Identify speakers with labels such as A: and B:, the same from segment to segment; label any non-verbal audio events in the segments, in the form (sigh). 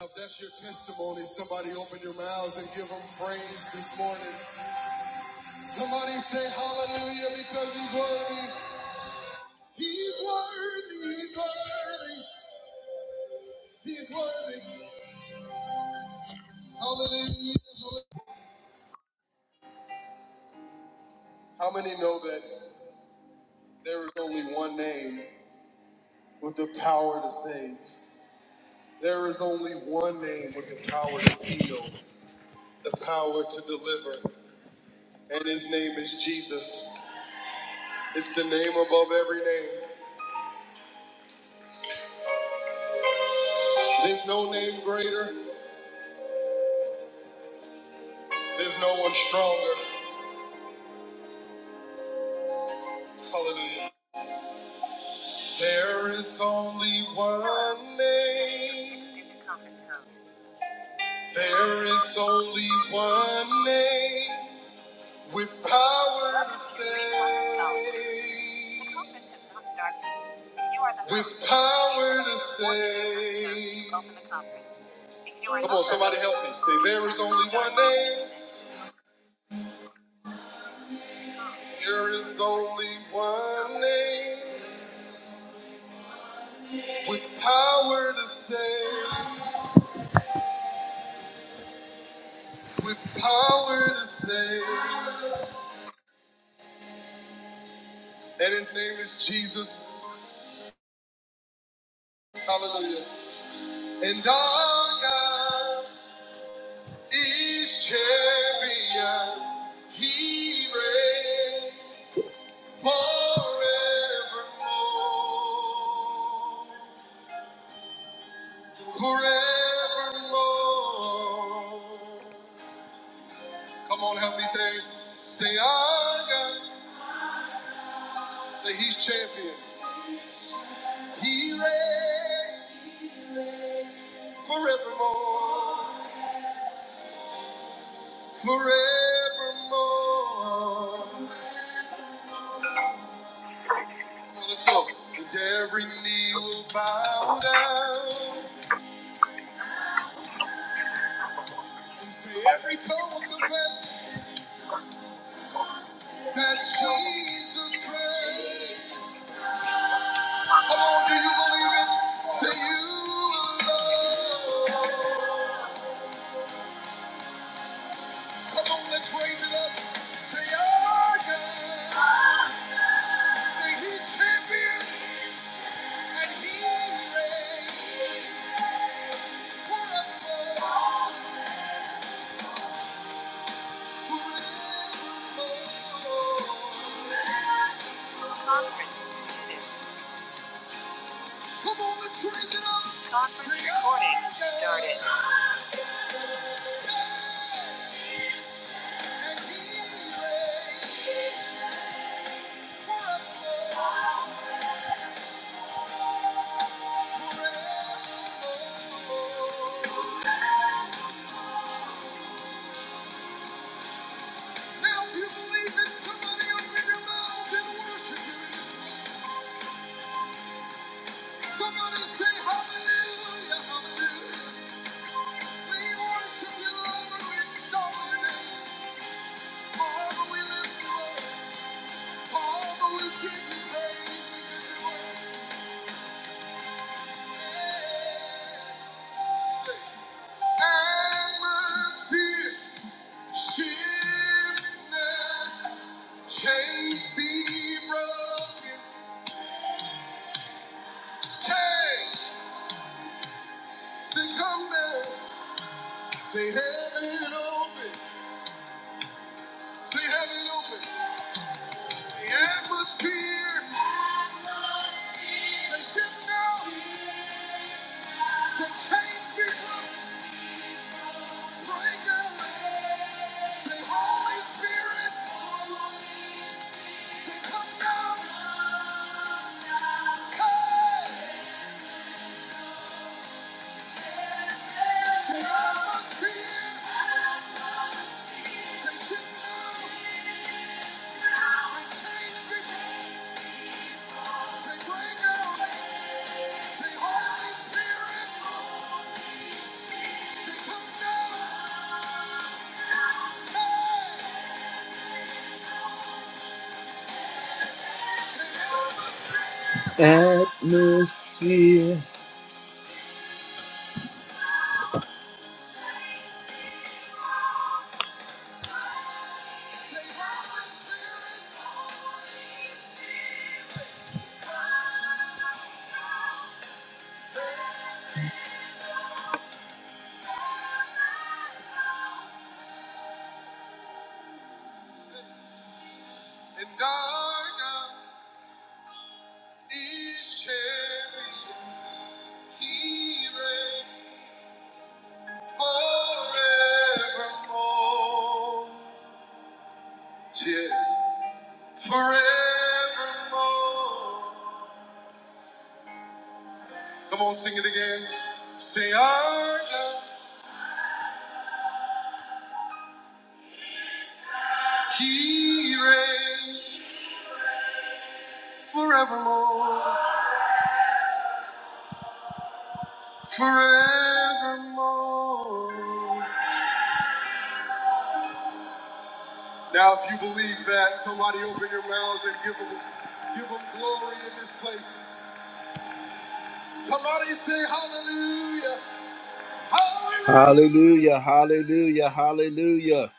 A: If that's your testimony, somebody open your mouths and give him praise this morning. Somebody say hallelujah because he's worthy. He's worthy, he's worthy, he's worthy. Hallelujah. hallelujah. How many know that there is only one name with the power to save? There is only one name with the power to heal, the power to deliver, and his name is Jesus. It's the name above every name. There's no name greater. There's no one stronger. Hallelujah. There is only one name. There is only one name with power. Power. There is only one name with power to save. With power to save. And his name is Jesus. Hallelujah. And our God. Each champion, he reigns forevermore. Forevermore. Come on, help me say, say, I got, say, he's champion. He reigns forevermore. Forevermore. Come on, let's go. And every knee will bow down. You Say every tongue will confess that Jesus Christ. Come on, do you believe it? Say you alone. Come on, let's raise it up. Say our God. Say He's champion and He reigns forevermore, forevermore. Come on, let's raise it up. Now, if you believe it, somebody open your mouth and worship Him in this place. Somebody say hallelujah, hallelujah. We worship you, Lord, we extol name. Father, we lift you up. Father, we give you praise, we give you worship. Atmosphere shift now. Chains be broken. Change. Say come down. Say heaven open. Say heaven open. Say atmosphere. Say shift now. Say chains be broken. Break away. Say Holy Spirit. Say come down. Come. And dark, is champion. He reigns forevermore. Yeah. Forevermore. Come on, sing it again. Say, our God, He reigns forevermore. Forevermore. Now, if you believe that, somebody open your mouths and give them, give them glory in this place. Somebody say hallelujah. Hallelujah, hallelujah, hallelujah.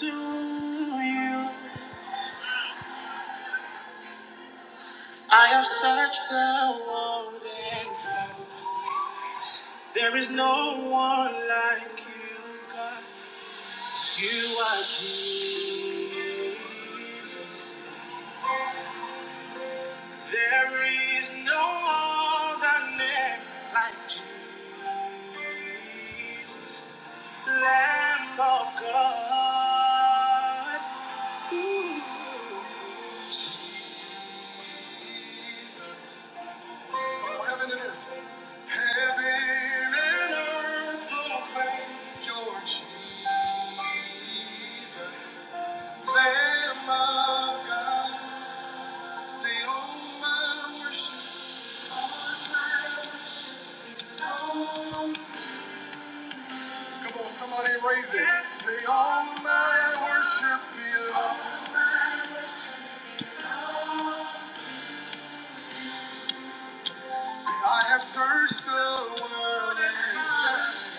A: you. I have searched the world and found there is no one like you, God. You are Jesus. There is no other name like Jesus, Lamb of God. Ooh. Jesus. Oh, heaven and earth, heaven and earth proclaim your Jesus, Lamb of God. Say, oh, my worship. Come on, somebody raise it. Say, all my worship belongs. I have searched the world and searched.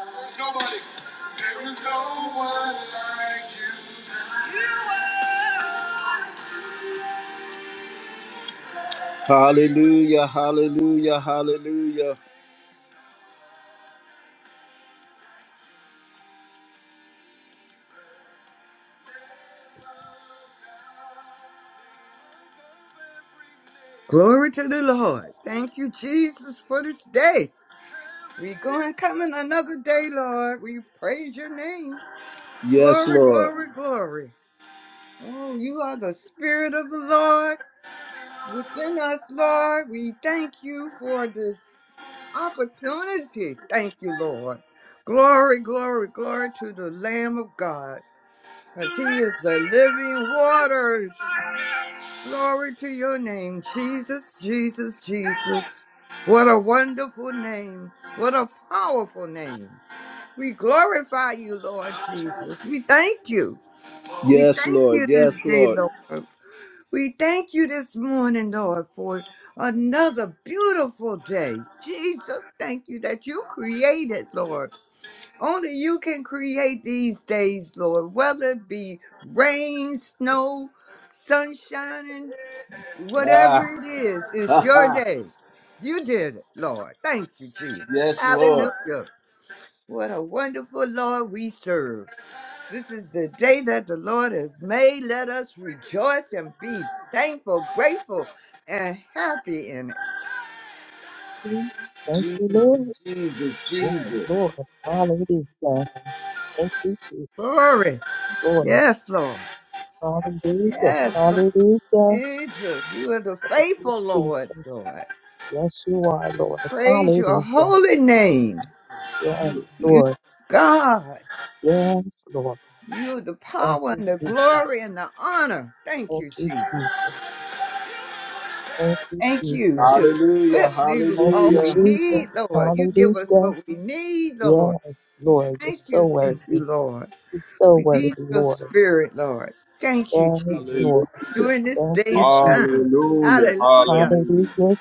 A: There's nobody. There is no one. like you. Hallelujah, hallelujah, hallelujah.
B: Glory to the Lord. Thank you, Jesus, for this day. We go and come in another day, Lord. We praise your name.
A: Yes,
B: Glory,
A: Lord.
B: glory, glory. Oh, you are the Spirit of the Lord within us, Lord. We thank you for this opportunity. Thank you, Lord. Glory, glory, glory to the Lamb of God, because he is the living waters. Glory to your name, Jesus, Jesus, Jesus. What a wonderful name. What a powerful name. We glorify you, Lord Jesus. We thank you. We
A: Yes,
B: thank
A: Lord.
B: you this
A: Yes,
B: day,
A: Lord.
B: Lord. We thank you this morning, Lord, for another beautiful day. Jesus, thank you that you created, Lord. Only you can create these days, Lord, whether it be rain, snow, sunshine. Whatever
A: Ah.
B: it is, it's
A: (laughs)
B: your day. You did it, Lord. Thank you, Jesus.
A: yes, Lord.
B: Hallelujah. What a wonderful Lord we serve. This is the day that the Lord has made. Let us rejoice and be thankful, grateful, and happy in it.
C: you. Thank you,
A: Jesus,
C: Lord.
A: Jesus,
C: Yes, Lord.
A: Jesus.
C: Hallelujah. Thank you, Jesus.
B: Glory.
C: Lord.
B: Yes, Lord.
C: Hallelujah.
B: Yes, Lord
C: Hallelujah.
B: Jesus. You are the
C: Thank you,
B: faithful Lord,
C: Jesus.
B: Lord.
C: Yes, you are, Lord.
B: Praise your
C: Hallelujah.
B: holy name.
C: Yes,
B: You, you
C: Lord.
B: God.
C: Yes, Lord.
B: You, the
C: Thank
B: power
C: you,
B: and the
C: Jesus.
B: glory and the honor. Thank
C: Thank
B: you,
C: you,
B: Jesus.
C: Jesus. Thank you,
B: Thank
C: Jesus.
B: you to
A: Hallelujah,
B: equip me with
C: Thank
B: all
C: you,
B: we
A: hallelujah,
C: Jesus.
B: need, Lord. You give us
C: Hallelujah.
B: what we need, Lord.
C: Yes, Lord. You're
B: Thank
C: so
B: you,
C: worthy.
B: thank you, Lord.
C: You're so
B: We
C: worthy,
B: need your
C: Lord.
B: spirit, Lord. Thank you,
C: Yes,
D: Hallelujah.
B: Jesus.
C: Lord.
B: During this
C: Thank
B: day
C: you,
B: and time.
C: Jesus.
D: Hallelujah.
B: Hallelujah.
D: Hallelujah.
C: Hallelujah,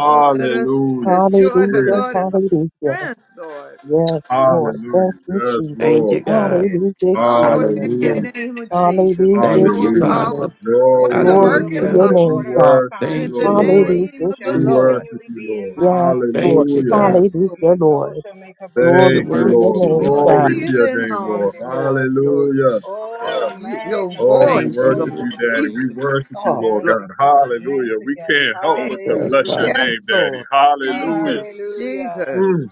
B: Oh, let us, the joy of the
D: Yes.
C: Hallelujah,
B: Lord is our
C: hallelujah.
B: strength, Lord.
C: Yes,
B: Mm.
C: Lord. Thank
D: Hallelujah.
C: you,
D: Yes,
E: Thank
C: Jesus.
E: you,
D: Lord.
E: God.
B: Yes.
C: Hallelujah,
F: Jesus.
B: Power in
C: Jesus.
E: Hallelujah.
D: Hallelujah.
B: the name of
F: Thank you,
B: Jesus.
C: Hallelujah,
F: Jesus.
E: Thank you,
B: Power,
D: Hallelujah.
E: Father.
B: power,
C: Jesus.
D: Lord, we
B: wonder
F: I
D: bless
C: Glory
F: will
C: to
B: working
F: bless
D: you,
B: power.
E: Hallelujah.
C: your
F: the
D: Lord. We
C: name,
F: Lord at
C: God.
F: all
D: worship you,
B: in
F: times,
E: Thank
B: the
F: and
E: you,
F: his
D: Lord.
E: Lord.
B: name
F: praises
C: Hallelujah,
B: of the
F: shall
D: We
B: Lord.
C: Jesus.
D: worship
F: continually
D: you,
F: be in
D: Lord.
F: my
C: Yes,
F: mouth.
C: Lord.
E: Thank you,
D: Hallelujah.
E: God.
B: Yes, Lord.
F: My
C: Hallelujah,
F: soul
C: Lord.
F: shall make her boast in
E: You're
D: Thank
F: the
C: Glory to
D: you,
F: Lord.
E: worthy
C: your
F: The
D: Lord.
E: to be
C: name,
B: Your
C: God.
F: humble
D: Glory
F: will
D: to
F: hear
D: your
E: praised.
F: and
B: healing
F: be
D: name,
F: glad
D: Lord.
B: arms,
F: thereof.
B: Lord. Your
D: Hallelujah.
F: Oh,
B: your you, your
D: Oh,
F: magnify
B: voice,
D: we
F: the
E: Thank
F: Lord
B: Lord.
D: worship
F: with
E: you.
D: you,
F: me.
D: Daddy. We
B: Jesus,
D: worship you,
B: oh
F: Let
D: Lord
F: us
B: Lord,
D: God.
F: exalt his name
D: Hallelujah. We
F: together.
D: can't help
B: thank
D: but to
B: you.
E: Yes,
D: bless your
F: Hallelujah.
B: Yes,
E: Father.
D: name, Daddy.
B: Lord.
D: Hallelujah.
B: Jesus,
F: Hallelujah.
D: Mm.
B: Jesus,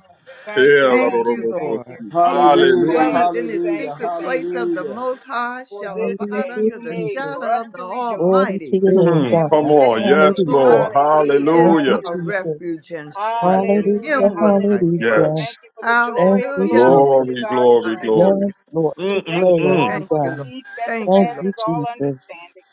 F: Thank you,
B: thank
F: thank
B: you,
F: you, thank
B: Lord.
F: you.
D: Elarorobokosi.
B: He that
A: hallelujah,
D: Hallelujah.
F: Thank
B: dwelleth in
F: you,
B: the
F: thank
A: hallelujah,
F: you,
B: secret
F: thank
B: place
F: you.
B: of the
A: hallelujah,
B: Most High
F: For
B: shall
F: this
C: Hallelujah,
B: abide
F: day
B: under
F: you
B: the
F: made
C: Jesus.
F: for
B: shadow
F: us
B: of the
F: to rejoice
C: Glory to
B: Almighty.
C: your name,
D: Mm,
F: and
C: God.
D: come
F: be
B: Say
D: on.
F: glad in
B: the
D: Yes,
F: it.
B: Lord,
C: Hallelujah.
D: Lord.
B: He
F: Hallelujah,
C: Thank
B: is
C: you,
D: Hallelujah.
B: our
F: hallelujah,
C: Jesus.
B: refuge and strength, and
F: hallelujah,
C: Hallelujah,
B: Him will I
F: hallelujah. We
B: trust.
C: hallelujah.
F: thank
D: Yes.
F: you for the joy
C: Thank
F: of the
C: you,
B: Hallelujah.
F: Lord, which is
D: Glory,
C: Jesus.
F: our
D: glory,
F: strength.
D: glory.
B: Hallelujah.
C: Yes, Lord.
F: We
D: Mm,
C: Just
F: thank
D: mm,
F: you,
C: so it
D: mm.
F: Lord,
C: be
B: Thank
F: for
B: you,
F: the
B: Lord.
C: done.
F: peace that
B: Thank you,
C: Thank
B: Lord.
C: you,
F: surpasses all
C: Jesus.
F: understanding.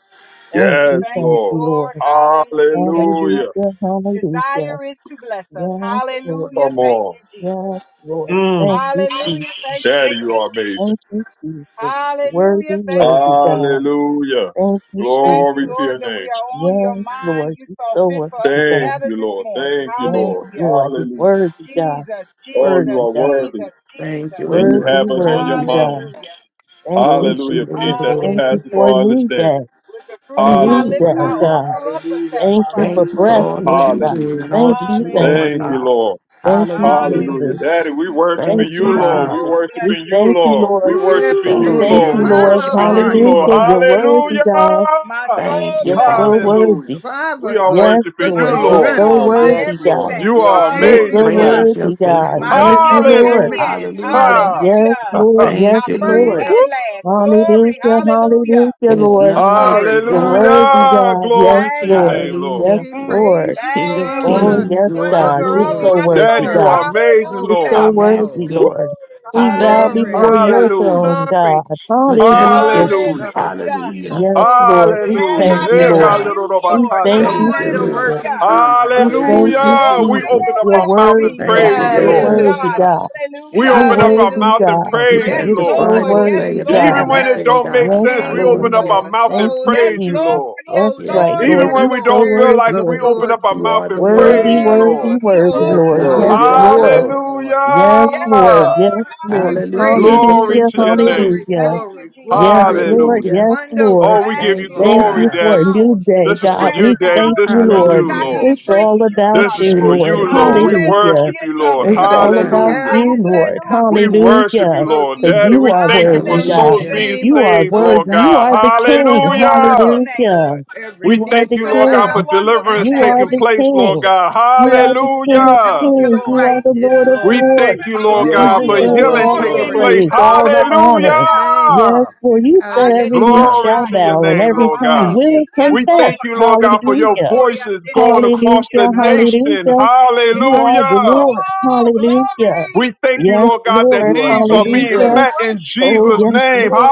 C: Thank
F: We
D: Yes,
C: you,
F: thank
C: thank
F: you,
C: you,
D: Lord.
C: Lord.
F: Lord, hallelujah, that your
D: Hallelujah.
C: Hallelujah, hallelujah.
F: desire is to bless us.
C: Yes, Lord.
F: Hallelujah,
D: Come
F: thank
D: on.
F: you, Jesus.
C: Yes, Lord. Thank
D: Mm.
C: you, Jesus.
F: Hallelujah, thank you,
D: Daddy, you are
F: Jesus.
D: amazing.
C: Thank you, Jesus.
F: Hallelujah,
C: Worthy,
F: thank you,
C: worthy
F: Jesus.
C: God.
D: Hallelujah.
C: Thank you,
F: We thank you,
D: Glory to
C: Jesus.
F: Lord,
D: your
F: that
D: name.
F: we are on your
C: Yes,
F: mind.
C: Lord.
F: You
C: You're
F: saw
C: so
F: fit for
C: worthy,
F: us to
D: Thank
C: God.
F: gather
D: you,
F: this
D: Lord.
F: morning.
D: Thank you,
C: Yes,
D: Lord.
F: Hallelujah.
C: Lord. You're
D: Hallelujah.
C: worthy, God.
F: Jesus,
D: Oh, you
F: Jesus,
C: Worthy,
D: are
C: God.
D: worthy
F: Jesus,
E: Thank you,
F: Jesus.
D: and you
C: Worthy,
E: Lord.
D: have us on your
C: worthy,
E: Hallelujah.
D: mind.
C: God.
F: Hallelujah.
C: Thank you,
E: Glory
D: Hallelujah.
E: to your
D: Peace
C: Jesus.
D: that
C: Thank you
E: glory.
D: surpasses
F: Hallelujah.
C: for a
D: all
C: new
D: understanding.
C: day.
F: With the
C: a
F: fruit of my
E: Thank
C: new
E: you,
C: day,
F: lips,
D: Hallelujah.
F: I
E: Father.
A: hallelujah,
C: God.
F: offer up a
A: hallelujah,
C: Thank you
F: sacrifice
C: for
F: of
E: Thank you for
C: breath,
F: praise.
E: all
A: hallelujah.
E: that
C: Lord
E: you
C: God.
E: do
D: Hallelujah.
E: and all
C: Thank
E: that
C: you,
E: you
C: thank
E: are,
D: Thank
C: you.
F: Hallelujah.
D: you,
E: God.
D: Lord.
C: Thank you,
E: Hallelujah.
D: Hallelujah.
C: Jesus.
F: Hallelujah.
D: Daddy, we worshiping
C: Thank
E: Thank you,
C: you,
D: you,
F: My
D: Lord.
E: God.
D: We
C: Jesus.
F: soul bless
C: We
D: worshiping
F: you,
D: you,
C: thank you,
F: Jesus.
D: Lord. We
C: Lord.
B: Yes,
D: worshiping
C: We
D: you,
E: Thank
B: Lord.
A: Woo!
E: you,
C: thank
D: Lord.
F: My
C: you,
D: We
B: Revive
E: Lord.
C: Lord.
B: our
F: soul
D: worshiping
F: bless
D: you,
F: you,
B: hearts,
C: Hallelujah.
D: Lord.
E: Hallelujah.
B: Lord.
F: Jesus.
C: You're
B: Thank
C: worthy,
B: you, Lord.
C: God.
F: My
D: Hallelujah.
F: soul
E: Thank you,
C: You're
F: bless
C: so
F: you,
E: Father.
F: Jesus.
D: Hallelujah.
C: worthy.
B: Revive
D: We
B: us,
D: are
B: Lord.
C: Yes,
B: Give
D: worshiping
B: us
F: My
B: the
D: you,
C: Lord. You're
F: all in
A: Yes,
D: Lord.
B: strength.
C: so
F: all,
A: Lord,
F: my
C: worthy,
A: yes, Lord,
C: God.
D: You
F: everything.
D: are
A: yes,
C: You're
B: Thank
A: Lord.
B: you,
C: so
D: amazing,
E: Great
B: Lord.
F: Hallelujah.
D: Daddy.
E: is your
C: worthy, God.
F: my
C: Thank
E: faithfulness.
C: you,
F: beginning
B: Hallelujah. To
F: and
C: Lord.
F: the
B: Make
D: Hallelujah.
B: it
F: end.
B: through.
E: Hallelujah.
D: Ha.
C: Yes,
F: Hallelujah.
D: (laughs)
C: Lord.
F: My
E: Thank
C: Yes,
E: you,
F: first
C: Lord.
E: Lord.
B: Jesus.
F: and
D: Woo.
F: last. Glory.
C: Hallelujah.
F: Hallelujah.
C: Hallelujah,
E: There's
B: Ooh,
C: Lord.
E: none like
F: Thank
B: glory,
E: you,
F: you,
C: You're
B: glory,
E: God.
F: Jesus.
C: worthy,
B: glory.
D: Hallelujah.
C: God. Yes,
D: Glory to
F: Thank
D: your
F: you,
C: Lord.
D: name,
F: Jesus.
D: Lord.
C: Yes,
E: Hallelujah.
B: We
D: Mm,
C: Lord.
B: praise you,
E: King
F: Thank
E: of
B: Lord.
F: you,
B: What
C: Oh,
D: mm.
B: a
F: Jesus.
E: kings,
C: yes,
F: The
E: Lord of
C: God.
F: lover
B: wonderful
C: You're
F: of
C: so
B: Lord
F: my
B: we
E: lords,
D: Daddy,
C: worthy,
D: you
F: soul.
C: God.
D: are
B: serve.
D: amazing,
C: You're
B: Oh,
D: Lord.
B: thank
C: so
F: Hallelujah.
E: our
B: you,
C: worthy,
B: Lord.
E: master.
D: Woo.
C: Lord. We bow
B: Glory,
C: before
E: Hallelujah.
F: Hallelujah.
C: your
D: Hallelujah.
C: throne,
B: glory,
C: God. Hallelujah,
E: Majestic.
B: glory to
D: Hallelujah.
B: God.
C: Jesus.
F: Hallelujah.
E: Hallelujah.
C: Yes,
B: Glory
C: Lord.
F: If it
C: We
F: had
D: Hallelujah.
C: thank
B: to
F: not
E: Thank
C: you,
E: you,
F: been
C: Lord.
F: for
B: God.
E: God.
F: you,
C: We
F: Lord.
B: What
C: thank
B: a
D: Ekalorobakasi.
C: you,
E: Thank you,
B: wonder
A: Hallelujah,
E: Lord.
C: Jesus.
B: working
F: Hallelujah.
A: hallelujah,
B: God.
C: We
B: Thank
C: thank
B: you,
C: you,
A: hallelujah.
F: Oh,
D: Hallelujah. We
B: Jesus.
C: Jesus.
F: where
D: open up
C: You're
F: would
D: our
F: I
D: mouth and
F: be?
C: worthy,
E: Thank
D: praise
E: you,
C: God.
D: you,
F: Glory
C: You're
A: Yes,
F: to
D: Lord.
E: God.
A: Lord.
C: worthy,
F: God.
B: Hallelujah.
C: God.
D: We
C: You're
F: Hallelujah.
D: open up our
C: worthy,
D: mouth
B: Hallelujah.
D: and
B: We
C: God.
E: You
D: praise
F: Yes,
D: you,
E: have
C: You're
B: praise
E: the
D: Lord.
B: you.
C: so
F: Lord.
E: final
F: Yes,
E: say
B: Holy
C: worthy,
E: about
B: is
F: Lord.
D: Even
C: God.
D: when
F: Yes,
D: it
B: thy
E: everything,
D: don't
F: Lord.
D: make
E: God.
C: Yes,
D: sense, we
C: Lord.
B: name,
D: open up our
E: Hallelujah.
B: Lord.
D: mouth
C: Thank
D: and
C: you,
F: Yes,
D: praise
B: Holy,
D: you,
C: Jesus.
F: Lord.
D: Lord.
F: Yes,
C: That's
B: holy
E: Yes,
C: right,
F: Lord.
D: Even
B: is
C: Lord.
F: Yes,
B: the
E: Lord.
D: when
C: You're
D: we
C: so
F: Lord.
D: don't feel
B: spirit
D: like
B: of
D: it,
C: worthy,
D: we open
B: your,
D: up our
E: You
D: mouth
E: are the
D: and
B: your
C: Worthy,
D: praise
E: word,
D: you,
B: name,
D: Lord.
C: worthy,
B: Lord.
F: Glory,
B: Holy
C: worthy,
E: the
A: Yes,
F: glory,
C: Lord.
A: Lord.
E: solid
B: art
F: glory.
C: Yes,
A: Yes,
E: rock.
C: Lord.
B: thou,
A: Lord.
B: Lord.
C: Yes,
F: Yes,
B: Jesus,
C: Lord.
D: Hallelujah.
C: Yes,
F: Lord.
B: we
C: Lord.
F: Hallelujah.
E: Hallelujah.
B: praise
E: The
D: Glory
B: you.
C: Hallelujah,
D: to
E: Prince of
D: your
B: Glory,
D: name.
E: Peace.
C: hallelujah.
F: Thank you,
B: glory,
F: Jesus.
C: Yes,
B: glory.
C: Lord.
D: Hallelujah.
E: Hallelujah.
C: Yes,
B: Wonder
C: Lord.
D: Oh, we
B: working
D: give
F: Thank
D: you
E: Thank
F: you,
E: you,
C: Thank
B: glory.
D: glory,
C: you
F: Jesus.
E: God.
C: for
D: Daddy.
C: a
B: Power
C: new
B: in
C: day,
D: This
F: If
D: is
B: your
F: I
D: for
C: God.
F: had
D: you,
F: a
C: We
D: Daddy.
B: name.
C: thank
D: This
F: thousand
D: is
C: you,
D: for
F: songs,
C: Lord.
D: you,
F: I
E: Hallelujah.
D: Lord.
F: couldn't
C: It's
B: Jesus.
F: praise
C: all
F: you
C: about
D: This
F: enough.
D: is
C: you,
D: for
E: Thank
C: Lord.
E: you,
D: you, Lord. We
E: Lord.
C: Hallelujah.
D: worship
F: Hallelujah,
D: you,
B: Some
D: Lord.
F: Jesus.
C: It's
E: Thank you,
B: trust
C: all
B: in
C: about
E: God.
D: Hallelujah.
C: you,
B: chariots and
C: Lord.
B: some
D: We
F: Hallelujah,
B: in
C: Hallelujah.
F: Jesus.
D: worship
B: horses,
D: you,
B: but
D: Lord.
B: we
C: Because
D: Daddy,
C: you
D: we
B: will
C: are
D: thank you for
C: worthy,
B: remember in
C: God.
B: the
D: souls
F: Hallelujah,
E: Hallelujah.
D: being
B: name
C: You
B: of the
F: Jesus.
C: are
D: saved,
B: Lord
D: Lord
C: worthy.
B: thy
C: You
D: God.
C: are the
B: God.
F: Bless
C: King.
F: your
B: Oh,
D: Hallelujah.
F: wonderful
B: yes,
F: name.
B: Lord.
C: Hallelujah.
B: Every
D: We
C: You are
B: knee
D: thank
C: the
D: you,
B: shall
D: Lord
F: Bless
D: God, for
B: bow
C: King.
F: your
B: and
F: wonderful
D: deliverance
C: You
F: name.
C: are
D: taking
C: the
B: every
D: place,
B: tongue
D: Lord
C: King.
B: shall
D: God.
C: You are
B: confess
C: the King
B: that
C: of
F: Thank
D: Hallelujah.
F: you,
B: Jesus
C: Kings.
F: Lord.
C: You are
B: Christ
C: the
B: is
C: Lord of
B: Lord.
D: We
C: Lords.
D: thank you,
F: My
D: Lord
C: You
A: Yes,
D: God,
B: Glory,
D: for
A: Lord.
F: soul
C: deserve
D: healing
A: Yes,
C: all
F: glory
C: the
D: taking
F: in
A: Lord.
B: glory,
F: you,
D: place.
C: praise,
F: God.
C: all the
B: glory to his
C: honor.
F: Hallelujah.
B: name.
C: Yes,
D: Hallelujah.
C: for you said
F: Bande
C: every
F: de
C: knee
B: Hallelujah.
F: basha,
D: Glory
C: shall
D: to your
C: bow and
D: name,
F: yekora
C: every
D: Lord
C: tongue
D: God.
B: Thank
F: babashe.
B: you.
C: will
F: Yes,
D: We
C: confess.
D: thank
F: Lord.
D: you, Lord God, for your
C: Hallelujah.
F: Okoria
D: voices
F: sende de
D: going across the
C: Hallelujah.
F: bushiada.
D: nation.
C: Hallelujah.
F: Sende de
C: You are
F: banshe.
C: the
D: Hallelujah.
C: Lord.
F: Oh,
C: Hallelujah.
D: We
F: glory.
D: thank you,
C: Yes,
D: Lord God, that
C: Lord.
A: You are
D: needs
F: Glory,
D: are
F: glory.
D: being
A: Jesus.
C: Hallelujah.
F: We
D: met in
F: worship you,
C: Oh,
D: Jesus'
F: Lord.
C: yes,
D: name.
C: Lord.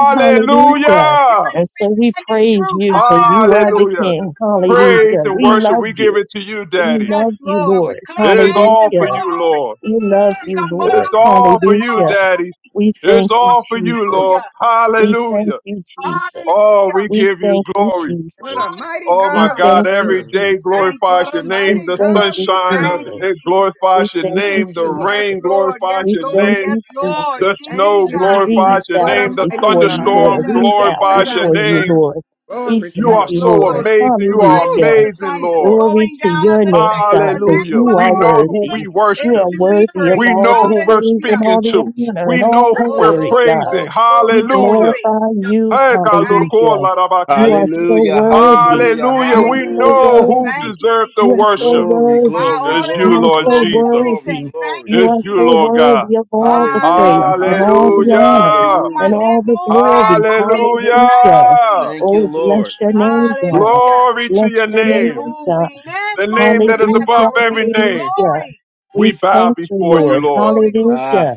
F: We
C: Hallelujah.
F: worship you in
C: And so
F: spirit
C: we
F: and in
C: praise
F: truth.
C: you because you are
F: Hallelujah.
C: the
D: Hallelujah.
C: King.
D: Praise
C: Hallelujah.
D: and
C: We
D: worship.
F: Hallelujah.
C: love
D: We give
C: you.
D: it to you,
C: We
D: Daddy.
F: Yes,
C: love you,
F: Lord. With
C: Lord.
F: clean
D: It's
F: hands
D: all
F: and
D: for
C: Hallelujah.
F: pure
D: you,
F: hearts,
D: Lord.
C: We love
F: we
C: you,
F: come
C: Lord.
D: It's
F: boldly before
D: all
F: the
D: for you,
C: Hallelujah.
F: throne of
D: Daddy.
F: grace.
C: We
D: It's
C: thank you,
D: all for you,
C: Jesus.
D: Lord.
F: Hallelujah.
C: We thank
D: Hallelujah.
C: you, Jesus.
D: Oh,
F: Hallelujah.
D: we
C: We
D: give you
C: thank you,
D: glory.
B: What a
C: Jesus.
B: mighty
D: Oh my
C: We
B: God
F: Hallelujah.
B: we
D: God,
C: thank you,
D: every
B: serve.
D: day
F: Thank
C: Jesus.
F: you,
D: glorifies
B: What
D: your
B: a
F: Jesus.
C: We
D: name.
B: mighty
D: The
C: thank
B: God
C: you,
B: we
D: sunshine, uh,
F: Thank
B: serve.
F: you,
C: Jesus.
D: it
F: Jesus.
C: We
D: glorifies your
C: thank
B: Thank
C: you,
D: name. The
B: you, Lord.
F: Yes,
D: rain
C: Jesus.
F: Lord. Yes,
D: glorifies
C: We
D: your
F: Lord.
C: thank
D: name.
F: Yes,
C: you,
F: Lord.
C: Jesus.
D: The
B: Thank
D: snow
C: The
B: you,
F: Jesus.
B: Jesus.
D: glorifies
C: trees
D: your
B: What
C: bow
D: name.
B: a
D: The
B: mighty
C: before you,
B: God we
C: Lord.
D: thunderstorm
F: Jesus.
B: serve.
C: We bow
D: glorifies your
B: Thank
F: Jesus.
C: before
B: you,
C: you,
B: Lord.
D: name.
C: Lord. We
B: Glory to
D: You
C: thank
F: Yes,
D: are
B: your
C: you,
D: so
F: Lord.
C: Lord.
B: holy.
D: amazing.
F: From the
D: You are
B: Woo,
F: rising
C: Hallelujah.
F: of the
D: amazing,
F: sun to
B: Jesus.
F: the
D: Lord.
C: Glory
F: going
C: to
F: down of
C: your
F: the
C: name,
F: same. Your
C: God, because
F: name
D: Hallelujah.
C: you
D: We
C: are
D: know
F: alone
D: who
C: worthy.
D: we
C: You
F: is
D: worship.
C: are
F: to be
C: worthy of
D: We
F: praised.
C: all
D: know
C: the
D: who we're
C: praise and
F: Hallelujah.
D: speaking
C: all the
D: to.
C: honor
D: We
C: and all
D: know
C: the
D: who
F: Oh,
D: we're
C: glory,
F: glory,
C: God.
D: praising.
F: glory, glory,
C: We
D: Hallelujah.
F: glory.
C: glorify you,
D: Hey, God, Lord,
F: Thank you,
C: hallelujah.
F: Jesus.
C: You
F: Thank
C: are
F: you,
C: so
A: Hallelujah,
F: Jesus.
C: worthy.
A: hallelujah,
D: Hallelujah.
C: You
F: Thank
C: are
D: We
F: you,
C: so
D: know
F: Jesus.
A: hallelujah.
D: who
F: Thank
C: worthy.
F: you,
D: deserves the
C: You are
F: Jesus.
C: so
D: worship.
A: Glory,
F: My
C: worthy.
A: glory,
F: all
D: It's
F: in
D: you,
C: You
F: all,
A: glory,
C: are
D: Lord
F: my
C: so
A: glory,
D: Jesus.
A: glory,
F: everything.
C: worthy.
F: Thank
A: glory.
C: You
F: you,
D: It's
C: are
D: you,
C: so
F: Jesus.
D: Lord God.
C: worthy of all the
A: Hallelujah,
C: praise and
F: Hallelujah.
C: all the
A: hallelujah,
F: He
C: honor
F: in
D: Hallelujah.
F: whom
C: and
F: I
A: hallelujah.
F: live,
C: all the
F: move, and have
C: glory.
F: my being. Thank you,
C: Hallelujah.
D: Hallelujah.
F: Jesus.
A: Thank you,
C: Oh,
A: Lord.
C: bless your name, God.
F: Hallelujah.
D: Glory to
C: Bless
D: your
C: your
F: In
C: name,
D: name,
F: whom
C: God.
F: we live,
D: the
F: move,
D: name
F: and
D: that is
F: have
C: Hallelujah,
D: above
F: our
D: every
F: being.
D: name.
C: hallelujah.
F: Glory,
C: We
D: We bow
C: thank you,
D: before you,
C: Lord.
F: glory,
D: Lord.
F: glory, glory.
A: Ah,
C: Hallelujah.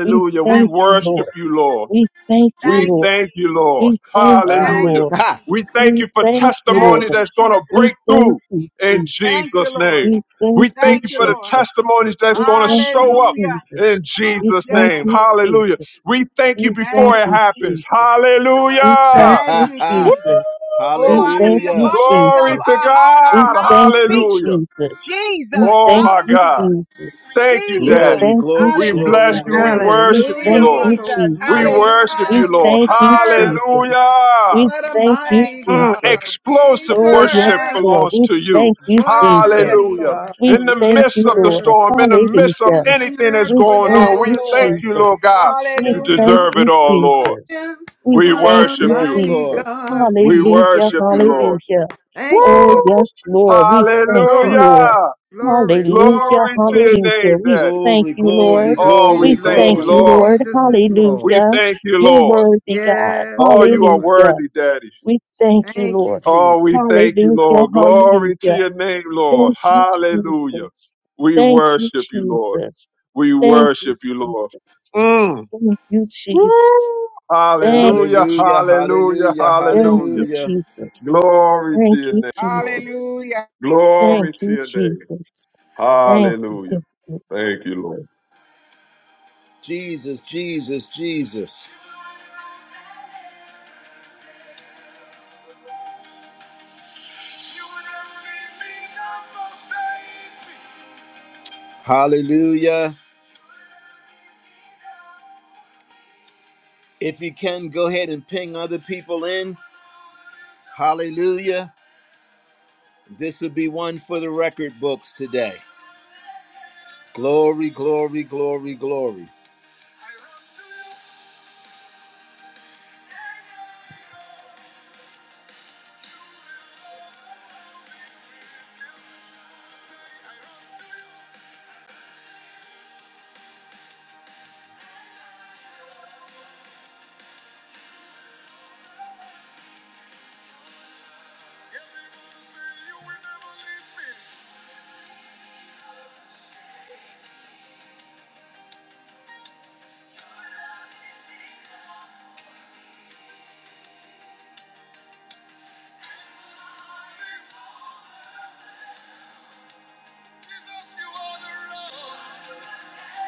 C: We
D: We
C: thank
F: Thank you,
C: you,
D: worship
C: Lord.
F: Jesus.
D: you, Lord.
C: We thank you,
D: We
F: Thank
C: Lord.
F: you,
D: thank you,
F: Jesus.
D: Lord.
C: We thank you,
A: ah,
F: Thank
D: Hallelujah.
A: (laughs)
C: Lord.
F: you,
A: ha,
D: We
F: Jesus.
D: thank
C: We
D: you for
C: thank you,
F: Thank
C: Lord.
D: testimony
F: you,
D: that's going to
F: Jesus.
C: We
D: break
C: thank
D: through
C: you,
D: in
C: Jesus.
F: Thank you,
D: Jesus' name.
F: Lord.
C: We
D: We
C: thank
D: thank
C: you,
F: Thank
D: you
F: you,
D: for the
F: Lord.
C: Jesus.
D: testimonies that's
C: We
D: going to
C: thank you,
D: show up
F: Hallelujah.
D: in
C: Jesus. We
D: Jesus'
F: Yes,
C: thank
D: name.
C: you,
F: Lord
D: Hallelujah.
F: Jesus.
C: Jesus.
D: We thank you
C: We thank
D: before
F: Thank
D: it
F: you,
C: you,
D: happens.
F: Jesus.
C: Jesus. We
A: ha,
C: thank
D: Hallelujah.
F: Thank
C: you,
A: ha,
F: you,
A: ha.
C: Jesus.
F: Jesus.
C: We
F: Oh,
D: Woo!
F: out of
C: thank
F: the
C: you,
A: Hallelujah.
F: abundance of
D: Glory
C: Jesus.
D: to
F: our heart, our
C: We
D: God.
F: mouth
C: thank you,
F: speaks.
D: Hallelujah.
C: Jesus. We
F: Jesus,
D: Oh
C: thank
D: my
C: you,
D: God.
F: hallelujah.
C: Jesus.
D: Thank you,
C: We
F: Jesus,
D: Daddy.
A: Glory,
C: thank you,
A: glory,
D: We
A: glory,
D: bless
F: hallelujah.
C: Jesus.
D: you. We
A: glory.
C: We
D: worship you,
B: Hallelujah.
C: thank
D: Lord.
B: What
C: you,
B: a
F: Jesus,
D: We
B: mighty
C: Jesus.
D: worship
C: We
D: you,
F: hallelujah.
B: God we
D: Lord.
C: thank you,
F: Thank
B: serve.
F: you,
C: Jesus.
F: Jesus.
D: Hallelujah.
C: We
B: What a
C: thank you,
F: Thank
B: mighty
F: you,
D: Mm,
C: Jesus.
B: God
F: Jesus.
B: we
D: explosive
C: Oh,
D: worship
C: yes,
B: serve.
F: Thank you,
C: Lord.
D: belongs
C: We
D: to you.
F: Jesus.
C: thank you,
B: What a
F: Yes,
C: Jesus.
B: mighty
D: Hallelujah.
F: Lord.
B: God
C: We
D: In the
B: we
F: Yes,
C: thank
D: midst
C: you,
D: of the
F: Lord.
C: Lord.
B: serve.
D: storm, in the midst of
C: Hallelujah.
B: Heaven and
D: anything that's
B: earth
C: We
D: going
C: thank
F: Yes,
D: on, we
C: you,
B: adores
D: thank
F: Lord.
B: him.
D: you,
C: Jesus.
D: Lord God.
C: We
D: You
F: Hallelujah.
C: thank
D: deserve it
C: you,
D: all, Lord.
C: Jesus. We
D: We
B: What
C: thank
B: a
D: worship
C: you,
A: Yes,
D: you.
B: mighty
C: Jesus.
A: Lord.
B: God
D: We
B: we
C: Hallelujah,
D: worship you,
B: serve.
D: Lord.
C: hallelujah.
B: Thank you,
C: Oh,
B: Lord.
D: Woo!
C: yes, Lord. We thank you,
B: Lord.
C: Lord.
D: Hallelujah.
B: Glory,
C: Hallelujah,
B: glory,
D: Glory to
B: glory.
D: your
C: hallelujah.
D: name,
C: We
D: Daddy.
C: thank
A: Glory,
C: you, Lord.
A: glory,
B: Jesus
D: Oh,
B: is
D: we
A: glory,
C: We
D: thank you,
C: thank
B: Lord.
C: you,
A: glory.
D: Lord.
C: Lord.
B: Jesus is Lord.
D: We
C: Hallelujah.
D: thank you,
C: You're
D: Lord.
C: worthy, God.
B: Yes,
D: Oh, you are
B: Lord.
C: Hallelujah.
D: worthy, Daddy.
C: We thank you,
B: Thank you,
C: Lord.
D: Oh,
B: Jesus.
D: we thank you,
C: Hallelujah,
D: Lord. Glory to
C: hallelujah.
D: your name, Lord.
C: Thank you,
D: Hallelujah.
C: Jesus.
D: We
C: Thank you,
D: worship you, Lord.
C: Jesus.
D: We
C: Thank you,
D: worship you, Lord.
C: Jesus.
D: Mm.
C: Thank you,
D: Woo.
C: Jesus. Thank you,
D: Hallelujah,
A: Hallelujah,
C: Jesus.
D: hallelujah,
A: hallelujah,
C: Thank
D: hallelujah.
C: you,
A: hallelujah.
C: Jesus.
D: Glory to
C: Thank
D: your
C: you,
D: name, Lord.
C: Jesus.
F: Hallelujah.
C: Thank
D: Glory to
C: you,
D: your name.
C: Jesus. Thank you.
D: Hallelujah.
C: Thank you.
D: Thank you, Lord.
A: Jesus, Jesus, Jesus. Hallelujah. If you can, go ahead and ping other people in. Hallelujah. This would be one for the record books today. Glory, glory, glory, glory.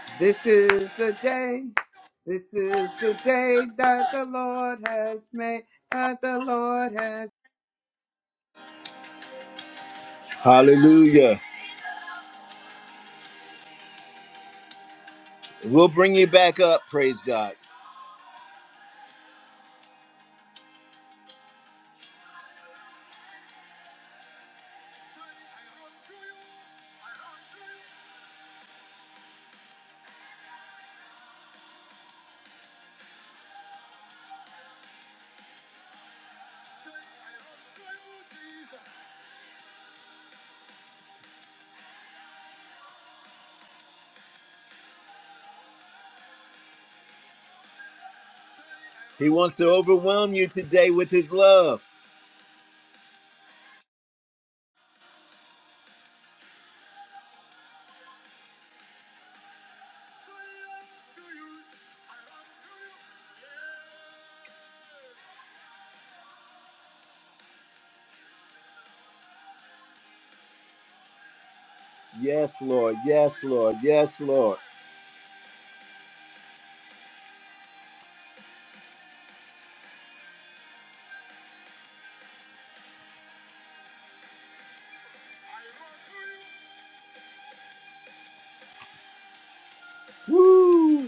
B: This is the day. This is the day that the Lord has made. That the Lord has.
A: Hallelujah. We'll bring you back up, praise God. He wants to overwhelm you today with his love. Yes, Lord. Yes, Lord. Yes, Lord. Woo!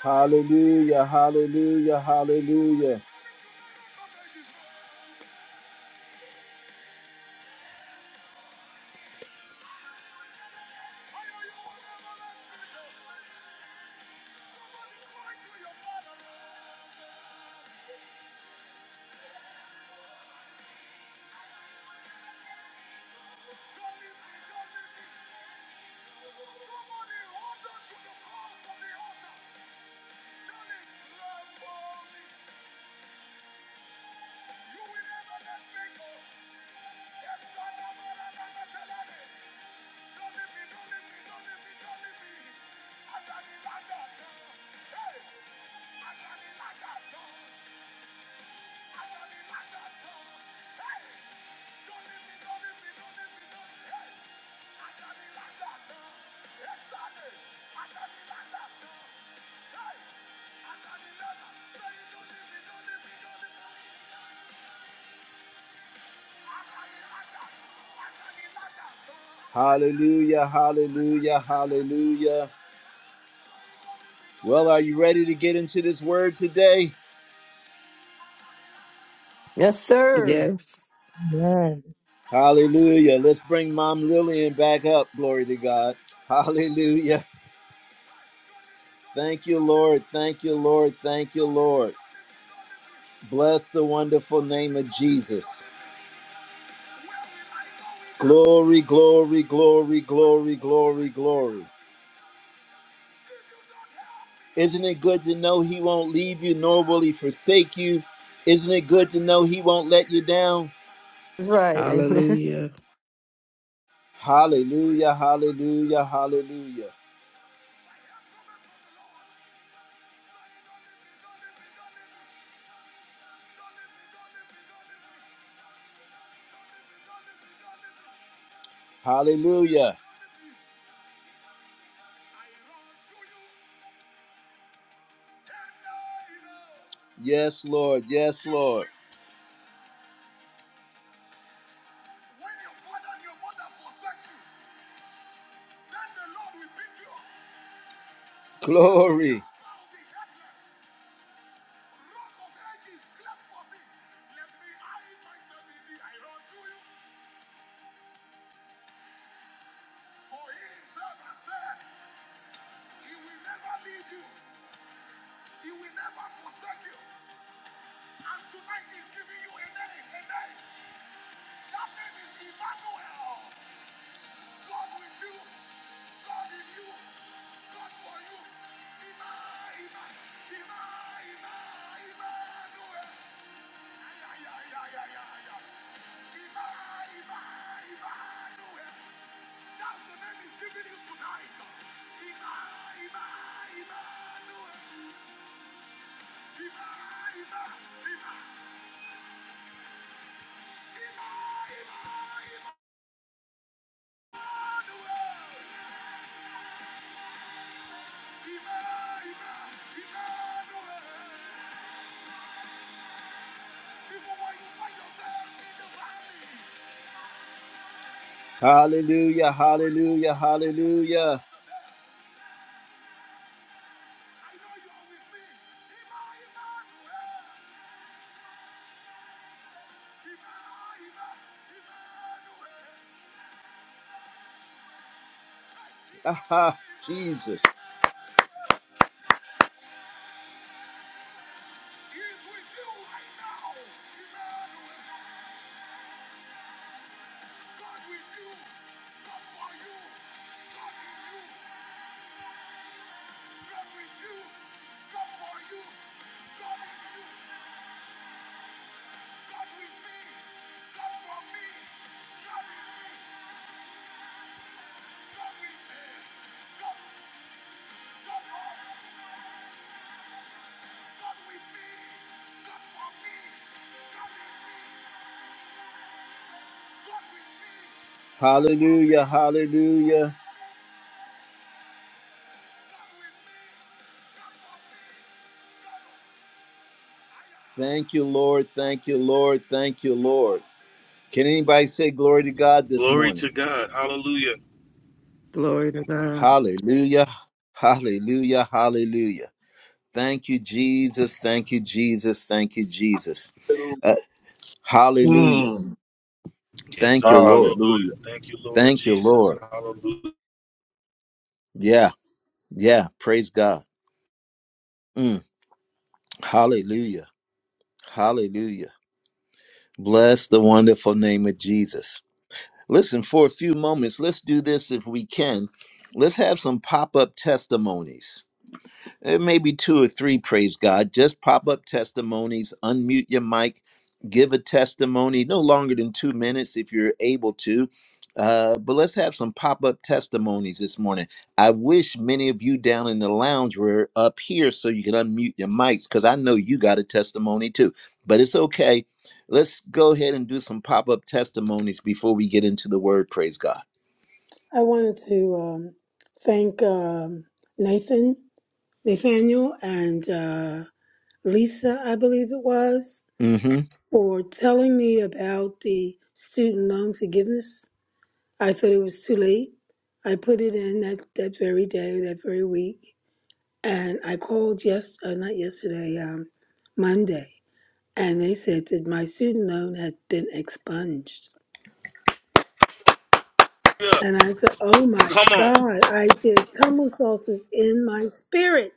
A: Hallelujah, hallelujah, hallelujah, hallelujah, hallelujah, hallelujah. Well, are you ready to get into this word today?
G: Yes, sir.
E: Yes.
C: Amen.
A: Hallelujah. Let's bring Mom Lillian back up. Glory to God. Hallelujah. Thank you, Lord. Thank you, Lord. Thank you, Lord. Bless the wonderful name of Jesus. Glory, glory, glory, glory, glory, glory, Isn't it good to know He won't leave you nor will He forsake you? Isn't it good to know He won't let you down?
G: That's right. Amen.
E: Hallelujah.
A: Hallelujah, hallelujah, hallelujah, hallelujah. Yes, Lord, yes, Lord. Glory. Hallelujah, hallelujah, hallelujah. Aha, Jesus. Hallelujah, hallelujah. Thank you, Lord, thank you, Lord, thank you, Lord. Can anybody say glory to God this
H: Glory
A: morning?
H: to God. Hallelujah.
E: Glory to God.
A: Hallelujah, hallelujah, hallelujah. Thank you, Jesus. Thank you, Jesus. Thank you, Jesus.
D: Hallelujah.
A: Uh, hallelujah.
D: Mm.
H: Yes, sir.
A: Thank you, Lord.
D: Hallelujah.
H: Hallelujah. Thank you, Lord
A: Thank you,
H: Jesus.
A: Lord.
H: Hallelujah.
A: Yeah, yeah. Praise God. Mm, hallelujah. Hallelujah. Bless the wonderful name of Jesus. Listen, for a few moments, let's do this if we can. Let's have some pop up testimonies. Uh, maybe two or three, praise God. Just pop up testimonies, unmute your mic, give a testimony, no longer than two minutes if you're able to. Uh, but let's have some pop up testimonies this morning. I wish many of you down in the lounge were up here so you can unmute your mics because I know you got a testimony too. But it's okay. Let's go ahead and do some pop up testimonies before we get into the word, praise God.
I: I wanted to um, thank um, Nathan, Nathaniel, and uh, Lisa, I believe it was,
A: hmm
I: for telling me about the student loan forgiveness. I thought it was too late. I put it in that, that very day, that very week, and I called yes, uh, not yesterday, um, Monday, and they said that my student loan had been expunged. And I said, "Oh my
H: Come on.
I: God! I did tumble sauces in my spirit."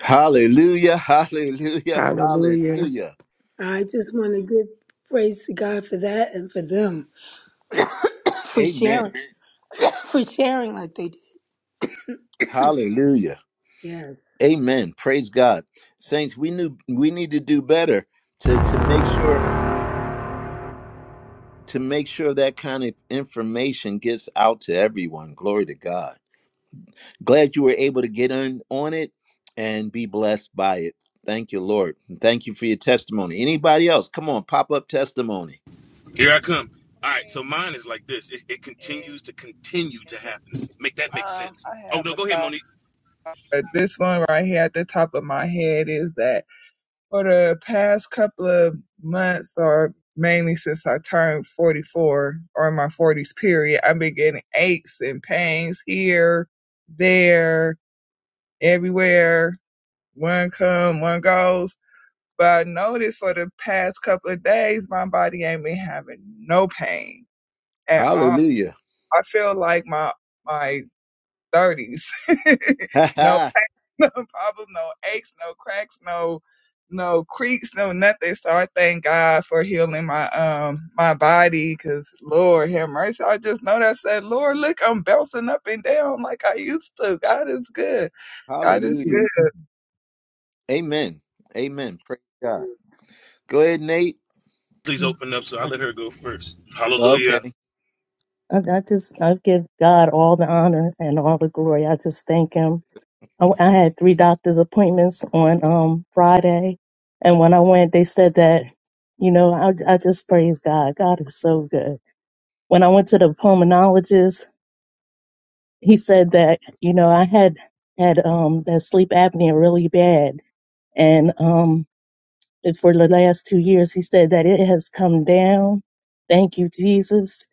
A: Hallelujah, (laughs) hallelujah,
E: Hallelujah.
A: hallelujah.
I: I just want to give praise to God for that and for them for
A: Amen.
I: sharing, for sharing like they did.
A: Hallelujah.
I: Yes,
A: Amen. Praise God. Saints, we knew we need to do better to, to make sure to make sure that kind of information gets out to everyone. Glory to God. Glad you were able to get in on it and be blessed by it. Thank you, Lord. And thank you for your testimony. Anybody else? Come on, pop up testimony.
H: Here I come. All right. So
J: morning,
H: mine is like this. It, it continues to
J: and
H: continue to happen. Make that make
J: um,
H: sense.
J: I
H: Oh,
J: have
H: no.
J: a
H: Go ahead,
J: thought.
H: Monique.
J: But this one right here at the top of my head is that for the past couple of months, or mainly since I turned 44 or in my 40s period, I've been getting aches and pains here, there, everywhere. One come, one goes. But I noticed for the past couple of days, my body ain't been having no pain at all.
A: Hallelujah. (laughs)
J: I feel like my my 30s. (laughs)
A: Ha
J: no,
A: ha!
J: no problems, no aches, no cracks, no no creaks, no nothing. So I thank God for healing my um my body cuz Lord have mercy. I just know that I said, Lord, look, I'm bouncing up and down like I used to. God is good. God is good.
A: Amen. Amen. Praise God. Go ahead, Nate.
H: Please open up. So I let her go first. Hallelujah.
A: Okay.
C: I I just, I give God all the honor and all the glory. I just thank Him. I, I had three doctor's appointments on um Friday, and when I went, they said that, you know, I, I just praise God. God is so good. When I went to the pulmonologist, he said that you know I had had um that sleep apnea really bad, and um and for the last two years he said that it has come down. Thank you, Jesus.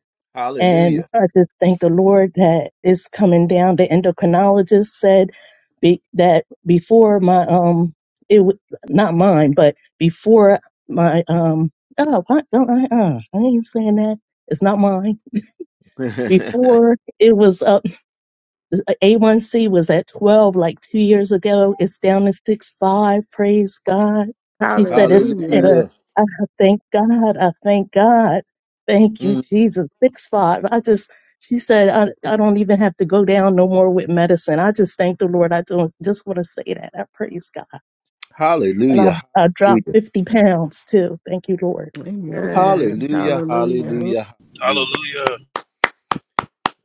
C: And
A: Hallelujah.
C: I just thank the Lord that it's coming down. The endocrinologist said be, that before my um it w- not mine, but before my um oh why don't I uh I ain't saying that it's not mine
A: (laughs)
C: before it was up a1C was at 12 like two years ago. It's down to six five. Praise God. She said it's at
E: Hallelujah.
C: a,
A: Hallelujah.
C: I thank God. I thank God. Thank you,
A: Mm.
C: Jesus. Six five. I just, she said, I, I don't even have to go down no more with medicine. I just thank the Lord. I don't just want to say that. I praise God. And
A: Hallelujah.
C: I, I dropped
A: Hallelujah.
C: 50 pounds too. Thank you, Lord.
E: Amen.
A: Hallelujah.
E: Hallelujah.
J: Lord,
A: Hallelujah. Hallelujah.
H: Hallelujah.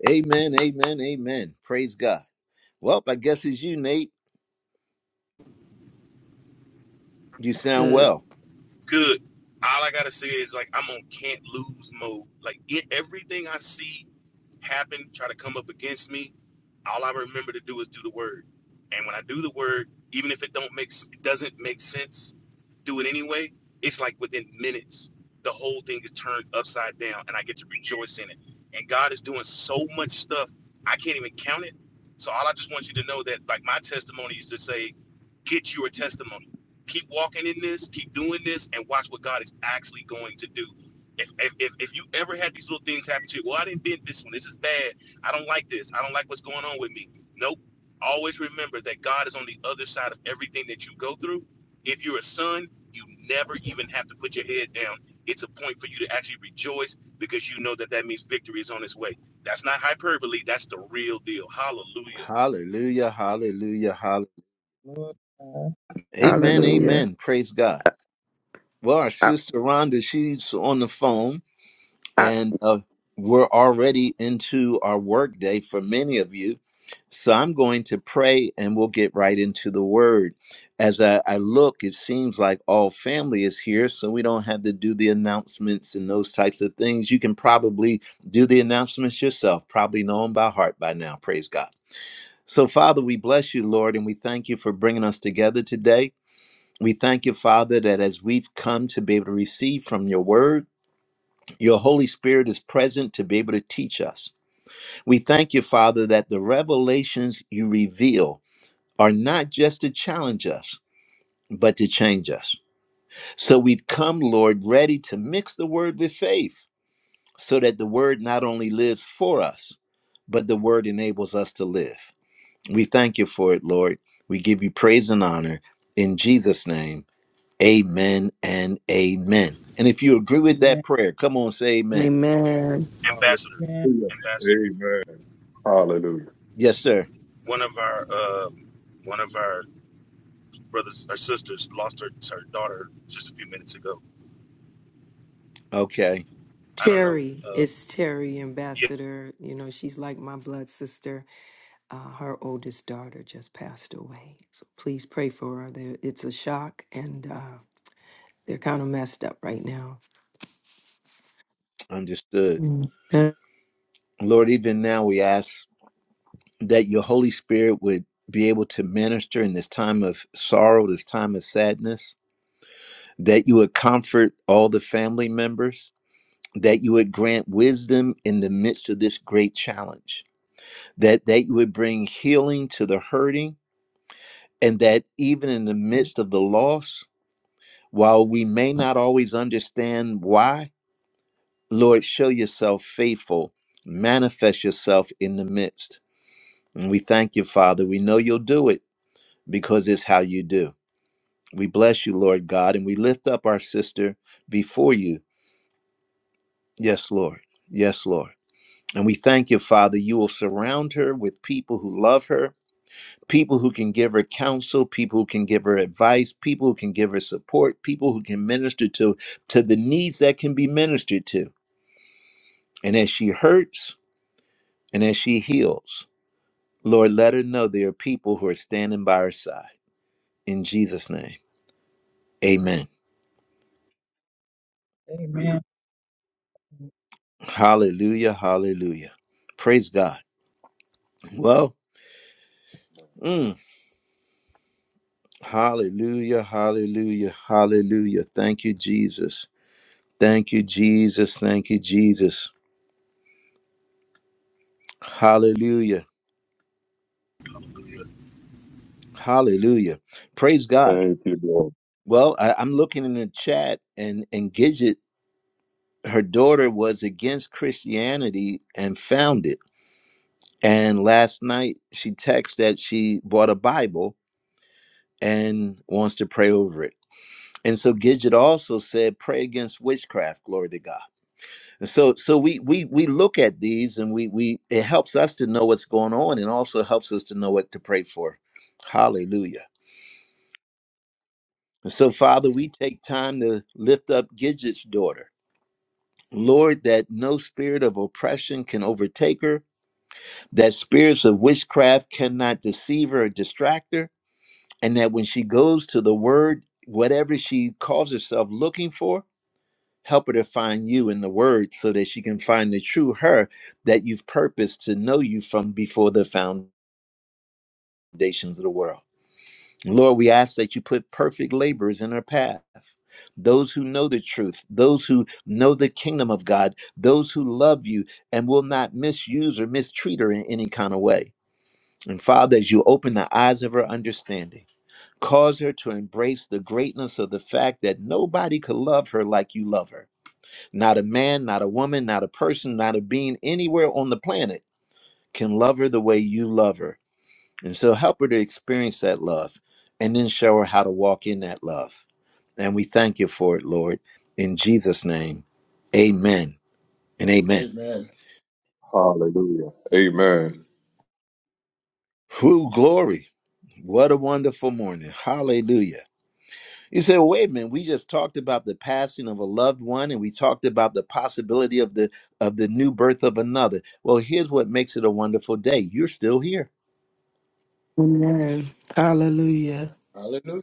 A: Amen. Amen. Amen. Praise God. Well, I guess it's you, Nate. You sound
E: Good.
A: well.
H: Good. All I got to say is like, I'm on can't lose mode. Like, it, everything I see happen, try to come up against me. all I remember to do is do the word. And when I do the word, even if it don't make it doesn't make sense, do it anyway. It's like within minutes, the whole thing is turned upside down, and I get to rejoice in it. And God is doing so much stuff I can't even count it. So all I just want you to know that, like my testimony is to say, get your testimony. Keep walking in this, keep doing this, and watch what God is actually going to do. If if if, if you ever had these little things happen to you, well, I didn't bend this one. This is bad I don't like this. I don't like what's going on with me. Nope. Always remember that God is on the other side of everything that you go through. If you're a son, you never even have to put your head down. It's a point for you to actually rejoice because you know that that means victory is on its way. That's not hyperbole. That's the real deal. Hallelujah.
A: Hallelujah, hallelujah, hallelujah.
J: Lord God.
A: Amen,
E: Hallelujah.
A: amen. Praise God. Well, our
E: I,
A: sister Rhonda, she's on the phone,
E: I,
A: and uh, we're already into our work day for many of you. So I'm going to pray and we'll get right into the word. As I, I look, it seems like all family is here, so we don't have to do the announcements and those types of things. You can probably do the announcements yourself, probably know them by heart by now. Praise God. So, Father, we bless you, Lord, and we thank you for bringing us together today. We thank you, Father, that as we've come to be able to receive from your word, your Holy Spirit is present to be able to teach us. We thank you, Father, that the revelations you reveal are not just to challenge us, but to change us. So we've come, Lord, ready to mix the word with faith so that the word not only lives for us, but the word enables us to live. We thank you for it, Lord. We give you praise and honor in Jesus' name. Amen and amen. And if you agree with that
J: Amen.
A: prayer, come on, say amen.
E: amen.
H: Ambassador.
J: Amen.
D: Hallelujah.
H: Ambassador.
D: Amen. Hallelujah.
A: Yes, sir.
H: One of our uh, one of our brothers or sisters lost her, her daughter just a few minutes ago.
A: Okay,
G: (laughs)
H: I don't know.
G: Terry
H: Uh,
G: it's Terry
H: yeah.
G: Ambassador. You know, she's like my blood sister. Uh, her oldest daughter just passed away. So please pray for her. There, it's a shock, and uh, they're kind of messed up right now.
A: understood.
G: Mm.
A: Lord, even now we ask that your Holy Spirit would be able to minister in this time of sorrow, this time of sadness, that you would comfort all the family members, that you would grant wisdom in the midst of this great challenge, that, that you would bring healing to the hurting and that even in the midst of the loss, while we may not always understand why, Lord, show yourself faithful, manifest yourself in the midst. And we thank you, Father. We know you'll do it because it's how you do. We bless you, Lord God, and we lift up our sister before you. Yes, Lord. Yes, Lord. And we thank you, Father, you will surround her with people who love her people who can give her counsel, people who can give her advice, people who can give her support, people who can minister to to the needs that can be ministered to. And as she hurts and as she heals, Lord, let her know there are people who are standing by her side. In Jesus' name, amen.
J: Amen.
A: Hallelujah, hallelujah. Praise God. Well, mm, hallelujah, hallelujah, hallelujah. Thank you, Jesus. Thank you, Jesus. Thank you, Jesus. Hallelujah. Hallelujah. Praise God.
D: Thank you, Lord.
A: Well, I, I'm looking in the chat and, and Gidget, her daughter was against Christianity and found it. And last night she texted that she bought a Bible and wants to pray over it. And so Gidget also said, pray against witchcraft, glory to God. And so so we we we look at these and we we it helps us to know what's going on and also helps us to know what to pray for. Hallelujah. And so, Father, we take time to lift up Gidget's daughter. Lord, that no spirit of oppression can overtake her, that spirits of witchcraft cannot deceive her or distract her, and that when she goes to the word, whatever she calls herself looking for, help her to find you in the word so that she can find the true her that you've purposed to know you from before the foundations of the world. Lord, we ask that you put perfect laborers in our path. Those who know the truth, those who know the kingdom of God, those who love you and will not misuse or mistreat her in any kind of way. And Father, as you open the eyes of her understanding, cause her to embrace the greatness of the fact that nobody could love her like you love her. Not a man, not a woman, not a person, not a being anywhere on the planet can love her the way you love her and so help her to experience that love and then show her how to walk in that love. And we thank you for it, Lord. In Jesus' name, amen and amen.
K: Amen.
D: Hallelujah. Amen.
A: Who glory. What a wonderful morning. Hallelujah. You say, well, wait a minute, we just talked about the passing of a loved one and we talked about the possibility of the of the new birth of another. Well, here's what makes it a wonderful day. You're still here.
E: Amen. Hallelujah.
K: Hallelujah.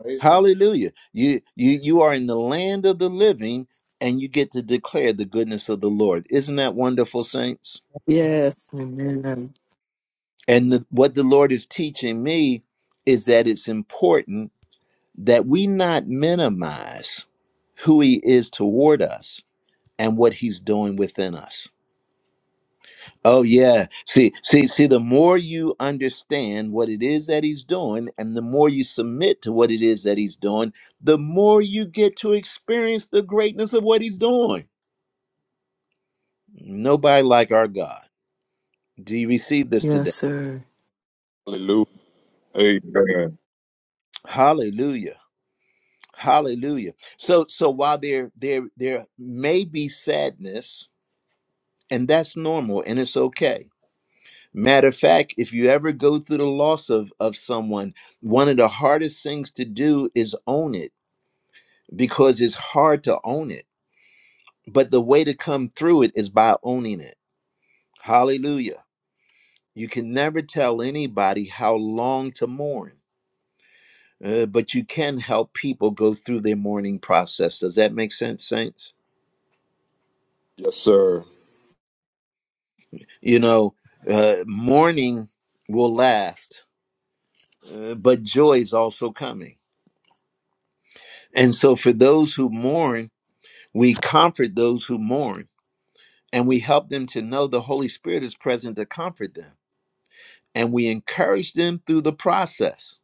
K: Praise the Lord.
A: Hallelujah. You you you are in the land of the living and you get to declare the goodness of the Lord. Isn't that wonderful, saints?
E: Yes.
G: Amen.
A: And the, what the Lord is teaching me is that it's important that we not minimize who he is toward us and what he's doing within us. Oh yeah. See, see, see, the more you understand what it is that he's doing and the more you submit to what it is that he's doing, the more you get to experience the greatness of what he's doing. Nobody like our God. Do you receive this
G: Yes,
A: today?
G: sir.
D: Hallelujah. Amen.
A: Hallelujah. Hallelujah. So so while there there there may be sadness, and that's normal and it's okay. Matter of fact, if you ever go through the loss of, of someone, one of the hardest things to do is own it because it's hard to own it. But the way to come through it is by owning it. Hallelujah. You can never tell anybody how long to mourn, uh, but you can help people go through their mourning process. Does that make sense, Saints?
D: Yes, sir.
A: You know, uh, mourning will last, uh, but joy is also coming. And so, for those who mourn, we comfort those who mourn and we help them to know the Holy Spirit is present to comfort them and we encourage them through the process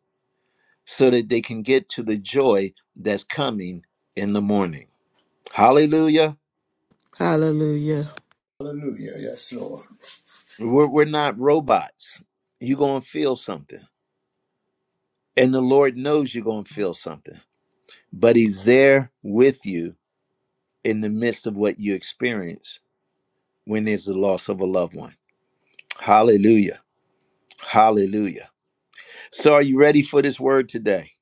A: so that they can get to the joy that's coming in the morning. Hallelujah.
E: Hallelujah.
J: Amen.
K: Hallelujah. Yes, Lord.
A: We're, we're not robots. You're going to feel something. And the Lord knows you're going to feel something, but He's there with you in the midst of what you experience when there's the loss of a loved one. Hallelujah. Hallelujah. So, are you ready for this word today?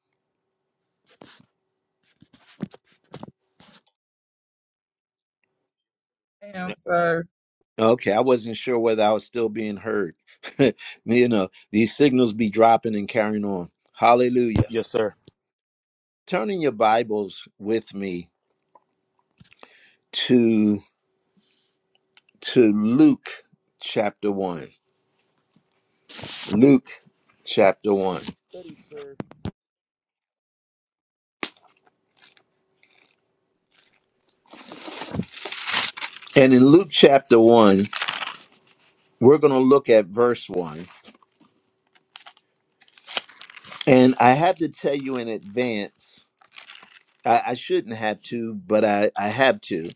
J: Amen, sir.
A: Okay, I wasn't sure whether I was still being heard. (laughs) you know, these signals be dropping and carrying on. Hallelujah.
H: Yes, sir.
A: Turning your Bibles with me to to Luke chapter 1. Luke chapter 1.
H: Study, sir.
A: And in Luke chapter 1, we're going to look at verse 1. And I have to tell you in advance, I, I shouldn't have to, but I, I have to.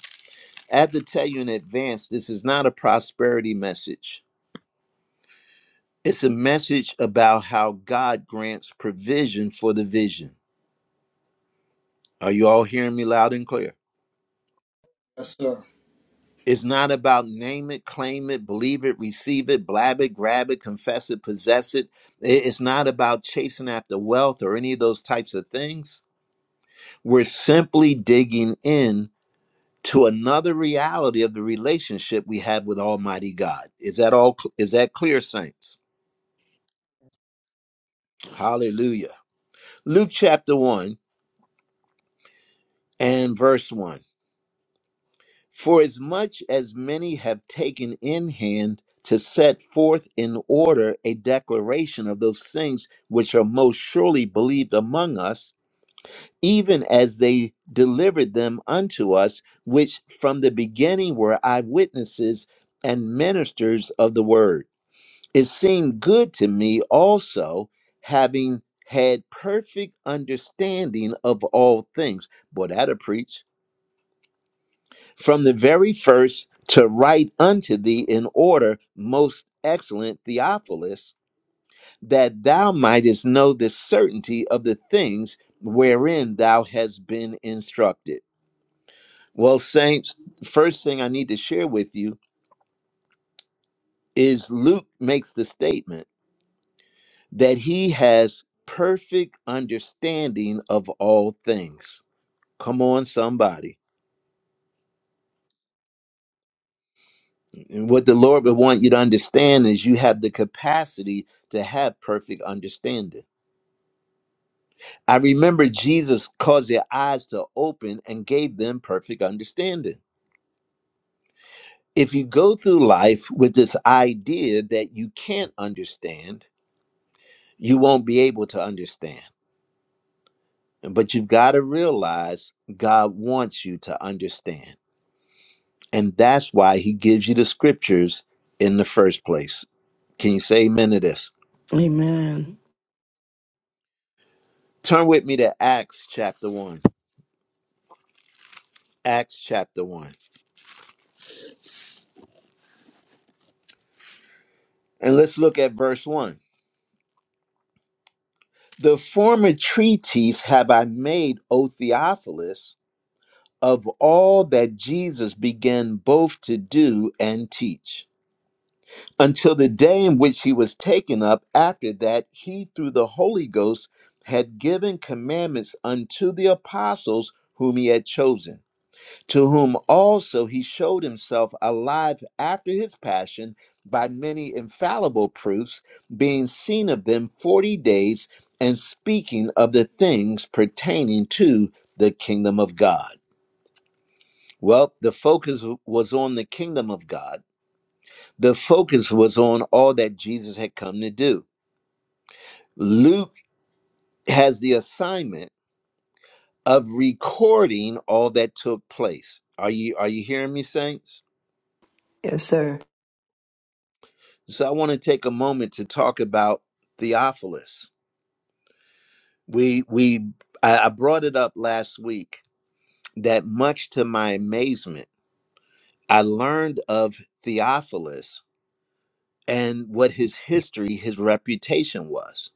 A: I have to tell you in advance, this is not a prosperity message It's a message about how God grants provision for the vision. Are you all hearing me loud and clear?
K: Yes, sir.
A: It's not about name it, claim it, believe it, receive it, blab it, grab it, confess it, possess it. It's not about chasing after wealth or any of those types of things. We're simply digging in to another reality of the relationship we have with Almighty God. Is that all is that clear saints? Hallelujah. Luke chapter 1 and verse 1. For as much as many have taken in hand to set forth in order a declaration of those things which are most surely believed among us, even as they delivered them unto us, which from the beginning were eyewitnesses and ministers of the word. It seemed good to me also, having had perfect understanding of all things. Boy, that'll preach from the very first to write unto thee in order, most excellent Theophilus, that thou mightest know the certainty of the things wherein thou hast been instructed. Well, saints, first thing I need to share with you is Luke makes the statement that he has perfect understanding of all things. Come on, somebody what the Lord would want you to understand is you have the capacity to have perfect understanding. I remember Jesus caused their eyes to open and gave them perfect understanding. If you go through life with this idea that you can't understand, you won't be able to understand. But you've got to realize God wants you to understand. And that's why he gives you the scriptures in the first place. Can you say amen to this?
E: Amen.
A: Turn with me to Acts chapter 1. Acts chapter 1. And let's look at verse 1. The former treatise have I made, O Theophilus, of all that Jesus began both to do and teach, until the day in which he was taken up. After that, he, through the Holy Ghost, had given commandments unto the apostles whom he had chosen to whom also he showed himself alive after his passion by many infallible proofs, being seen of them forty days, and speaking of the things pertaining to the kingdom of God. Well, the focus was on the kingdom of God, the focus was on all that Jesus had come to do. Luke has the assignment of recording all that took place. Are you are you hearing me saints?
G: Yes, sir.
A: So I want to take a moment to talk about Theophilus. We we I I brought it up last week that much to my amazement, I learned of Theophilus and what his history, his reputation was.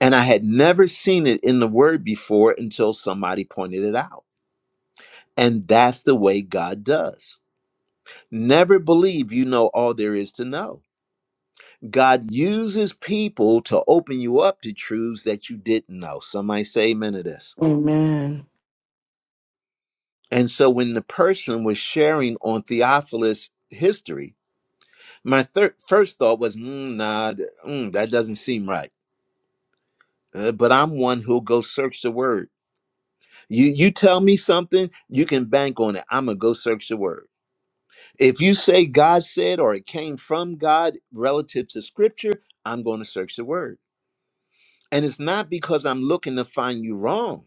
A: And I had never seen it in the word before until somebody pointed it out. And that's the way God does. Never believe you know all there is to know God uses people to open you up to truths that you didn't know. Somebody say amen to this.
E: Amen.
A: And so when the person was sharing on Theophilus' history, my thir- first thought was, mm, nah, th- mm, that doesn't seem right. Uh, but I'm one who'll go search the word. You you tell me something, you can bank on it. I'm gonna go search the word. If you say God said or it came from God relative to Scripture, I'm going to search the word. And it's not because I'm looking to find you wrong.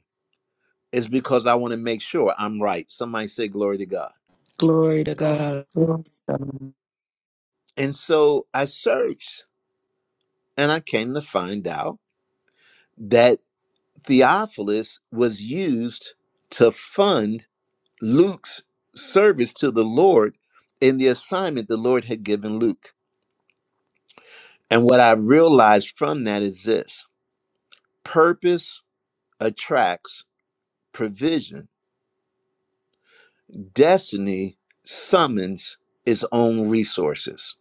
A: is because I want to make sure I'm right. Somebody say glory to God.
E: Glory to God.
G: Yes,
A: And so I searched and I came to find out that Theophilus was used to fund Luke's service to the Lord in the assignment the Lord had given Luke. And what I realized from that is this purpose attracts provision, destiny summons its own resources.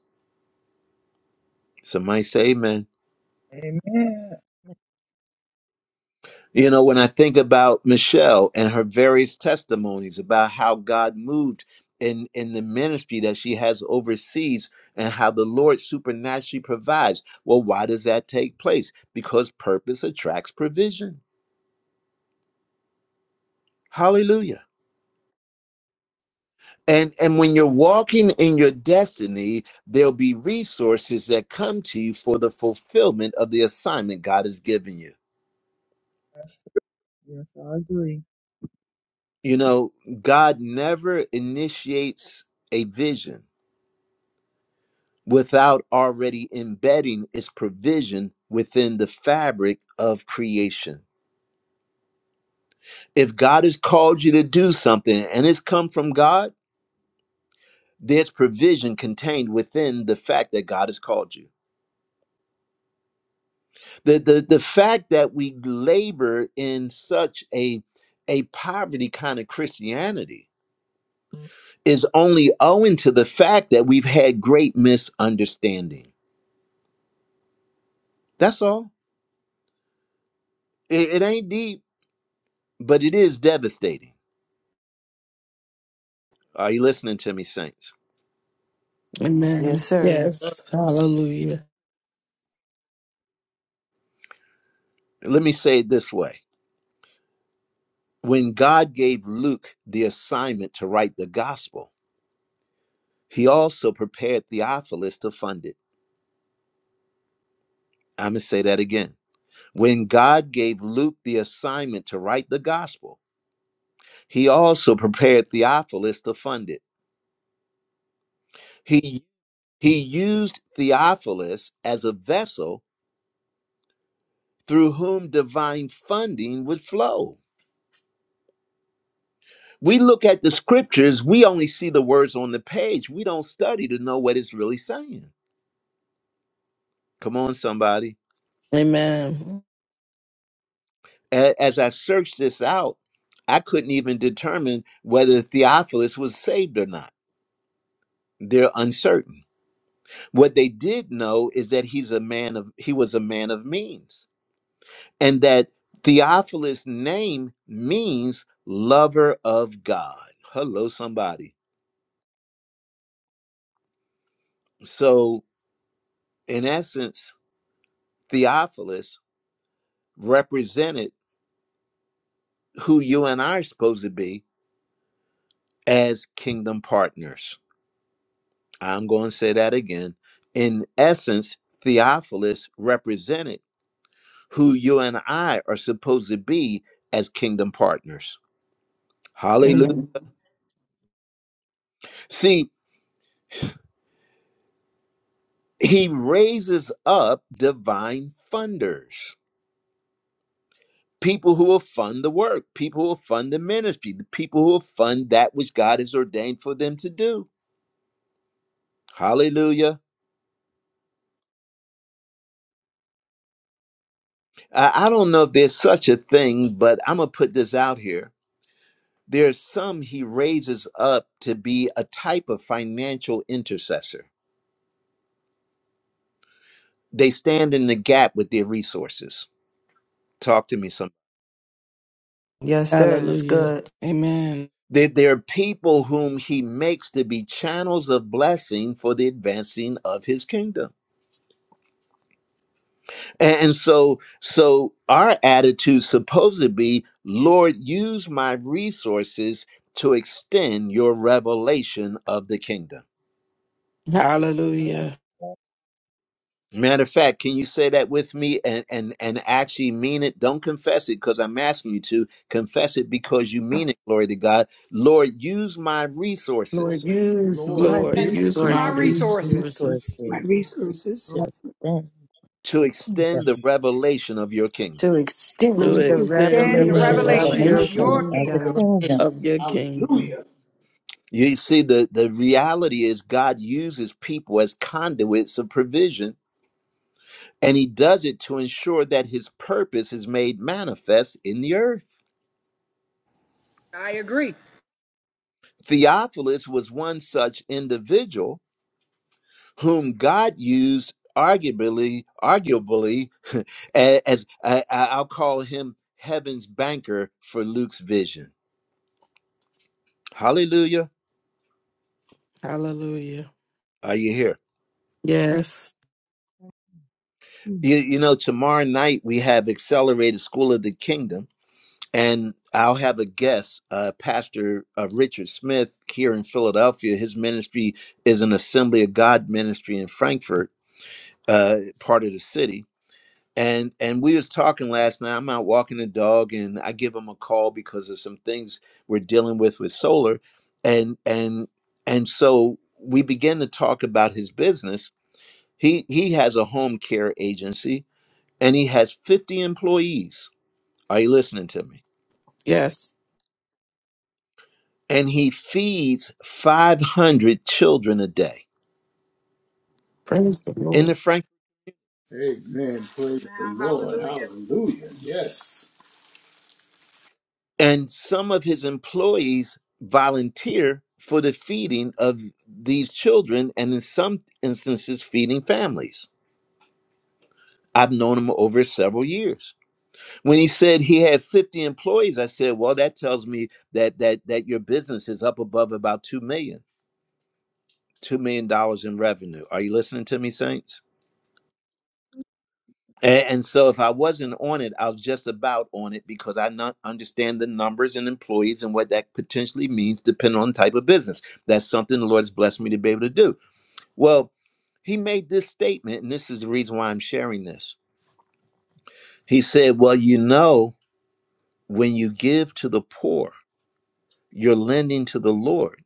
A: Somebody say amen.
J: Amen.
A: You know, when I think about Michelle and her various testimonies about how God moved in in the ministry that she has overseas and how the Lord supernaturally provides. Well, why does that take place? Because purpose attracts provision. Hallelujah. And and when you're walking in your destiny, there'll be resources that come to you for the fulfillment of the assignment God has given you.
J: Yes, yes, I agree.
A: You know, God never initiates a vision without already embedding its provision within the fabric of creation. If God has called you to do something and it's come from God, there's provision contained within the fact that God has called you. The the, the fact that we labor in such a a poverty kind of Christianity is only owing to the fact that we've had great misunderstanding. That's all. It, it ain't deep, but it is devastating. Are you listening to me, saints?
E: Amen.
G: sir.
K: Yes,
E: Yes. Hallelujah.
A: Let me say it this way when God gave Luke the assignment to write the gospel, he also prepared Theophilus to fund it. I'm going to say that again. When God gave Luke the assignment to write the gospel, he also prepared Theophilus to fund it. He, he used Theophilus as a vessel through whom divine funding would flow. We look at the scriptures, we only see the words on the page. We don't study to know what it's really saying. Come on, somebody.
E: Amen.
A: a- as I searched this out, I couldn't even determine whether Theophilus was saved or not. They're uncertain. What they did know is that he's a man of he was a man of means, and that Theophilus' name means lover of God. Hello, somebody. So, in essence, Theophilus represented who you and I are supposed to be as kingdom partners. I'm going to say that again. In essence, Theophilus represented who you and I are supposed to be as kingdom partners. Hallelujah.
E: Amen.
A: See, he raises up divine funders, people who will fund the work, people who will fund the ministry, the people who will fund that which God has ordained for them to do. Hallelujah. I I don't know if there's such a thing, but I'm going to put this out here There are some he raises up to be a type of financial intercessor. They stand in the gap with their resources. Talk to me some.
G: Yes, sir. That's
E: Hallelujah.
G: good.
E: Amen.
A: There, there are people whom he makes to be channels of blessing for the advancing of his kingdom. And, and so, so our attitude supposed to be, Lord, use my resources to extend your revelation of the kingdom.
E: Hallelujah.
J: Hallelujah.
A: Matter of fact, can you say that with me and and and actually mean it? Don't confess it because I'm asking you to confess it because you mean it. Glory to God. Lord, use my
G: Lord,
A: resources
G: use
K: Lord,
G: my
E: Lord,
K: you
E: use my
K: are
G: resources.
C: Resources
E: resources
I: my
C: to
I: resources
C: extend
A: to
C: the
A: extend the
C: kingdom,
A: revelation of your kingdom.
G: to
E: to
K: to
G: extend
F: To
G: the
E: extend
I: within
E: the
F: extend
I: the
F: the
C: extend the
G: revelation of
I: revelation
F: revelation
I: of the
G: your
F: of
C: revelation
E: revelation
F: your
I: kingdom.
C: of
K: of
C: the
F: kingdom.
K: your
G: kingdom.
C: kingdom.
K: kingdom.
E: of your kingdom.
K: Hallelujah.
A: You see, the, the reality is God uses people as conduits of provision, and he does it to ensure that his purpose is made manifest in the earth.
F: I agree.
A: Theophilus was one such individual whom God used arguably, arguably, (laughs) as I, I- I'll call him heaven's banker for Luke's vision. Hallelujah.
E: Hallelujah.
A: Are you here?
E: Yes.
A: You, you know, tomorrow night we have Accelerated School of the Kingdom, and I'll have a guest, uh, Pastor uh, Richard Smith, here in Philadelphia. His ministry is an Assembly of God ministry in Frankfurt, uh, part of the city and and we was talking last night i'm out walking the dog and i give him a call because of some things we're dealing with with solar and and and so we begin to talk about his business he he has a home care agency and he has 50 employees are you listening to me
E: Yes.
A: and he feeds 500 children a day
E: Praise the
A: in
E: Lord.
A: the
K: Amen. Praise the
F: Now,
K: Lord.
F: hallelujah.
K: Hallelujah. Yes.
A: And some of his employees volunteer for the feeding of these children and in some instances feeding families. I've known him over several years. When he said he had 50 employees, I said, "Well, that tells me that that that your business is up above about two million, two million dollars in revenue." Are you listening to me, saints? And, and so if I wasn't on it, I was just about on it because I not understand the numbers and employees and what that potentially means depending on the type of business. That's something the Lord has blessed me to be able to do. Well, he made this statement, and this is the reason why I'm sharing this. He said, Well, you know, when you give to the poor, you're lending to the Lord,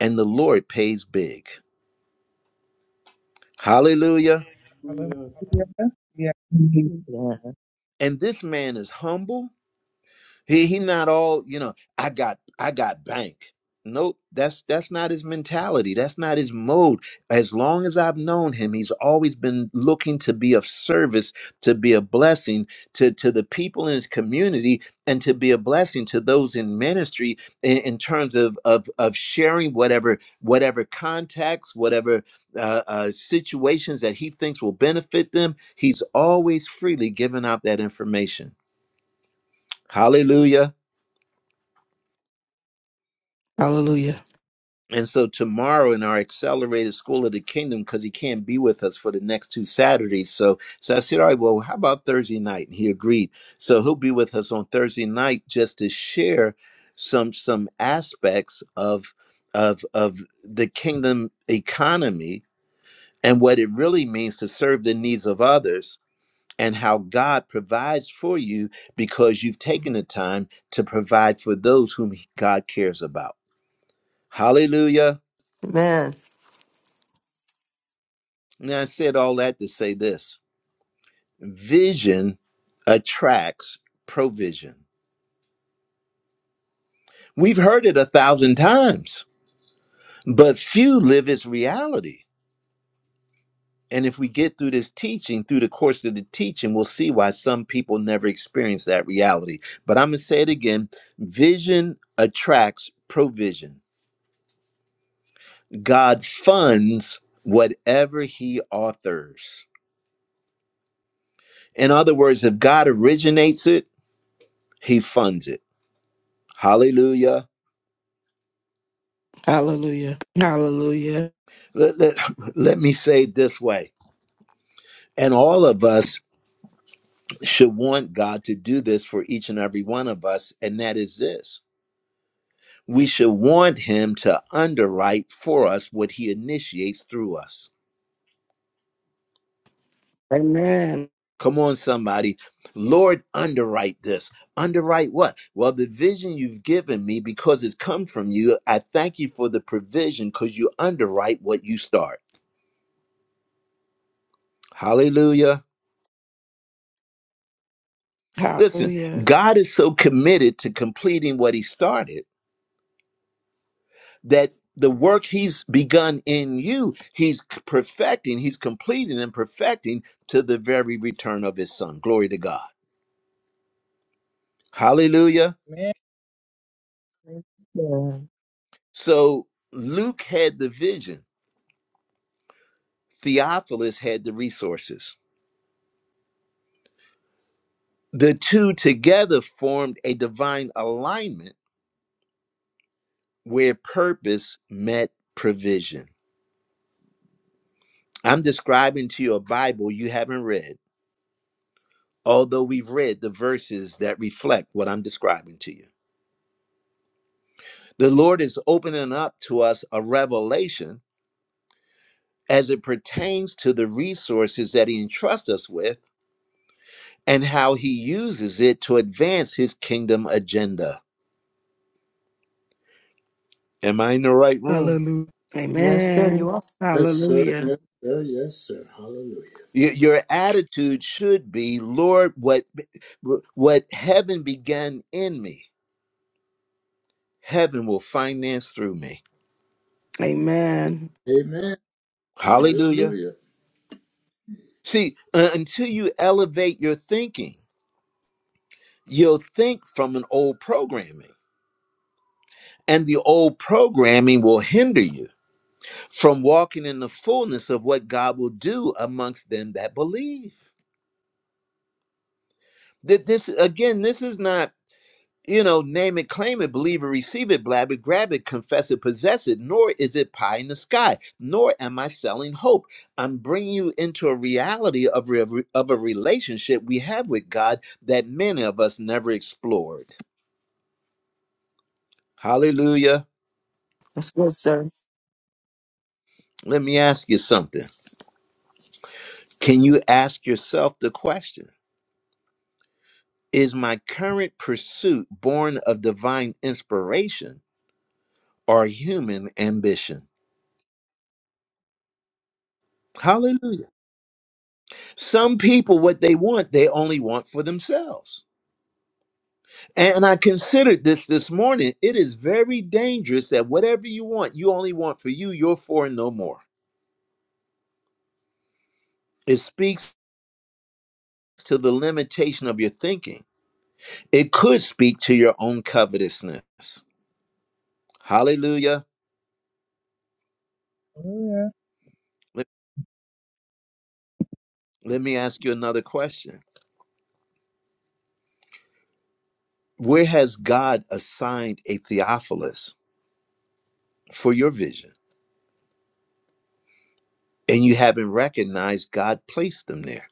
A: and the Lord pays big. Hallelujah.
J: Hallelujah. Yeah. Amen.
C: Yeah,
A: And this man is humble He he not all, you know, I got I got bank. Nope, that's that's not his mentality. That's not his mode. As long as I've known him, he's always been looking to be of service, to be a blessing to to the people in his community and to be a blessing to those in ministry in, in terms of of of sharing whatever whatever contacts, whatever uh, uh, situations that he thinks will benefit them. He's always freely giving out that information. Hallelujah.
E: Hallelujah.
A: And so tomorrow in our accelerated school of the kingdom, because he can't be with us for the next two Saturdays. So, so I said, all right, well, how about Thursday night? And he agreed. So he'll be with us on Thursday night just to share some some aspects of of of the kingdom economy and what it really means to serve the needs of others and how God provides for you because you've taken the time to provide for those whom God cares about. Hallelujah.
G: Man,
A: Now, I said all that to say this vision attracts provision. We've heard it a thousand times, but few live its reality. And if we get through this teaching, through the course of the teaching, we'll see why some people never experience that reality. But I'm going to say it again vision attracts provision. God funds whatever he authors. In other words, if God originates it, he funds it. Hallelujah.
E: Hallelujah. Hallelujah.
A: let, let, let me say it this way and all of us should want god to do this for each and every one of us and that is this we should want him to underwrite for us what he initiates through us
E: Amen.
A: come on somebody lord underwrite this underwrite what well the vision you've given me because it's come from you i thank you for the provision because you underwrite what you start hallelujah listen
E: Hallelujah.
A: god is so committed to completing what he started that the work he's begun in you, he's c- perfecting, he's completing and perfecting to the very return of his son. Glory to God. Hallelujah.
C: yeah,
A: So Luke had the vision, Theophilus had the resources. The two together formed a divine alignment where purpose met provision. I'm describing to you a Bible you haven't read, although we've read the verses that reflect what I'm describing to you. The Lord is opening up to us a revelation as it pertains to the resources that He entrusts us with and how He uses it to advance His kingdom agenda. Am I in the right room?
E: Hallelujah.
G: yes, sir, you
E: Amen.
G: are.
K: Yes, sir.
E: Hallelujah.
K: Yes, sir. Yes, sir. Hallelujah.
A: Y- Your attitude should be, Lord, what what heaven began in me, heaven will finance through me.
E: Amen.
K: Amen.
A: Hallelujah.
K: Hallelujah.
A: See, uh, until you elevate your thinking, you'll think from an old programming. And the old programming will hinder you from walking in the fullness of what God will do amongst them that believe. That this again, this is not, you know, name it, claim it, believe it, receive it, blab it, grab it, confess it, possess it, nor is it pie in the sky, nor am I selling hope. I'm bringing you into a reality of, re- of a relationship we have with God that many of us never explored. Hallelujah.
G: That's good, sir.
A: Let me ask you something. Can you ask yourself the question? Is my current pursuit born of divine inspiration or human ambition? Hallelujah. Some people, what they want, they only want for themselves. And I considered this this morning. It is very dangerous that whatever you want, you only want for you, you're for and no more. It speaks to the limitation of your thinking. It could speak to your own covetousness. Hallelujah.
J: Hallelujah.
A: Let, let me ask you another question Where has God assigned a Theophilus for your vision? And you haven't recognized God placed them there.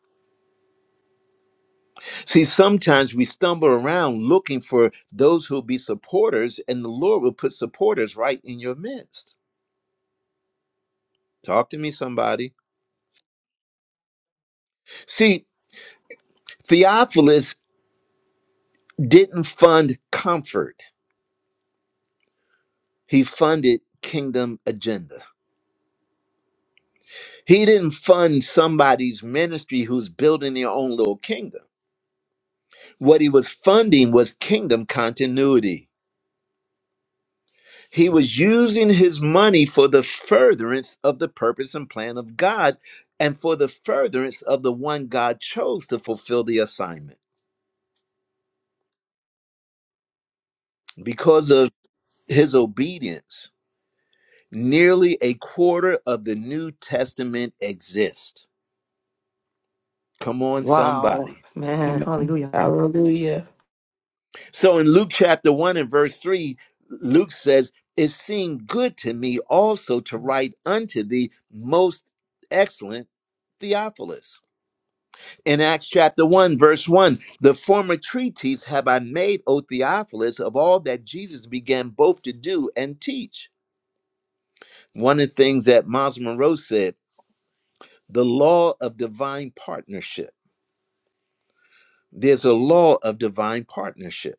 A: See, sometimes we stumble around looking for those who'll be supporters, and the Lord will put supporters right in your midst. Talk to me, somebody. See, Theophilus didn't fund comfort, he funded kingdom agenda. He didn't fund somebody's ministry who's building their own little kingdom. What he was funding was kingdom continuity. He was using his money for the furtherance of the purpose and plan of God and for the furtherance of the one God chose to fulfill the assignment. Because of his obedience, nearly a quarter of the New Testament exists. Come on,
G: Wow,
A: somebody.
G: man,
E: Amen.
G: hallelujah.
E: Hallelujah.
A: So in Luke chapter 1 and verse 3, Luke says, It seemed good to me also to write unto thee, most excellent Theophilus in Acts chapter 1, verse 1, the former treatise have I made, O Theophilus, of all that Jesus began both to do and teach. One of the things that Miles Monroe said, the law of divine partnership. There's a law of divine partnership.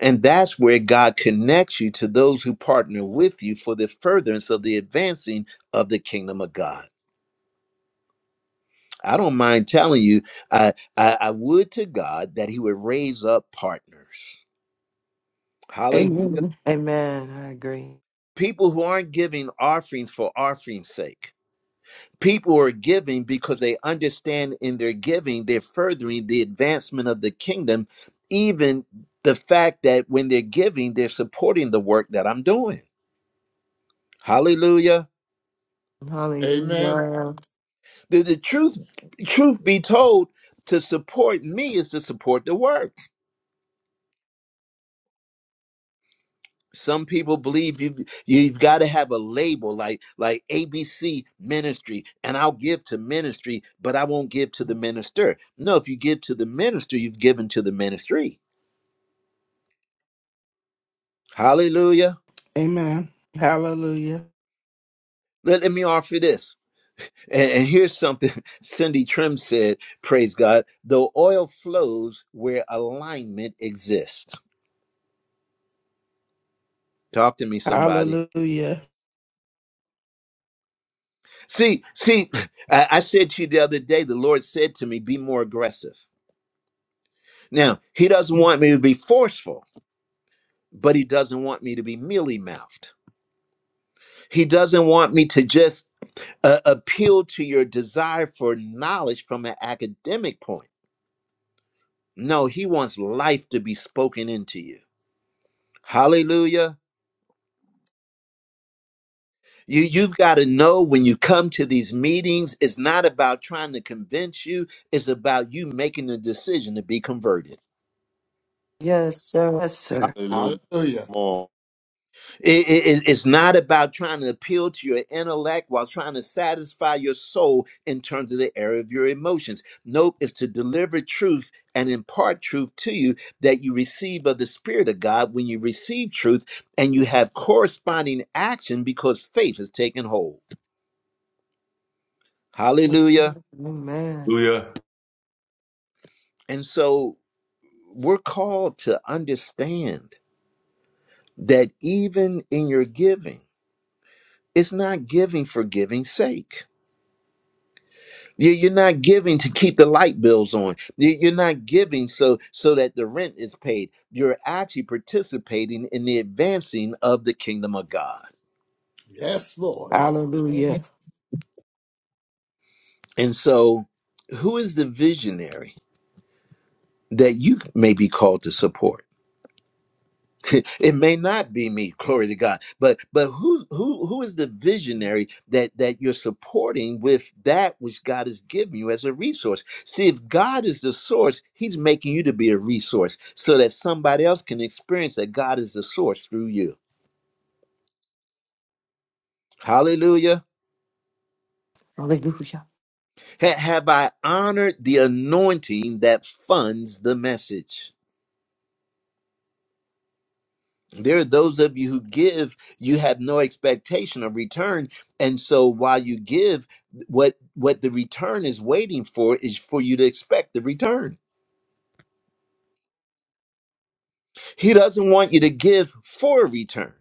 A: And that's where God connects you to those who partner with you for the furtherance of the advancing of the kingdom of God. I don't mind telling you, I, I, I would to God that He would raise up partners. Hallelujah.
G: Um,
E: Amen.
G: Amen, I agree.
A: People who aren't giving offerings for offering's sake. People who are giving because they understand in their giving, they're furthering the advancement of the kingdom, even the fact that when they're giving, they're supporting the work that I'm doing. Hallelujah.
K: Amen.
G: Hallelujah.
A: The, the truth, truth be told, to support me is to support the work. Some people believe you you've got to have a label like like ABC ministry and I'll give to ministry but I won't give to the minister. No, if you give to the minister, you've given to the ministry. Hallelujah.
E: Amen. Hallelujah.
A: Let, let me offer this. And, and here's something (laughs) Cindy Trim said, praise God, the oil flows where alignment exists. Talk to me, somebody.
E: Hallelujah.
A: See, see, (laughs) I, I said to you the other day, the Lord said to me, be more aggressive. Now, he doesn't want me to be forceful, but he doesn't want me to be mealy mouthed. He doesn't want me to just uh, appeal to your desire for knowledge from an academic point. No, he wants life to be spoken into you. Hallelujah. You, you've got to know when you come to these meetings, it's not about trying to convince you, it's about you making the decision to be converted.
G: Yes, sir. Yes, sir.
D: Hallelujah.
K: Hallelujah.
D: Come on.
A: It- it- it's not about trying to appeal to your intellect while trying to satisfy your soul in terms of the area of your emotions. Nope, it's to deliver truth and impart truth to you that you receive of the Spirit of God when you receive truth and you have corresponding action because faith has taken hold.
G: Yes, sir.
A: Hallelujah.
G: Amen.
H: Hallelujah.
A: And so we're called to understand that even in your giving, it's not giving for giving's sake You- You're not giving to keep the light bills on. You- You're not giving so so that the rent is paid. You're actually participating in the advancing of the kingdom of God.
K: Yes, Lord.
J: Amen.
E: Hallelujah.
A: And so, who is the visionary that you may be called to support? (laughs) it may not be me glory to god but but who who who is the visionary that that you're supporting with that which god has given you as a resource see if god is the source he's making you to be a resource so that somebody else can experience that god is the source through you hallelujah
G: Hallelujah.
A: Ha- have i honored the anointing that funds the message there are those of you who give you have no expectation of return and so while you give what what the return is waiting for is for you to expect the return he doesn't want you to give for a return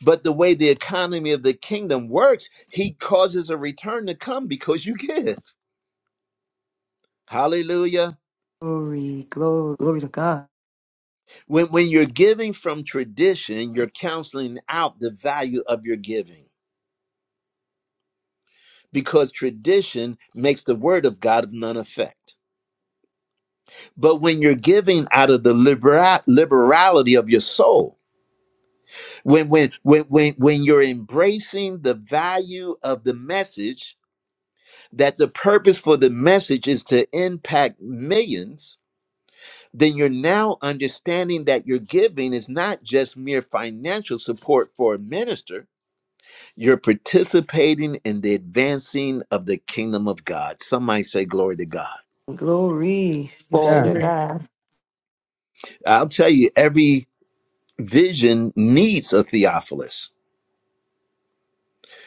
A: but the way the economy of the kingdom works he causes a return to come because you give hallelujah
G: Glory, glory, glory to God.
A: when when you're giving from tradition you're counseling out the value of your giving because tradition makes the word of god of none effect But when you're giving out of the libera- liberality of your soul, when when when when when you're embracing the value of the message, that the purpose for the message is to impact millions, then you're now understanding that your giving is not just mere financial support for a minister. You're participating in the advancing of the kingdom of God. Some might say, "Glory to God."
G: Glory. Yes,
E: Glory
C: God.
E: to
G: sir.
E: God.
A: I'll tell you, every vision needs a Theophilus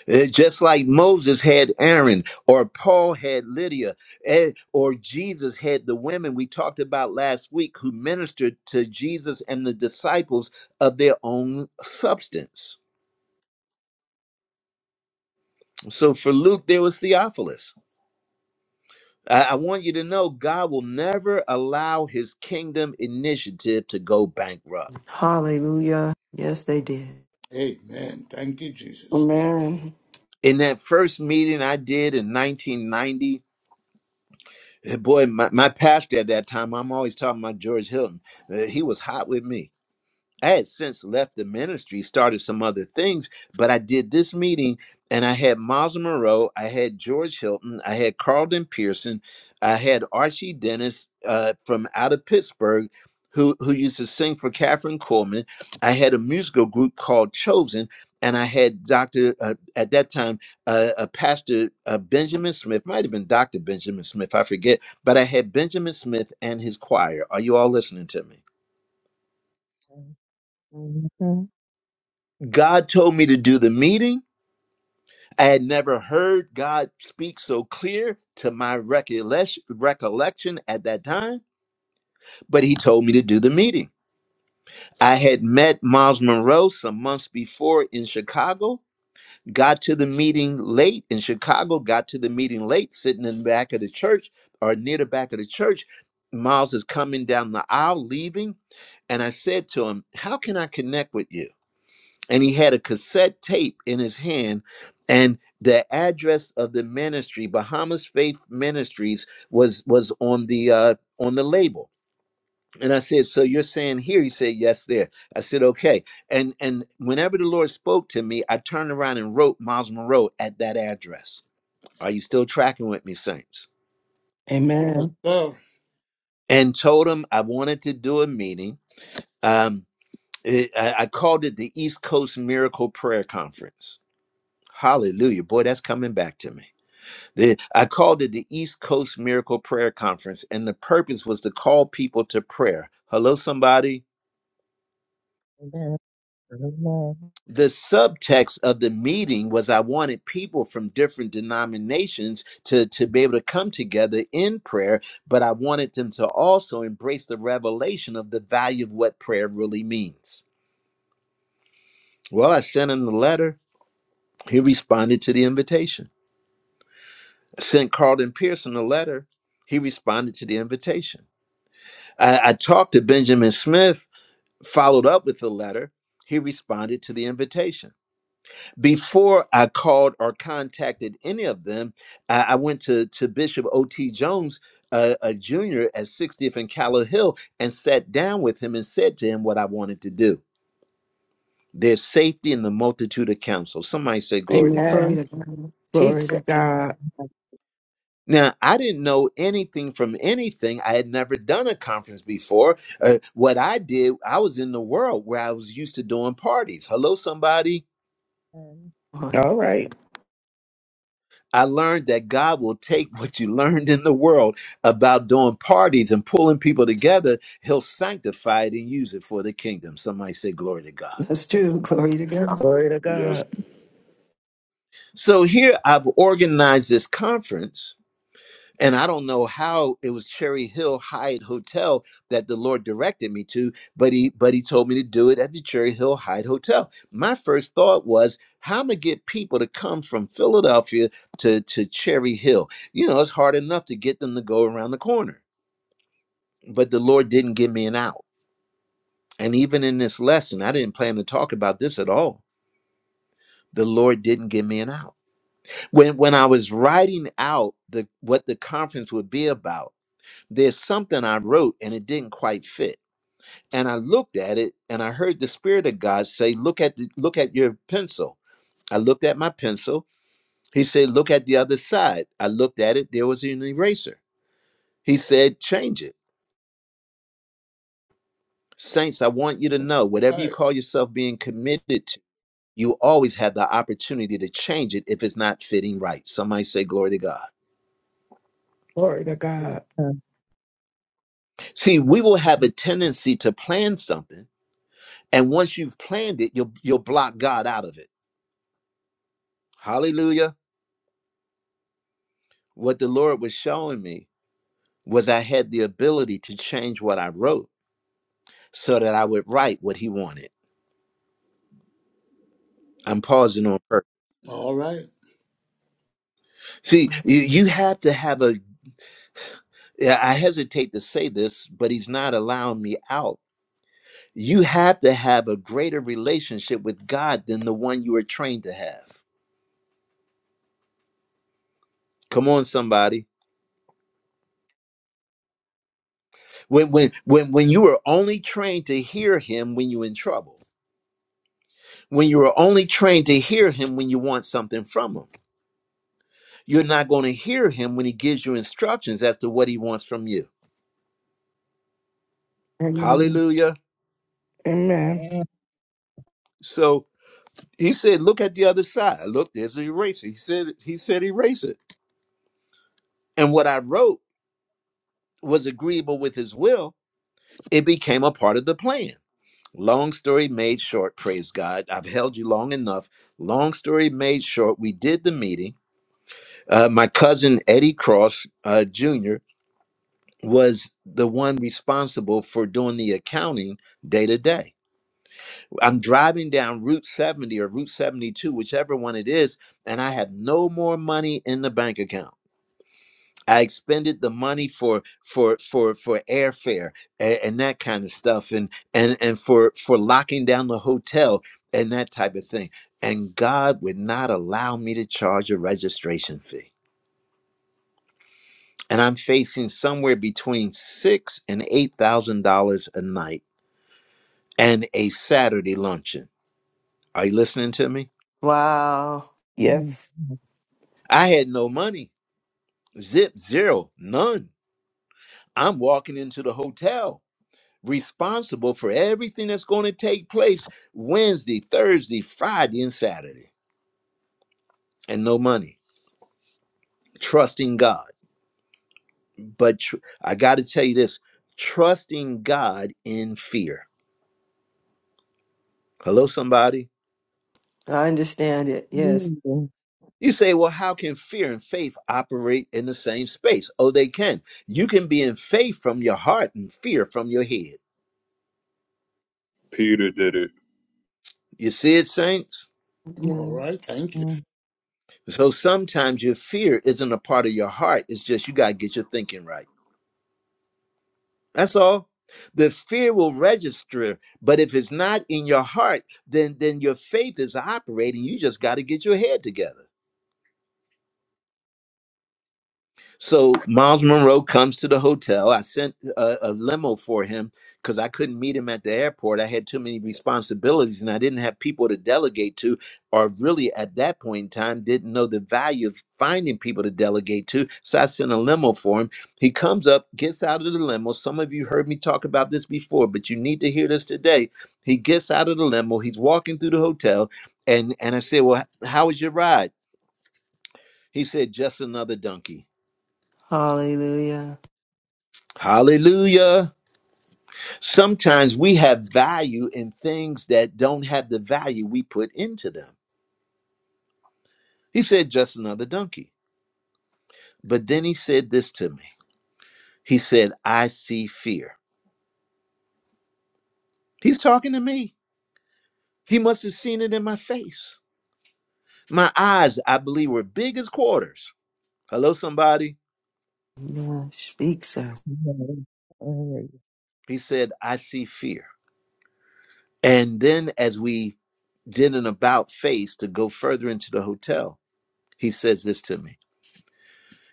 A: Eh, just like Moses had Aaron, or Paul had Lydia, eh, or Jesus had the women we talked about last week who ministered to Jesus and the disciples of their own substance. So for Luke, there was Theophilus. I, I want you to know God will never allow his kingdom initiative to go bankrupt.
G: Hallelujah. Yes, they did.
K: Amen. Thank you, Jesus.
E: Amen.
A: In that first meeting I did in 1990, eh, boy, my, my pastor at that time, I'm always talking about George Hilton, eh, he was hot with me I had since left the ministry, started some other things, but I did this meeting and I had Miles Monroe, I had George Hilton, I had Carlton Pearson, I had Archie Dennis uh, from out of Pittsburgh, who, who used to sing for Katherine Coleman. I had a musical group called Chosen, and I had Dr. Uh, at that time, uh, a pastor, uh, Benjamin Smith, might have been Dr. Benjamin Smith, I forget, but I had Benjamin Smith and his choir. Are you all listening to me? God told me to do the meeting. I had never heard God speak so clear to my recollection, recollection at that time, but he told me to do the meeting. I had met Miles Monroe some months before in Chicago, got to the meeting late in Chicago, got to the meeting late, sitting in the back of the church or near the back of the church. Miles is coming down the aisle, leaving, and I said to him, How can I connect with you? and he had a cassette tape in his hand and the address of the ministry bahamas faith ministries was was on the uh on the label and i said so you're saying here he said yes there i said okay and and whenever the lord spoke to me i turned around and wrote miles monroe at that address are you still tracking with me saints
K: Yes,
E: Amen.
K: sir. All
A: and told him i wanted to do a meeting um it- I I called it the east coast miracle prayer conference hallelujah boy that's coming back to me The- I called it the East Coast Miracle Prayer Conference, and the purpose was to call people to prayer. Hello, somebody. The subtext of the meeting was I wanted people from different denominations to, to be able to come together in prayer, but I wanted them to also embrace the revelation of the value of what prayer really means. Well, I sent him the letter. He responded to the invitation. I sent Carlton Pearson a letter. He responded to the invitation. I, I talked to Benjamin Smith. Followed up with a letter, he responded to the invitation. Before I called or contacted any of them, I, I went to, to Bishop O.T. Jones, uh, a junior at 60th and Callow Hill, and sat down with him and said to him what I wanted to do. There's safety in the multitude of counsel. Somebody say, Glory to God.
G: Glory
E: Amen.
G: to God.
E: Glory
G: Teach
E: to
G: that.
E: God.
A: Now, I didn't know anything from anything. I had never done a conference before. Uh, what I did, I was in the world where I was used to doing parties. Hello, somebody
G: What?
E: All right.
A: I learned that God will take what you learned in the world about doing parties and pulling people together, He'll sanctify it and use it for the kingdom. Somebody say, Glory to God.
G: That's true. Glory to God.
E: Glory to
D: Yes,
E: God.
A: So here I've organized this conference, and I don't know how it was Cherry Hill Hyatt Hotel that the Lord directed me to, but He but He told me to do it at the Cherry Hill Hyatt Hotel. My first thought was, how am I gonna get people to come from Philadelphia to, to Cherry Hill? You know, it's hard enough to get them to go around the corner. but the Lord didn't give me an out. And even in this lesson, I didn't plan to talk about this at all. The Lord didn't give me an out. When when I was writing out the what the conference would be about, there's something I wrote and it didn't quite fit. And I looked at it and I heard the Spirit of God say, Look at the, look at your pencil. I looked at my pencil. He said, Look at the other side. I looked at it, there was an eraser. He said, Change it. Saints, I want you to know whatever you
K: right.
A: call yourself being committed to. you always have the opportunity to change it if it's not fitting right. Somebody say, Glory to God.
E: Glory to God.
A: See, we will have a tendency to plan something, and once you've planned it, you'll, you'll block God out of it. Hallelujah. What the Lord was showing me was I had the ability to change what I wrote so that I would write what He wanted. I'm pausing on purpose.
K: All right.
A: See, you, you have to have a. I hesitate to say this, but He's not allowing me out You have to have a greater relationship with God than the one you were trained to have. Come on, somebody. When when when when you were only trained to hear him when you're in trouble, when you were only trained to hear him when you want something from him, you're not going to hear him when he gives you instructions as to what he wants from you.
E: Amen.
A: Hallelujah.
E: Amen.
J: Amen.
A: So he said, look at the other side. Look, there's an eraser. He said he said erase it. And what I wrote was agreeable with his will. It became a part of the plan. Long story made short, praise God. I've held you long enough. Long story made short, we did the meeting. Uh, my cousin Eddie Cross uh, Jr. was the one responsible for doing the accounting day to day. I'm driving down Route 70 or Route 72, whichever one it is, and I have no more money in the bank account. I expended the money for for for for airfare and, and that kind of stuff, and and and for for locking down the hotel and that type of thing. And God would not allow me to charge a registration fee, and I'm facing somewhere between six and eight thousand dollars a night and a Saturday luncheon. Are you listening to me?
G: Wow.
E: Yes.
A: I had no money, zip zero, none. I'm walking into the hotel. responsible for everything that's going to take place Wednesday, Thursday, Friday, and Saturday, and no money. Trusting God. But tr- I got to tell you this trusting God in fear. Hello, somebody.
G: I understand it. Yes.
A: You say, well, how can fear and faith operate in the same space? Oh, they can. You can be in faith from your heart and fear from your head.
D: Peter did it.
A: You see it, saints?
K: All
G: Amen.
K: right. Thank you.
A: So sometimes your fear isn't a part of your heart. It's just you got to get your thinking right. That's all. The fear will register, but if it's not in your heart, then then your faith is operating. You just got to get your head together. So Miles Monroe comes to the hotel. I sent a, a limo for him because I couldn't meet him at the airport. I had too many responsibilities and I didn't have people to delegate to, or really at that point in time, didn't know the value of finding people to delegate to. So I sent a limo for him. He comes up, gets out of the limo. Some of you heard me talk about this before, but you need to hear this today. He gets out of the limo. He's walking through the hotel. And, and I said, Well, h- how was your ride? He said, Just another donkey.
G: Hallelujah.
A: Hallelujah. Sometimes we have value in things that don't have the value we put into them. He said, just another donkey. But then he said this to me. He said, I see fear. He's talking to me. He must have seen it in my face. My eyes, I believe, were big as quarters. Hello, somebody.
G: Yeah. Speak, sir.
A: He said, I see fear. And then as we did an about face to go further into the hotel, he says this to me.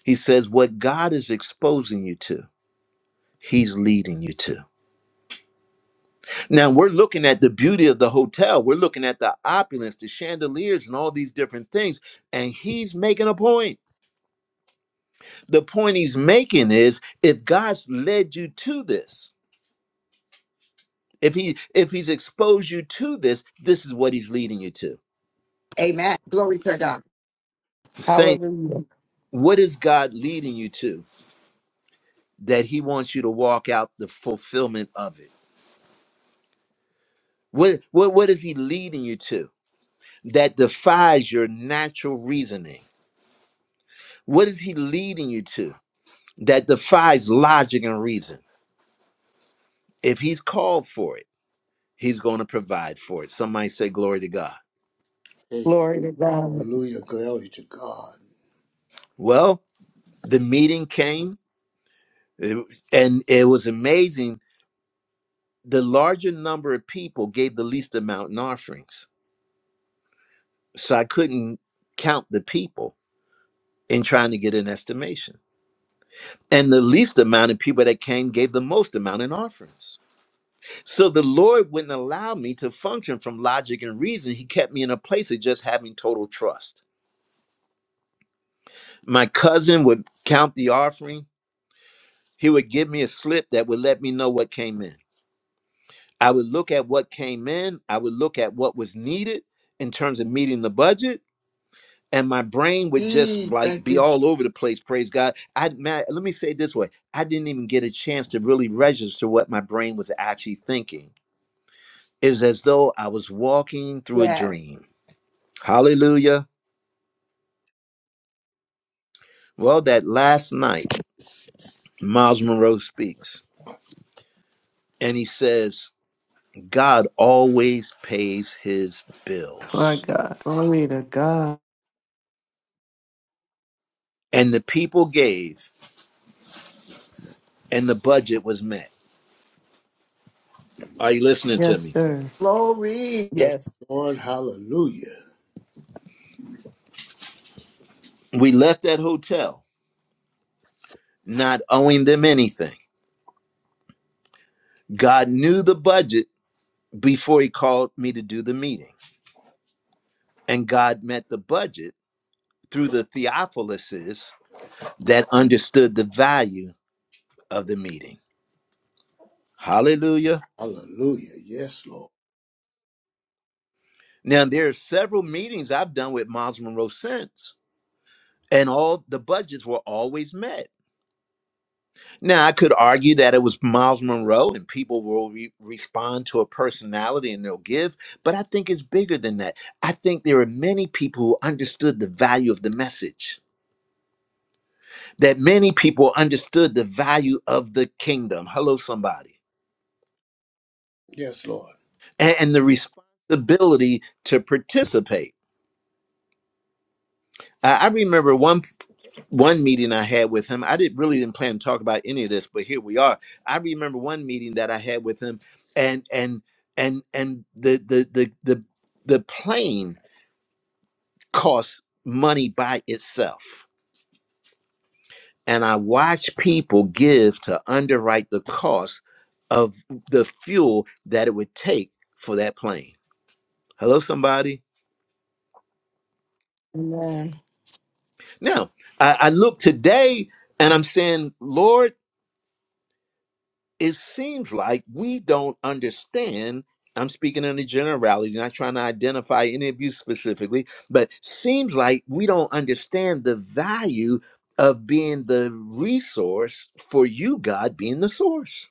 A: He says, What God is exposing you to, He's leading you to. Now we're looking at the beauty of the hotel. We're looking at the opulence, the chandeliers, and all these different things. And he's making a point. The point he's making is if God's led you to this, if he if he's exposed you to this, this is what he's leading you to.
L: Amen. Glory to God.
A: Saints,
E: Hallelujah.
A: what is God leading you to that he wants you to walk out the fulfillment of it? What what, what is he leading you to that defies your natural reasoning? What is he leading you to? that defies logic and reason. If he's called for it, he's going to provide for it. Somebody say, Glory to God.
K: Hey,
E: Glory to God.
K: hallelujah. Glory to God.
A: Well, the meeting came, it- and it was amazing. The larger number of people gave the least amount in offerings. So I couldn't count the people in trying to get an estimation. And the least amount of people that came gave the most amount in offerings. So the Lord wouldn't allow me to function from logic and reason. He kept me in a place of just having total trust. My cousin would count the offering. He would give me a slip that would let me know what came in. I would look at what came in, I would look at what was needed in terms of meeting the budget. And my brain would just
L: Yee,
A: like
L: Thank
A: be
L: you. Jesus.
A: all over the place. Praise God! I man, let me say it this way: I didn't even get a chance to really register what my brain was actually thinking. It was as though I was walking through a
L: Yes.
A: dream. Hallelujah! Well, that last night, Miles Monroe speaks, and he says, God always pays his
G: My
A: bills.
G: God. Glory to God.
A: And the people gave, and the budget was met. Are you listening to
G: Yes,
A: me?
G: sir.
L: Glory.
K: Yes,
E: Yes.
K: Lord. Hallelujah.
A: We left that hotel not owing them anything. God knew the budget before he called me to do the meeting. And God met the budget through the Theophiluses that understood the value of the meeting. Hallelujah.
K: Hallelujah. Yes, Lord.
A: Now, there are several meetings I've done with Miles Monroe since, and all the budgets were always met Now, I could argue that it was Miles Monroe and people will re- respond to a personality and they'll give, but I think it's bigger than that. I think there are many people who understood the value of the message, that many people understood the value of the kingdom. Hello, somebody.
K: Yes, Lord.
A: A- And, the responsibility to participate. I I remember one one meeting I had with him, I didn't really didn't plan to talk about any of this, but here we are. I remember one meeting that I had with him, and and and and the the the the the plane costs money by itself, and I watch people give to underwrite the cost of the fuel that it would take for that plane. Hello, somebody.
E: Amen.
A: Now I, I look today, and I'm saying, Lord. it seems like we don't understand. I'm speaking in a generality, not trying to identify any of you specifically, but seems like we don't understand the value of being the resource for you, God being the source.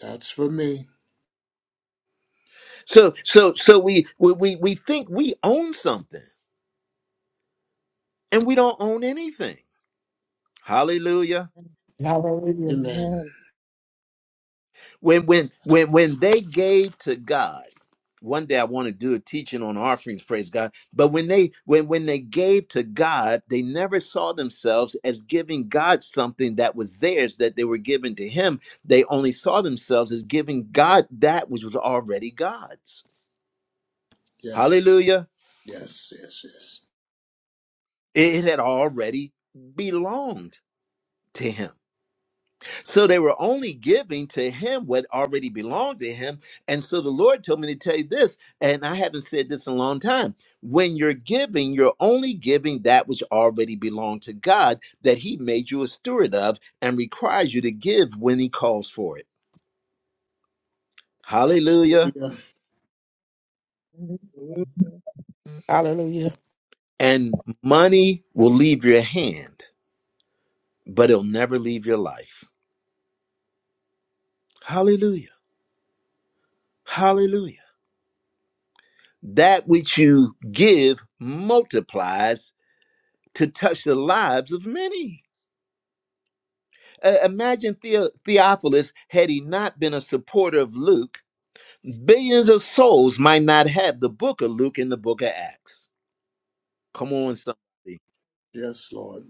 K: That's for me.
A: So so so we we we, we think we own something and we don't own anything. Hallelujah.
E: Hallelujah.
K: Amen.
A: when when when when they gave to god one day i want to do a teaching on offerings praise god but when they when when they gave to god they never saw themselves as giving god something that was theirs that they were given to him they only saw themselves as giving god that which was already god's
K: Yes.
A: hallelujah
K: Yes. Yes. Yes.
A: it had already belonged to him So they were only giving to him what already belonged to him. And so the Lord told me to tell you this, and I haven't said this in a long time. When you're giving, you're only giving that which already belonged to God that he made you a steward of and requires you to give when he calls for it. Hallelujah.
K: Hallelujah.
J: Hallelujah.
E: Hallelujah.
A: And money will leave your hand, but it'll never leave your life. Hallelujah. Hallelujah. That which you give multiplies to touch the lives of many. Uh, imagine Theo- Theophilus had he not been a supporter of Luke, billions of souls might not have the book of Luke and the book of Acts. Come on, somebody.
K: Yes, Lord.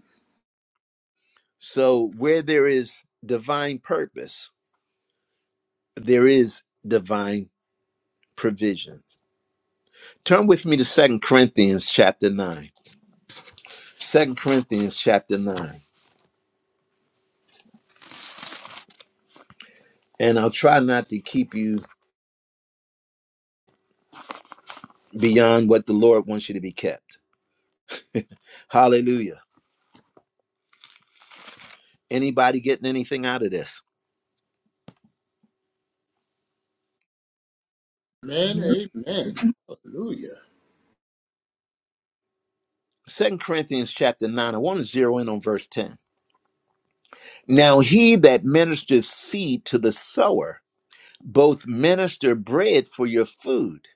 A: So, where there is divine purpose, there is divine provision. Turn with me to Second Corinthians chapter 9. Second Corinthians chapter 9. And I'll try not to keep you beyond what the Lord wants you to be kept. Hallelujah. Anybody getting anything out of this?
K: Amen. Amen. Hallelujah.
A: Second Corinthians chapter 9, I want to zero in on verse 10. Now he that ministers seed to the sower, both minister bread for your food,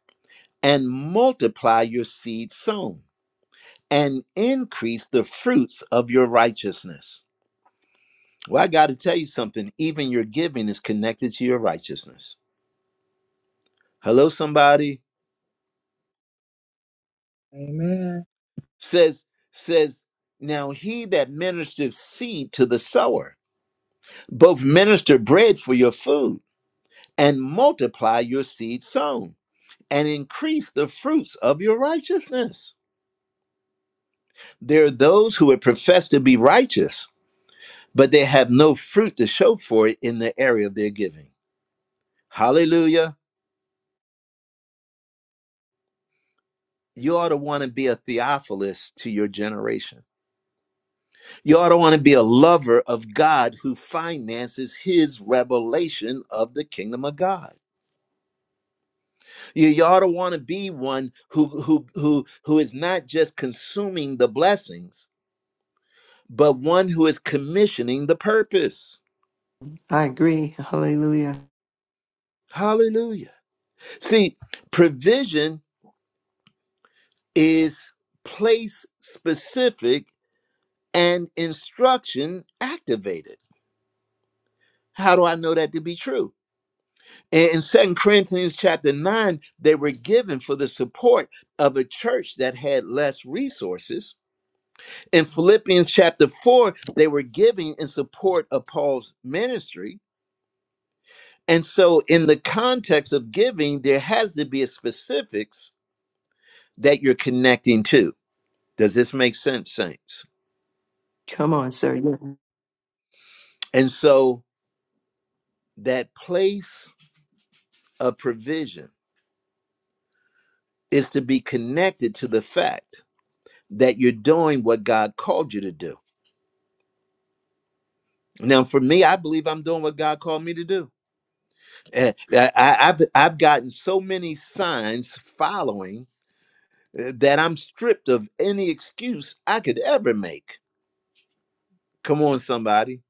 A: and multiply your seed sown, and increase the fruits of your righteousness. Well, I got to tell you something. Even your giving is connected to your righteousness. Hello, somebody
J: Amen.
A: says, says, now he that ministers seed to the sower both minister bread for your food and multiply your seed sown and increase the fruits of your righteousness. There are those who would profess to be righteous, but they have no fruit to show for it in the area of their giving. Hallelujah. You ought to want to be a Theophilus to your generation. You ought to want to be a lover of God who finances his revelation of the kingdom of God. You, you ought to want to be one who who who who is not just consuming the blessings, but one who is commissioning the purpose.
G: I agree. Hallelujah.
A: Hallelujah. See, provision is place specific and instruction activated. How do I know that to be true? In Second Corinthians chapter 9, they were given for the support of a church that had less resources In Philippians chapter 4, they were giving in support of Paul's ministry. And so, in the context of giving, there has to be a specifics that you're connecting to. Does this make sense, saints?
G: Come on, sir. Yeah.
A: And so, that place of provision is to be connected to the fact that you're doing what God called you to do. Now, for me, I believe I'm doing what God called me to do. Eh, I, I- I've I've gotten so many signs following uh, that I'm stripped of any excuse I could ever make. Come on, somebody.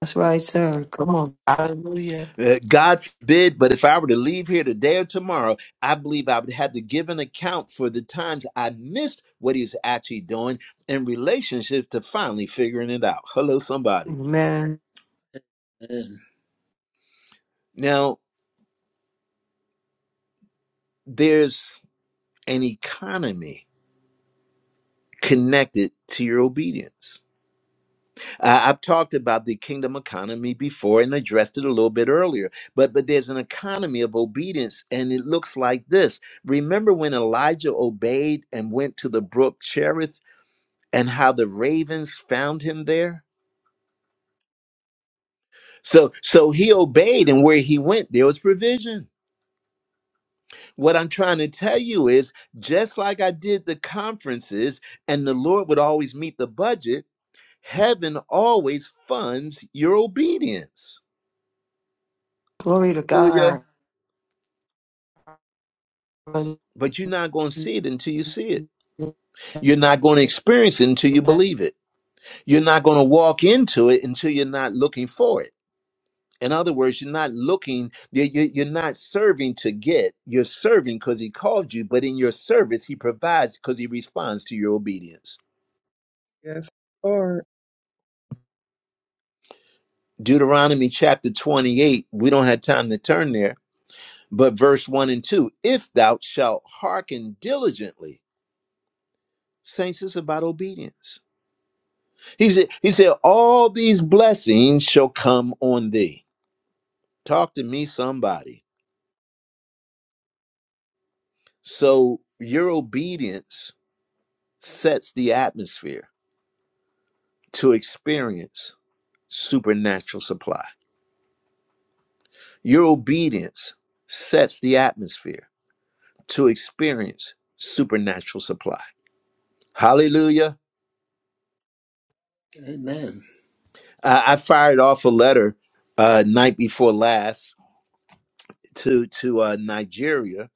G: That's right, sir. Come on.
E: Hallelujah.
A: Uh, God forbid, but if I were to leave here today or tomorrow, I believe I would have to give an account for the times I missed what he's actually doing in relationship to finally figuring it out. Hello, somebody.
G: Amen.
K: Amen.
A: Now, there's an economy connected to your obedience. Uh, I've talked about the kingdom economy before and addressed it a little bit earlier, but but there's an economy of obedience, and it looks like this. Remember when Elijah obeyed and went to the brook Cherith, and how the ravens found him there. So so he obeyed, and where he went, there was provision. What I'm trying to tell you is, just like I did the conferences, and the Lord would always meet the budget. Heaven always funds your obedience.
G: Glory to
A: Hallelujah.
G: God.
A: but you're not going to see it until you see it. You're not going to experience it until you believe it. You're not going to walk into it until you're not looking for it. In other words, you're not looking, you- you- you're not serving to get, you're serving because he called you, but in your service, he provides because he responds to your obedience.
J: Yes, Lord.
A: Deuteronomy chapter 28, we don't have time to turn there, but verse 1 and 2 If thou shalt hearken diligently, saints, it's about obedience He said, he said, all these blessings shall come on thee. Talk to me, somebody. So your obedience sets the atmosphere to experience supernatural supply. Your obedience sets the atmosphere to experience supernatural supply. Hallelujah.
K: Amen.
A: I, I fired off a letter uh, night before last to, to uh, Nigeria,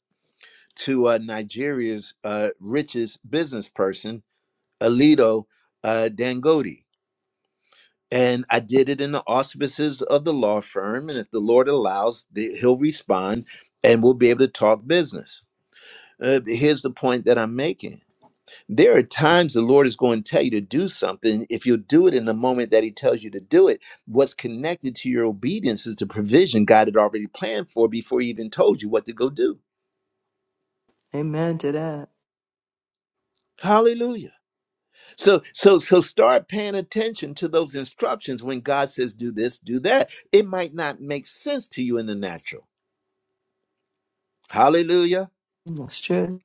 A: to uh, Nigeria's uh, richest business person Alito uh, Dangote. And I did it in the auspices of the law firm. And if the Lord allows, the, he'll respond and we'll be able to talk business. Uh, here's the point that I'm making. There are times the Lord is going to tell you to do something. If you'll do it in the moment that He tells you to do it, what's connected to your obedience is the provision God had already planned for before He even told you what to go do.
G: Amen to that.
A: Hallelujah. So so so start paying attention to those instructions when God says do this, do that. It might not make sense to you in the natural. Hallelujah.
G: That's true.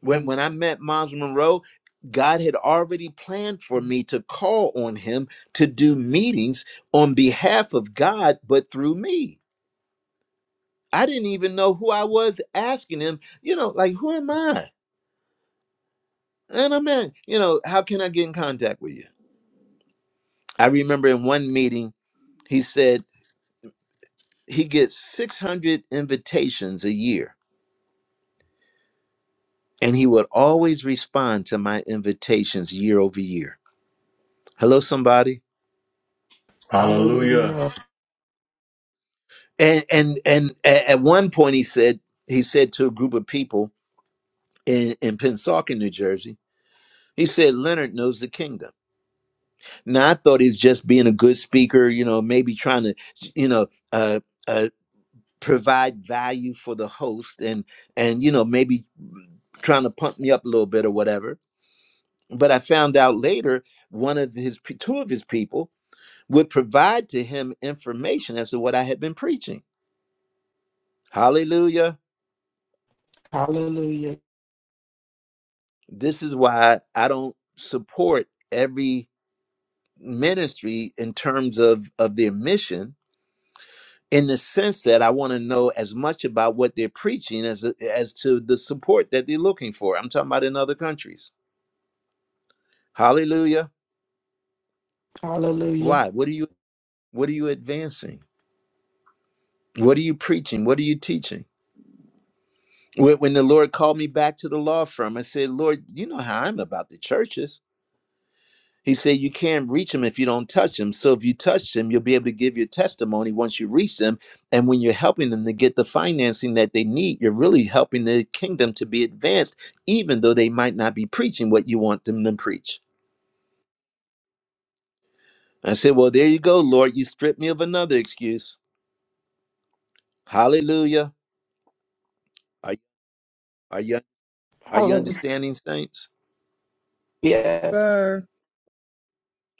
A: When when I met Miles Monroe, God had already planned for me to call on him to do meetings on behalf of God, but through me. I didn't even know who I was asking him, you know, like who am I? And I'm in, you know, how can I get in contact with you? I remember in one meeting, he said. he gets 600 invitations a year and he would always respond to my invitations year over year hello somebody
H: Hallelujah.
E: Hallelujah.
A: and and and a- at one point he said he said to a group of people in in pensacola new jersey he said leonard knows the kingdom now i thought he's just being a good speaker you know maybe trying to you know uh uh provide value for the host and and you know maybe trying to pump me up a little bit or whatever but I found out later one of his pe- two of his people would provide to him information as to what I had been preaching. Hallelujah.
E: Hallelujah.
A: This is why I don't support every ministry in terms of of their mission in the sense that I want to know as much about what they're preaching as as to the support that they're looking for. I'm talking about in other countries. Hallelujah.
E: Hallelujah.
A: Why? What are you what are you advancing? What are you preaching? What are you teaching? When when the Lord called me back to the law firm, I said, Lord, you know how I'm about the churches. He said, You can't reach them if you don't touch them. So if you touch them, you'll be able to give your testimony once you reach them. And when you're helping them to get the financing that they need, you're really helping the kingdom to be advanced, even though they might not be preaching what you want them to preach. I said, Well, there you go, Lord. You stripped me of another excuse. Hallelujah. Are, are, you, are you
E: Hallelujah.
A: understanding, saints?
E: Yes.
J: Sir.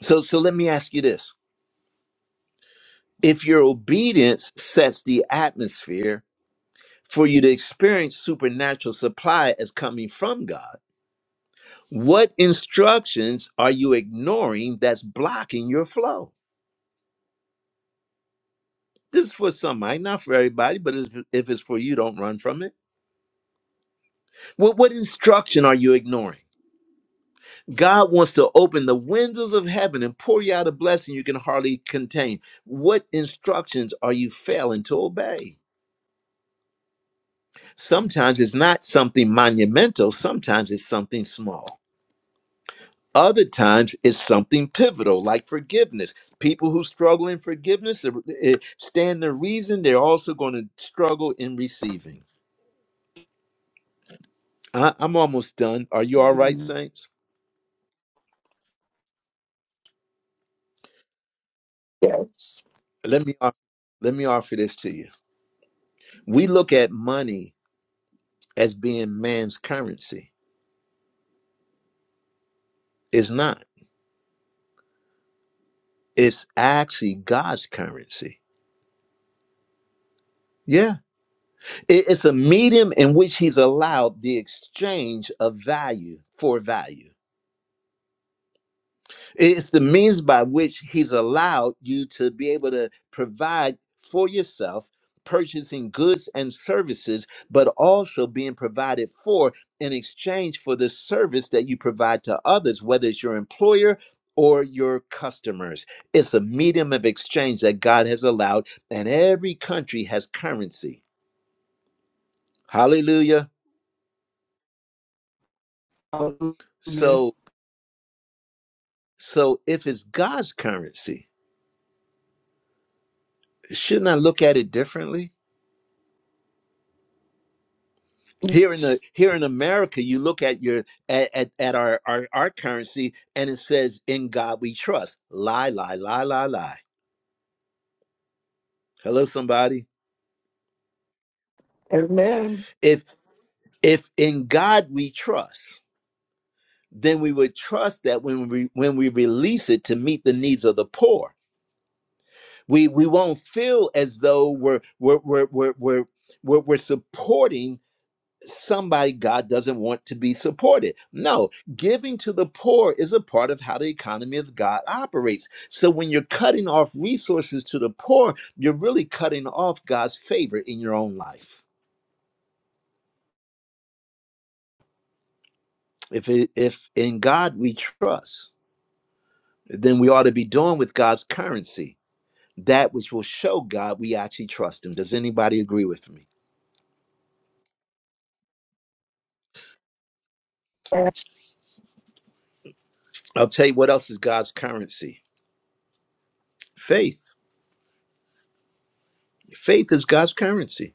A: So, so let me ask you this if your obedience sets the atmosphere for you to experience supernatural supply as coming from God, what instructions are you ignoring that's blocking your flow? This is for somebody, not for everybody, but if if it's for you, don't run from it. What, what instruction are you ignoring? God wants to open the windows of heaven and pour you out a blessing you can hardly contain. What instructions are you failing to obey? Sometimes it's not something monumental, sometimes it's something small. Other times it's something pivotal, like forgiveness. People who struggle in forgiveness uh, uh, stand the reason they're also going to struggle in receiving. I, I'm almost done. Are you all right,
E: Mm,
A: Saints?
E: Yes.
A: Let me off- let me offer this to you. We look at money as being man's currency. It's not. It's actually God's currency. Yeah. It- It's a medium in which he's allowed the exchange of value for value. It's the means by which he's allowed you to be able to provide for yourself, purchasing goods and services, but also being provided for in exchange for the service that you provide to others, whether it's your employer or your customers. It's a medium of exchange that God has allowed, and every country has currency. Hallelujah.
E: Hallelujah.
A: So, So if it's God's currency, shouldn't I look at it differently? Here in the here in America, you look at your at, at, at our, our our currency and it says in God we trust. Lie, lie, lie, lie, lie. Hello, somebody.
E: Amen.
A: If if in God we trust, then we would trust that when we when we release it to meet the needs of the poor, we we won't feel as though we're we're we're we're, we're we're, we're supporting somebody God doesn't want to be supported. No, giving to the poor is a part of how the economy of God operates. So when you're cutting off resources to the poor, you're really cutting off God's favor in your own life. If it, if in God we trust, then we ought to be doing with God's currency that which will show God we actually trust him. Does anybody agree with me?
E: Yes.
A: I'll tell you what else is God's currency. Faith. Faith is God's currency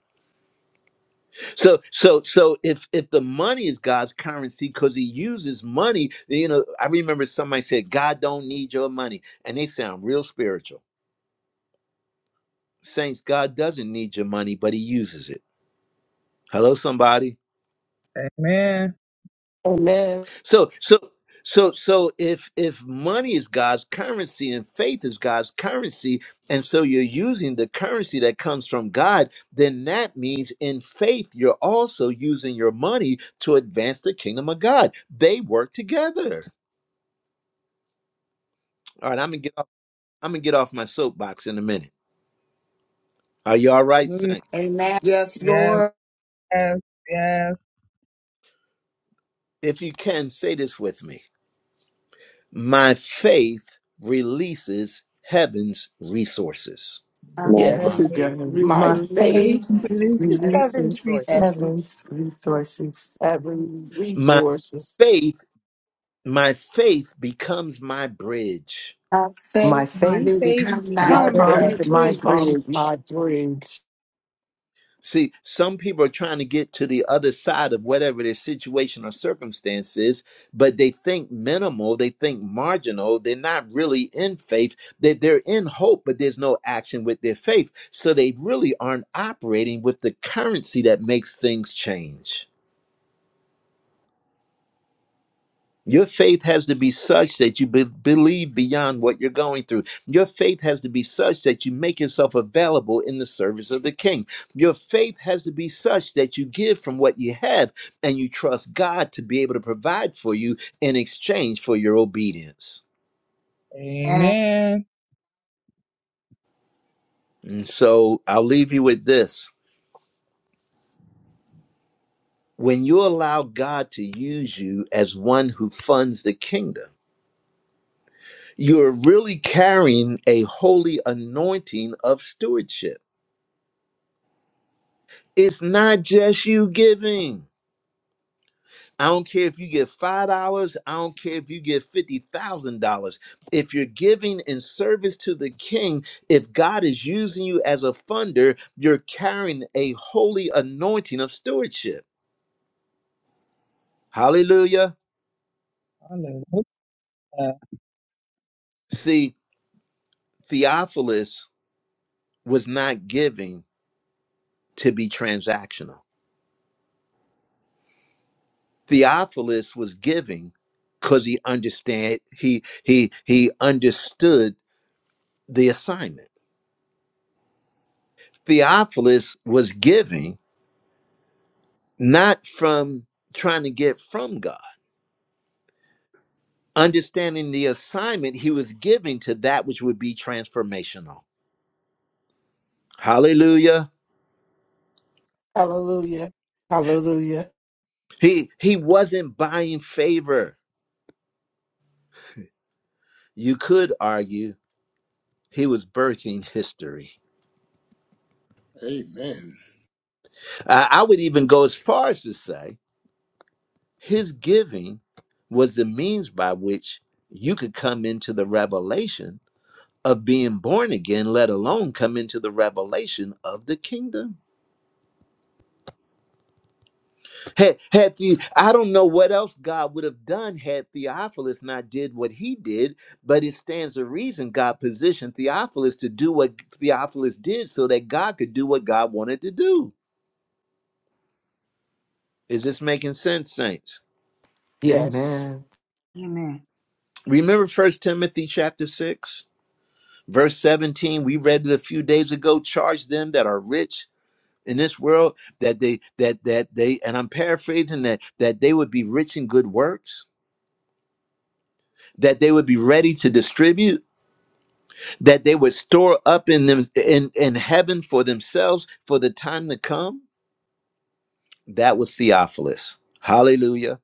A: So so so if if the money is God's currency because he uses money, then, you know, I remember somebody said, God don't need your money. And they sound real spiritual. Saints, God doesn't need your money, but he uses it. Hello, somebody.
J: Amen.
E: Amen.
A: So so so so if if money is God's currency and faith is God's currency, and so you're using the currency that comes from God, then that means in faith you're also using your money to advance the kingdom of God. They work together. All right, I'm gonna get off. I'm gonna get off my soapbox in a minute. Are you all right,
J: Hallelujah.
A: Saint?
L: Amen. Yes,
J: Yes,
L: Lord.
J: yes, yes.
A: If you can say this with me, my faith releases heaven's resources.
L: I
G: Yes,
H: My
G: it
E: Yes.
J: Big
L: praise
H: faith
G: does.
E: My
G: My
H: releases
I: My
L: you.
E: faith
H: heaven.
G: faith
I: faith releases heaven's
G: releases
C: Source.
L: Yes.
E: is
I: resources.
G: heaven's resources.
E: having
A: My
E: resources.
A: faith, my faith becomes my bridge.
L: I
G: My
L: faith
I: My
G: faith
L: will
I: faith
L: become my
J: time.
E: My
I: becomes my
L: bread.
G: becomes
E: faith
G: my
I: bridge.
E: becomes
G: bridge.
E: my bridge.
A: See, some people are trying to get to the other side of whatever their situation or circumstance is, but they think minimal, they think marginal, they're not really in faith. They, they're in hope, but there's no action with their faith. So they really aren't operating with the currency that makes things change. Your faith has to be such that you be- believe beyond what you're going through. Your faith has to be such that you make yourself available in the service of the king. Your faith has to be such that you give from what you have and you trust God to be able to provide for you in exchange for your obedience.
L: And
J: Amen.
A: And so I'll leave you with this. When you allow God to use you as one who funds the kingdom, you're really carrying a holy anointing of stewardship It's not just you giving. I don't care if you get $5. I don't care if you get $50,000. If you're giving in service to the king, if God is using you as a funder, you're carrying a holy anointing of stewardship. Hallelujah.
J: Hallelujah.
A: See, Theophilus was not giving to be transactional. Theophilus was giving because he understand he he he understood the assignment. Theophilus was giving not from trying to get from God, understanding the assignment he was giving to that which would be transformational. Hallelujah.
E: Hallelujah. Hallelujah.
A: He he wasn't buying favor. You could argue he was birthing history.
K: Amen.
A: I I would even go as far as to say his giving was the means by which you could come into the revelation of being born again, let alone come into the revelation of the kingdom. Had, had the, I don't know what else God would have done had Theophilus not did what he did, but it stands to reason God positioned Theophilus to do what Theophilus did so that God could do what God wanted to do. Is this making sense, saints?
E: Yes.
G: Amen.
I: Amen.
A: Remember First Timothy chapter 6, verse 17. We read it a few days ago. Charge them that are rich in this world that they that that they and I'm paraphrasing that that they would be rich in good works, that they would be ready to distribute that they would store up in them in, in heaven for themselves for the time to come that was theophilus hallelujah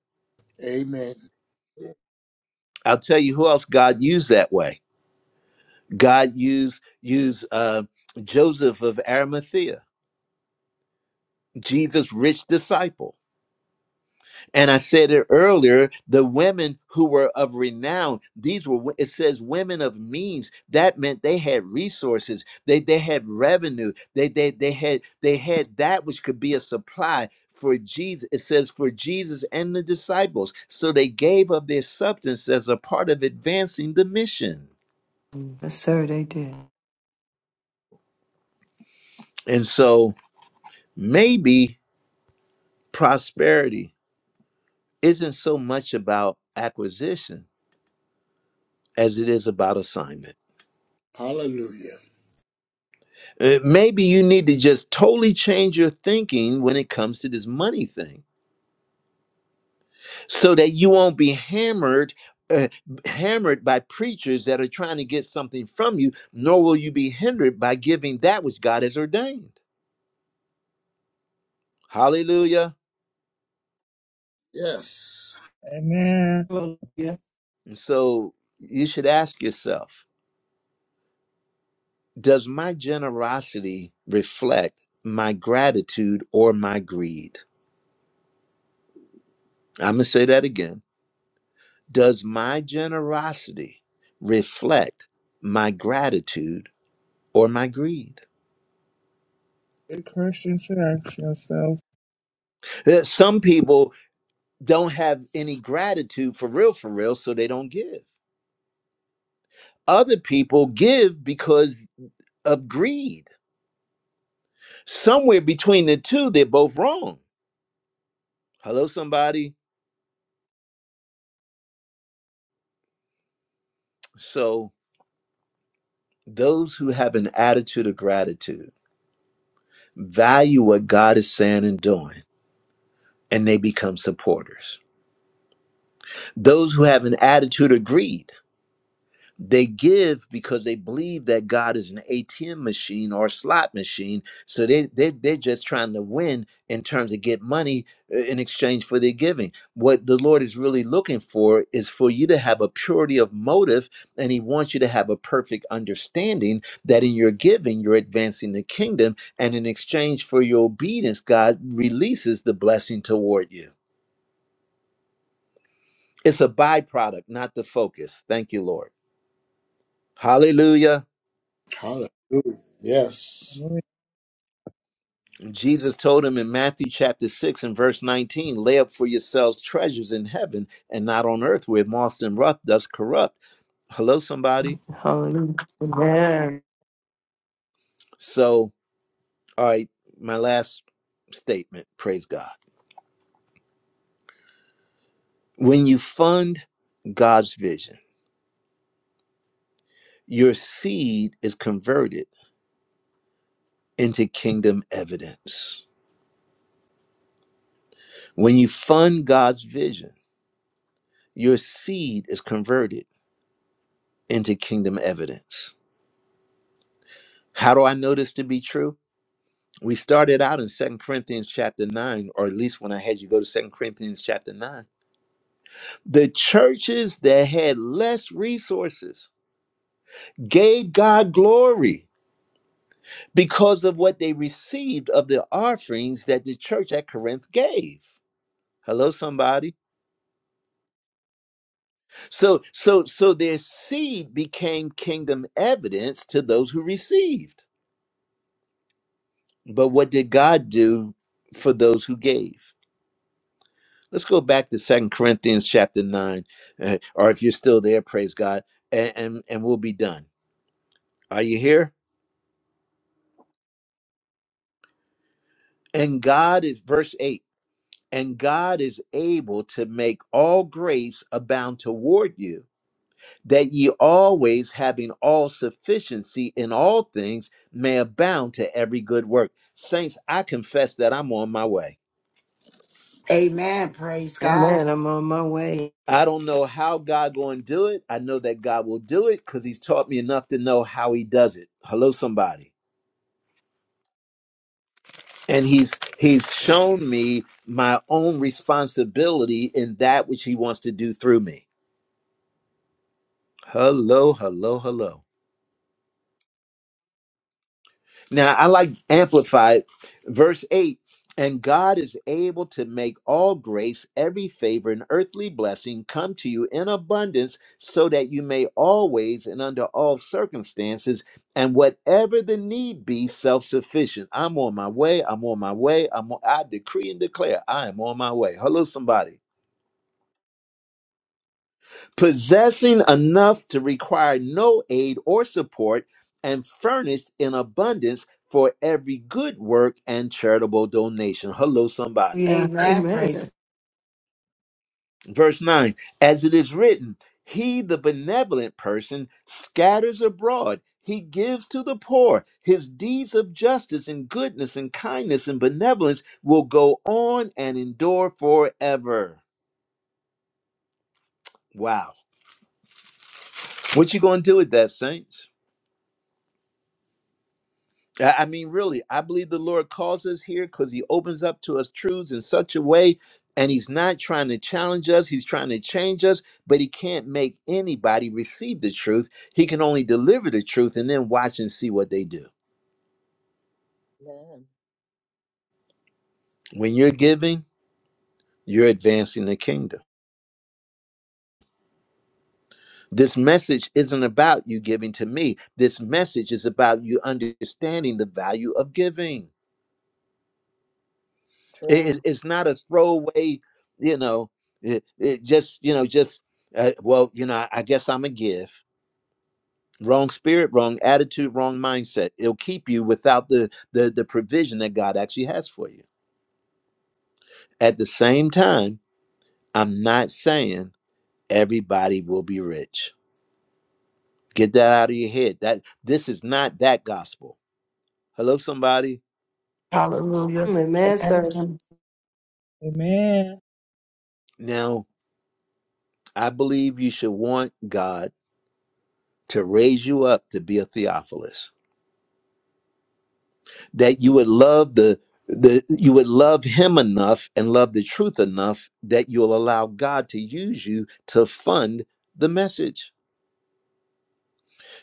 K: Amen.
A: i'll tell you who else god used that way god used used uh, joseph of arimathea jesus rich disciple And I said it earlier, the women who were of renown, these were, wo- it says women of means. That meant they had resources. They, they had revenue. They, they, they had, they had that which could be a supply for Jesus. It says for Jesus and the disciples. So they gave of their substance as a part of advancing the mission.
G: Yes, sir, they did.
A: And so maybe prosperity isn't so much about acquisition as it is about assignment.
K: Hallelujah.
A: Uh, maybe you need to just totally change your thinking when it comes to this money thing so that you won't be hammered uh, hammered by preachers that are trying to get something from you nor will you be hindered by giving that which god has ordained hallelujah
K: Yes.
J: Amen.
E: Hallelujah.
A: and so you should ask yourself does my generosity reflect my gratitude or my greed i'm going to say that again Does my generosity reflect my gratitude or my greed?
J: Good Christians should ask yourself.
A: Uh, Some people don't have any gratitude for real, for real, so they don't give. Other people give because of greed. Somewhere between the two, they're both wrong. Hello, somebody. So, those who have an attitude of gratitude value what God is saying and doing, and they become supporters. Those who have an attitude of greed, They give because they believe that God is an ATM machine or a slot machine. So they, they, they're just trying to win in terms of get money uh, in exchange for their giving. What the Lord is really looking for is for you to have a purity of motive, and He wants you to have a perfect understanding that in your giving, you're advancing the kingdom. And in exchange for your obedience, God releases the blessing toward you. It's a byproduct, not the focus. Thank you, Lord. Hallelujah.
K: Hallelujah. Yes.
J: Hallelujah.
A: Jesus told him in Matthew chapter 6 and verse 19, lay up for yourselves treasures in heaven and not on earth where moth and rust does corrupt. Hello, somebody.
G: Hallelujah. Amen.
A: So, all right, my last statement, praise God. When you fund God's vision, your seed is converted into kingdom evidence. When you fund God's vision, your seed is converted into kingdom evidence. How do I know this to be true? We started out in Second Corinthians chapter 9, or at least when I had you go to Second Corinthians chapter 9. The churches that had less resources gave God glory because of what they received of the offerings that the church at Corinth gave. Hello, somebody. So, so, so their seed became kingdom evidence to those who received. But what did God do for those who gave? Let's go back to Second Corinthians chapter nine, eh, or if you're still there, praise God, and, and and we'll be done. Are you here? And God is verse eight. And God is able to make all grace abound toward you, that ye always having all sufficiency in all things may abound to every good work. Saints, I confess that I'm on my way.
L: amen. Praise God.
G: Amen. I'm on my way.
A: I don't know how God going to do it. I know that God will do it because he's taught me enough to know how he does it. Hello, somebody. and he's he's shown me my own responsibility in that which he wants to do through me hello hello hello now i like amplified verse 8 and god is able to make all grace every favor and earthly blessing come to you in abundance so that you may always and under all circumstances and whatever the need be self-sufficient i'm on my way i'm on my way i'm on, i decree and declare i am on my way hello somebody possessing enough to require no aid or support, and furnished in abundance for every good work and charitable donation. Hello, somebody.
G: Yeah.
L: Amen. Praise.
G: Amen.
A: Verse 9 As it is written, He, the benevolent person, scatters abroad. He gives to the poor. His deeds of justice and goodness and kindness and benevolence will go on and endure forever. Wow. What you going to do with that, saints? I I mean, really, I believe the Lord calls us here because He opens up to us truths in such a way, and He's not trying to challenge us, He's trying to change us, but He can't make anybody receive the truth. He can only deliver the truth and then watch and see what they do.
C: Amen.
A: When you're giving, you're advancing the kingdom. This message isn't about you giving to me, this message is about you understanding the value of giving. It, it-
C: True.
A: it's not a throwaway, you know, it, it just, you know, just, uh, well, you know, I, I guess I'm a give. Wrong spirit, wrong attitude, wrong mindset. It'll keep you without the, the, the provision that God actually has for you. At the same time, I'm not saying everybody will be rich. Get that out of your head. That this is not that gospel. Hello, somebody.
E: Hallelujah.
G: Amen, sir.
E: Amen.
J: Amen.
A: Now, I believe you should want God to raise you up to be a Theophilus that you would love the the you would love him enough and love the truth enough that you'll allow God to use you to fund the message.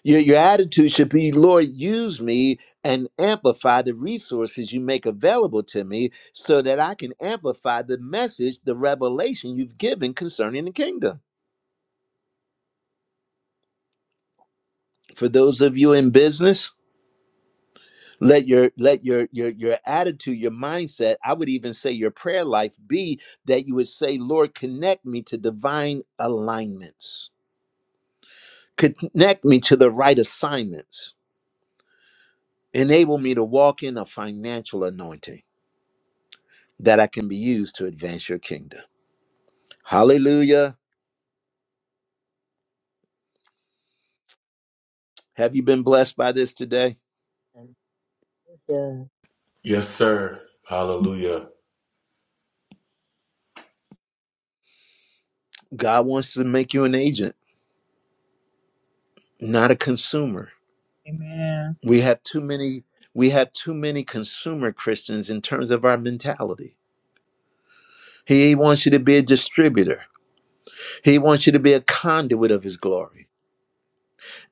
A: Your your attitude should be, Lord, use me and amplify the resources you make available to me so that I can amplify the message, the revelation you've given concerning the kingdom. For those of you in business, let your let your your your attitude your mindset i would even say your prayer life be that you would say lord connect me to divine alignments connect me to the right assignments enable me to walk in a financial anointing that i can be used to advance your kingdom hallelujah have you been blessed by this today
C: Hallelujah.
H: Yes, sir. Hallelujah.
A: god wants to make you an agent not a consumer
J: Amen.
A: we have too many we have too many consumer christians in terms of our mentality He wants you to be a distributor. He wants you to be a conduit of his glory.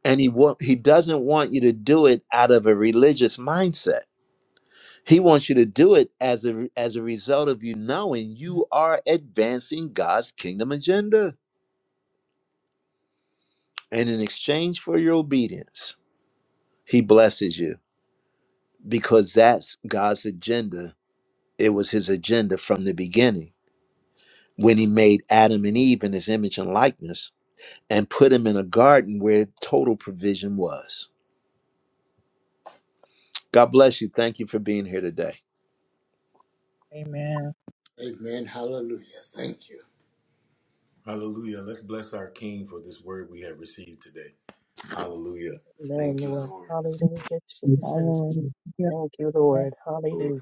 A: And he wa- he doesn't want you to do it out of a religious mindset. He wants you to do it as a as a result of you knowing you are advancing God's kingdom agenda. And in exchange for your obedience, he blesses you because that's God's agenda. It was his agenda from the beginning when he made Adam and Eve in his image and likeness and put him in a garden where total provision was. God bless you. Thank you for being here today.
J: Amen.
K: Amen. Hallelujah. Thank you.
H: Hallelujah. Let's bless our King for this word we have received today. Hallelujah.
C: Amen,
H: Thank you,
C: Lord.
H: Lord.
C: Hallelujah, Jesus.
J: Hallelujah. Yes,
C: Thank you,
J: yes,
C: Lord. Hallelujah.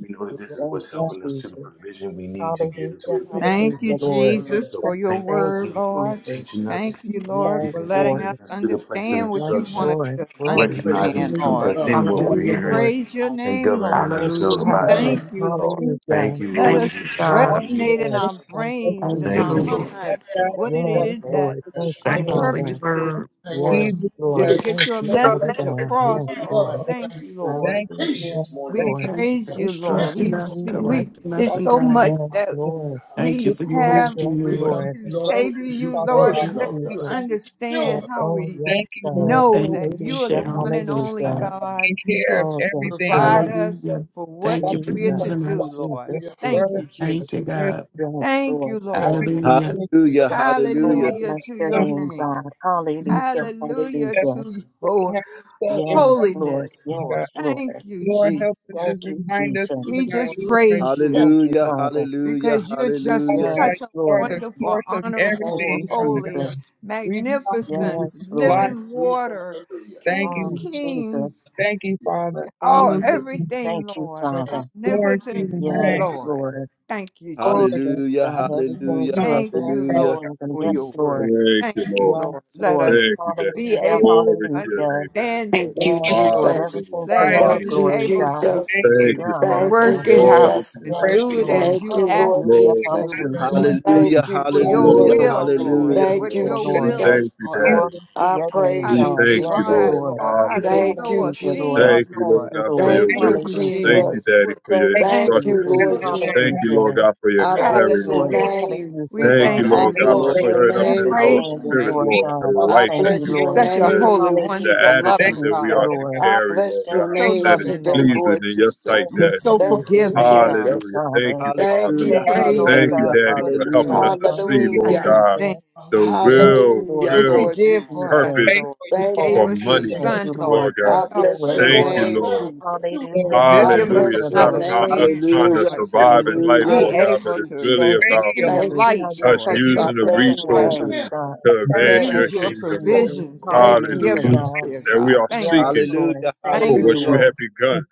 H: We know that this
K: Hallelujah.
H: is
C: Thank
H: what's
C: you,
J: yes.
H: helping us to the
C: Jesus.
H: provision we need to be
C: Hallelujah.
H: able to
J: Yes,
H: advance the
C: Hallelujah,
B: Thank you,
H: kingdom.
C: Lord.
B: Jesus,
H: So
J: yes,
B: for
H: we
B: your
H: thank you
C: Thank
B: word,
C: you,
H: again, Lord, for
B: Lord.
C: Jesus.
H: teaching us.
B: Thank
K: Yes.
B: you, Lord,
H: We
C: Yes,
B: for
H: thank you for
B: letting
C: Lord.
B: us
H: bringing us to the place of
B: understand what
C: Yes,
B: you want
K: Yes.
H: instruction,
B: us
C: Lord.
B: to
J: yes.
C: Glory.
K: Praise
H: recognizing the
B: understand,
H: truth
E: Lord.
H: that's
B: Lord.
K: God.
H: in what
C: Yes,
H: we're
B: We
E: Hallelujah.
H: hearing
C: Lord.
B: praise your
H: and
B: name, Lord.
H: governing
C: Thank you,
E: Hallelujah.
H: ourselves
J: Jesus,
B: We
H: by it.
K: Hallelujah.
B: thank
C: Jesus.
E: Hallelujah.
B: you, Lord.
C: Hallelujah.
J: Jesus,
H: Thank you,
B: Let
H: Lord
E: Thank
B: us
E: you,
H: Jesus.
C: Yes,
E: God.
J: only
H: Hallelujah.
B: resonate in
C: Lord.
J: Hallelujah.
B: our
C: Thank
J: Yes,
C: you,
J: yes,
B: brains and
E: Thank you,
H: Thank
B: our
H: you,
J: yes.
C: Jesus.
H: Lord.
E: Lord.
K: Yes,
B: mind
K: Lord.
B: what it is
C: Yes,
J: Yes,
K: Lord,
B: that
C: Lord.
J: yes,
C: Thank
K: yes,
C: you,
B: our
K: yes.
E: Thank
J: yes.
E: you for
C: Father.
B: purpose is
J: Thank
E: your
J: you,
K: Thank you.
B: for
C: Yes,
J: Jesus,
C: Lord.
B: to
J: Lord.
K: Great
B: get
C: Thank
B: your
C: you,
J: Thank you,
C: Father
B: message
C: God.
K: for
J: Jesus,
B: across,
C: Yes,
K: your
E: word.
B: Lord.
C: Lord.
J: Lord.
K: love.
B: Thank
K: Thank you
B: you,
C: I
K: for your
B: Lord.
J: Thank you,
C: receive it. Yes,
J: Lord.
K: patience, morning.
B: We
J: Thank
C: Lord.
J: you, Lord,
E: Thank you
B: praise
E: for
B: you,
J: for
C: Thank
B: Lord.
K: Yes.
J: the mercy,
C: you,
E: instructing
B: We
E: us,
B: we,
C: Jesus.
B: we
E: correcting us,
B: it's
J: Father,
E: and
B: so much
E: guiding us.
C: Yes,
B: that
J: for the
K: Hallelujah.
C: Lord.
K: Hallelujah.
E: Thank you
J: good
B: we
E: for your
C: Oh,
J: passion,
B: have
C: yes,
E: wisdom,
K: We
J: good
E: Lord.
K: love
J: coming
C: Lord.
B: to
K: you, Lord,
B: say
J: Joe,
B: to
K: because you
B: you,
J: Father
C: Thank
B: Lord,
J: God.
C: you,
K: first
B: and let
K: loved
J: Thank you,
B: you
K: us and
C: Jesus.
K: you still
J: Lord.
B: understand
K: love
B: how
C: Oh,
B: we
C: yes,
K: us.
J: Thank you,
K: Hallelujah.
C: God.
J: Lord.
B: know
E: Thank
B: that
E: you for
B: you are the
C: Hallelujah.
E: sharing
B: one and
E: with us,
B: only
C: Hallelujah.
E: God.
B: God
J: Taking care
B: to
J: of
C: Oh, yes,
J: everything,
C: Lord.
B: provide
J: Father,
B: us
E: Hallelujah.
B: for what
E: Thank you
J: Father,
E: for
C: Jesus.
B: we're to
J: Father,
E: using
B: do,
E: us.
J: Father,
B: Lord.
J: give
C: Jesus,
K: Hallelujah.
J: us
K: Hallelujah.
C: Jesus.
B: Thank
J: word,
B: you,
J: give
K: The
J: us
E: Thank you,
B: Jesus.
J: rest,
E: God.
C: Yes,
B: Thank
C: Lord.
B: you,
K: Lamb
C: Thank
B: Lord.
K: of
C: you.
K: God.
C: Lord.
E: Hallelujah.
J: hallelujah,
K: Thank
J: Father
A: Hallelujah,
J: God.
C: Oh,
A: hallelujah,
B: Hallelujah
C: bless
B: to
C: your
J: Everything
B: your
C: name,
B: name.
C: God.
K: you.
C: Hallelujah.
B: Hallelujah
C: Hallelujah.
B: to
J: that you
B: your
J: have said and
C: Yes,
J: prayed,
C: Lord.
B: holiness,
J: Father
B: Lord.
J: God.
C: Yes, Lord.
B: Thank you,
J: Lord,
B: Jesus.
J: help us
K: Yes,
C: Thank
J: and
C: you,
J: remind us,
C: Jesus.
J: Father
B: We
J: God,
K: Lord.
B: just
J: you
K: Yes,
J: are
B: praise
K: yes,
B: you
C: Thank you,
A: hallelujah,
C: Father.
A: hallelujah,
B: because you're
J: Father
B: just
A: hallelujah,
J: God,
B: such
C: Yes,
B: a
J: you are
C: Lord.
J: the
B: wonderful,
J: source of
K: yes,
C: Thank
B: honorable,
C: you,
J: everything,
K: yes.
J: Father
B: holy,
K: yes.
J: God.
C: Jesus.
J: We come to
B: magnificent,
J: you
C: Yes,
J: life.
C: Lord.
B: living
K: Hallelujah.
B: water,
K: Hallelujah.
J: Thank
B: King of
C: Oh,
J: you.
C: Jesus.
B: kings,
J: Thank you, Father.
B: all
J: Hallelujah.
C: Jesus.
B: everything,
C: Thank you,
B: Lord.
C: Father.
K: Praise God.
J: Glory to your
K: And
B: Omnipotent,
K: all.
J: name.
C: Yes,
B: Lord.
C: Lord.
B: Thank you,
C: Oh,
J: Lord,
B: Jesus.
C: yes,
A: hallelujah,
C: God.
J: hallelujah.
C: Everything
J: Thank
C: to
B: Thank
J: you,
B: you,
C: advance the
A: hallelujah, hallelujah,
J: Father
B: Lord,
C: kingdom.
B: for
D: Hallelujah.
C: Yes,
B: your word.
C: Lord.
D: Thank you,
B: Thank
K: Thank you.
B: you,
D: Lord.
B: Lord.
C: Yes,
B: Let us
C: Lord.
D: Thank you, Dad.
B: be
K: Yes.
C: Hallelujah.
B: able
J: God.
D: Glory to
B: to
D: your
C: Hallelujah.
D: name, Dad.
B: understand it,
L: Thank
J: Thank
L: you,
J: you
C: Yes,
J: for
B: Lord.
C: Lord.
L: Jesus.
D: Hallelujah.
C: Everything for
B: Let us
J: providing.
C: your
L: Thank
B: be
D: Hallelujah.
L: you,
C: glory,
B: able
C: God,
B: to
L: Jesus.
J: Thank
C: and for
D: Thank
J: you.
C: your
D: you, Father.
C: honor,
L: Thank you,
C: God.
B: work it
K: Hallelujah.
D: Glory
B: out
L: Jesus.
D: to
B: and
D: your name,
J: Precious
C: Yes,
B: do it
D: Lord.
K: Hallelujah.
C: Lord.
B: as
J: Jesus.
L: Thank
B: you
L: you,
C: Hallelujah.
L: Lord
B: asked us to
D: Glory to
L: Jesus.
B: do
D: your
B: it,
D: name,
K: Yes.
B: Lord.
D: Dad.
C: Hallelujah.
A: hallelujah,
L: Thank you,
B: For
C: Yes,
B: your
J: Father,
A: hallelujah,
L: Jesus.
D: Glory,
C: Lord.
B: will,
K: Thank
B: Lord,
D: glory,
A: hallelujah.
C: Hallelujah,
L: Thank
B: what
L: you,
D: glory.
B: your
J: thank
D: We
B: will
C: Lord.
B: is
D: thank
L: Jesus.
D: you,
K: you
B: for
J: you
B: us,
C: Glory
D: Daddy.
J: for
C: to
L: I
C: your name,
B: how
D: We
L: praise
B: to
L: you,
C: God.
D: thank you,
C: Yes,
L: Jesus.
B: provide,
D: Lord.
C: Lord.
B: Lord, how to
J: giving us
D: Hallelujah.
L: Thank
B: sow
L: you,
B: a
C: Hallelujah, Lord. I
B: seed,
D: Thank
L: Jesus.
D: you,
C: thank
D: Lord
B: Lord.
C: you,
D: God, for
C: Lord.
D: your
L: Thank you,
B: Thank you,
D: wisdom.
K: for
D: Thank
C: Hallelujah.
D: you,
K: your
B: Jesus.
L: Jesus.
D: Daddy,
K: great
D: for
C: Thank
D: your
C: you,
B: Thank
J: extra
L: Thank you,
B: you,
D: instruction.
C: Jesus.
L: Lord
K: mercy.
B: Jesus.
D: Thank
L: Jesus.
J: everything.
D: you, Lord
C: Hallelujah.
J: Father
D: God, for your
L: I
J: God.
C: Yes,
L: bless
D: clarity,
L: your
C: Lord.
B: Hallelujah.
J: Thank
D: Lord.
L: name.
C: Hallelujah,
B: We
D: Thank you,
B: thank
C: God.
L: I
A: Thank
B: you,
D: Lord
J: thank
A: you,
D: God,
J: you
D: for
C: For
B: Lord.
J: for
L: bless
A: Lord.
L: your
C: giving
D: stirring
A: Thank
J: the
D: up
C: me
J: grace
B: We
D: in
A: you,
L: name,
D: our
B: praise
A: Lord.
B: your
J: of
C: understanding,
J: the
L: Jesus.
D: spirit,
B: name.
C: Lord
D: Lord, the
C: God.
J: people
C: I
J: of
L: I
D: life
C: thank
D: that
J: God.
B: Praise
C: you,
D: you
L: bless
B: you.
L: your
D: want us
C: Lord.
B: Such
D: to
B: a
D: live,
L: name,
B: holy,
L: Lord
C: Hallelujah.
D: the
B: wonderful,
L: Jesus.
J: Thank
D: attitude
B: loving
C: Hallelujah,
J: you,
D: that we are
B: God.
J: Father
D: to
C: Lord.
J: God.
L: I
D: carry, Lord
L: bless
B: You're
L: your
C: Thank
D: God,
B: so
C: you,
D: that
L: name
D: is
B: loving,
L: today,
J: Thank
C: Jesus.
B: Lord.
D: pleasing
L: Lord
D: in your sight,
C: Thank
L: Jesus.
B: You're
J: you
C: you,
D: Daddy.
B: so
L: Thank
C: Jesus.
J: for
L: you,
J: giving
B: forgiving,
C: Thank
B: God.
C: you,
L: Jesus.
D: Hallelujah. Thank
C: Father.
D: you,
L: Thank
D: Father.
B: We
L: you,
A: Hallelujah,
C: Thank you,
B: praise
C: Lord
D: Thank
B: you.
L: Jesus.
D: you,
C: God,
A: hallelujah,
C: for
D: Daddy,
C: what
D: for
C: you're
D: helping
A: hallelujah,
C: doing,
D: us to
C: God.
J: us.
D: see,
B: We
D: Lord
L: Hallelujah.
D: God,
B: understand
C: Hallelujah.
D: the
K: Hallelujah.
J: We
C: Yes,
D: real,
L: Hallelujah,
C: Lord.
B: what you
D: real
C: Thank
L: Lord
C: you,
B: did for
L: Jesus.
B: us,
C: Jesus.
D: purpose
J: Pray
B: Lord.
J: for you
B: You
L: Thank
J: both.
B: gave
D: for
L: you,
C: Thank
B: us
C: you,
B: your
D: money,
J: And
C: thank
J: we
B: son,
C: you,
L: Jesus.
C: Lord.
D: Lord
B: Lord, to
D: God.
L: I
C: Have
B: help
C: your
L: bless
B: us,
C: way,
L: your
K: Render
J: thank
D: Thank
J: you-
C: Lord.
D: you,
B: Lord,
L: name,
D: Lord.
K: down,
L: Jesus.
K: you your
J: Lord,
C: Hallelujah,
B: to
J: this
L: I
B: give
C: hallelujah,
J: is
B: us
D: Hallelujah.
L: bless
D: It's
L: your
D: not
B: another
C: Lord.
D: about
L: name,
D: us
B: chance,
D: trying
C: Thank
D: to
L: Jesus.
A: hallelujah,
B: Lord,
C: you,
J: the
B: to
D: survive
K: kingdom,
D: in life,
C: Jesus.
L: I
B: be
D: Lord
A: hallelujah,
D: God, but
L: bless
B: able
L: you,
D: it's
B: to
D: really
C: Thank you,
L: Jesus.
D: about
J: radio
B: see the
L: Thank
C: Jesus.
L: you,
C: Now
B: light,
C: you're
D: us
B: Lord,
J: to
L: Jesus.
C: touching
B: to
J: you
L: I
D: using
C: each
D: the
C: and
B: see
C: every
K: time,
B: the
L: bless your
C: one of
B: light
C: us,
D: resources
K: and
L: name.
C: God.
D: to
B: and
J: first.
D: advance
J: Like,
L: Yes,
D: your
B: use
C: Thank
B: your
C: you,
D: kingdom,
L: Jesus.
J: thank
D: Lord.
C: Jesus.
B: provisions that
L: Thank
B: you
C: Hallelujah,
L: you,
B: give,
D: Hallelujah.
J: you.
C: God.
B: dear
L: Jesus.
D: That we
B: God.
D: are
B: Thank
C: Yes,
B: you.
D: seeking
C: Lord.
A: hallelujah,
C: Thank
D: for
B: Thank
C: you,
D: what
B: you,
D: you
A: hallelujah,
C: Lord.
B: Lord.
D: have begun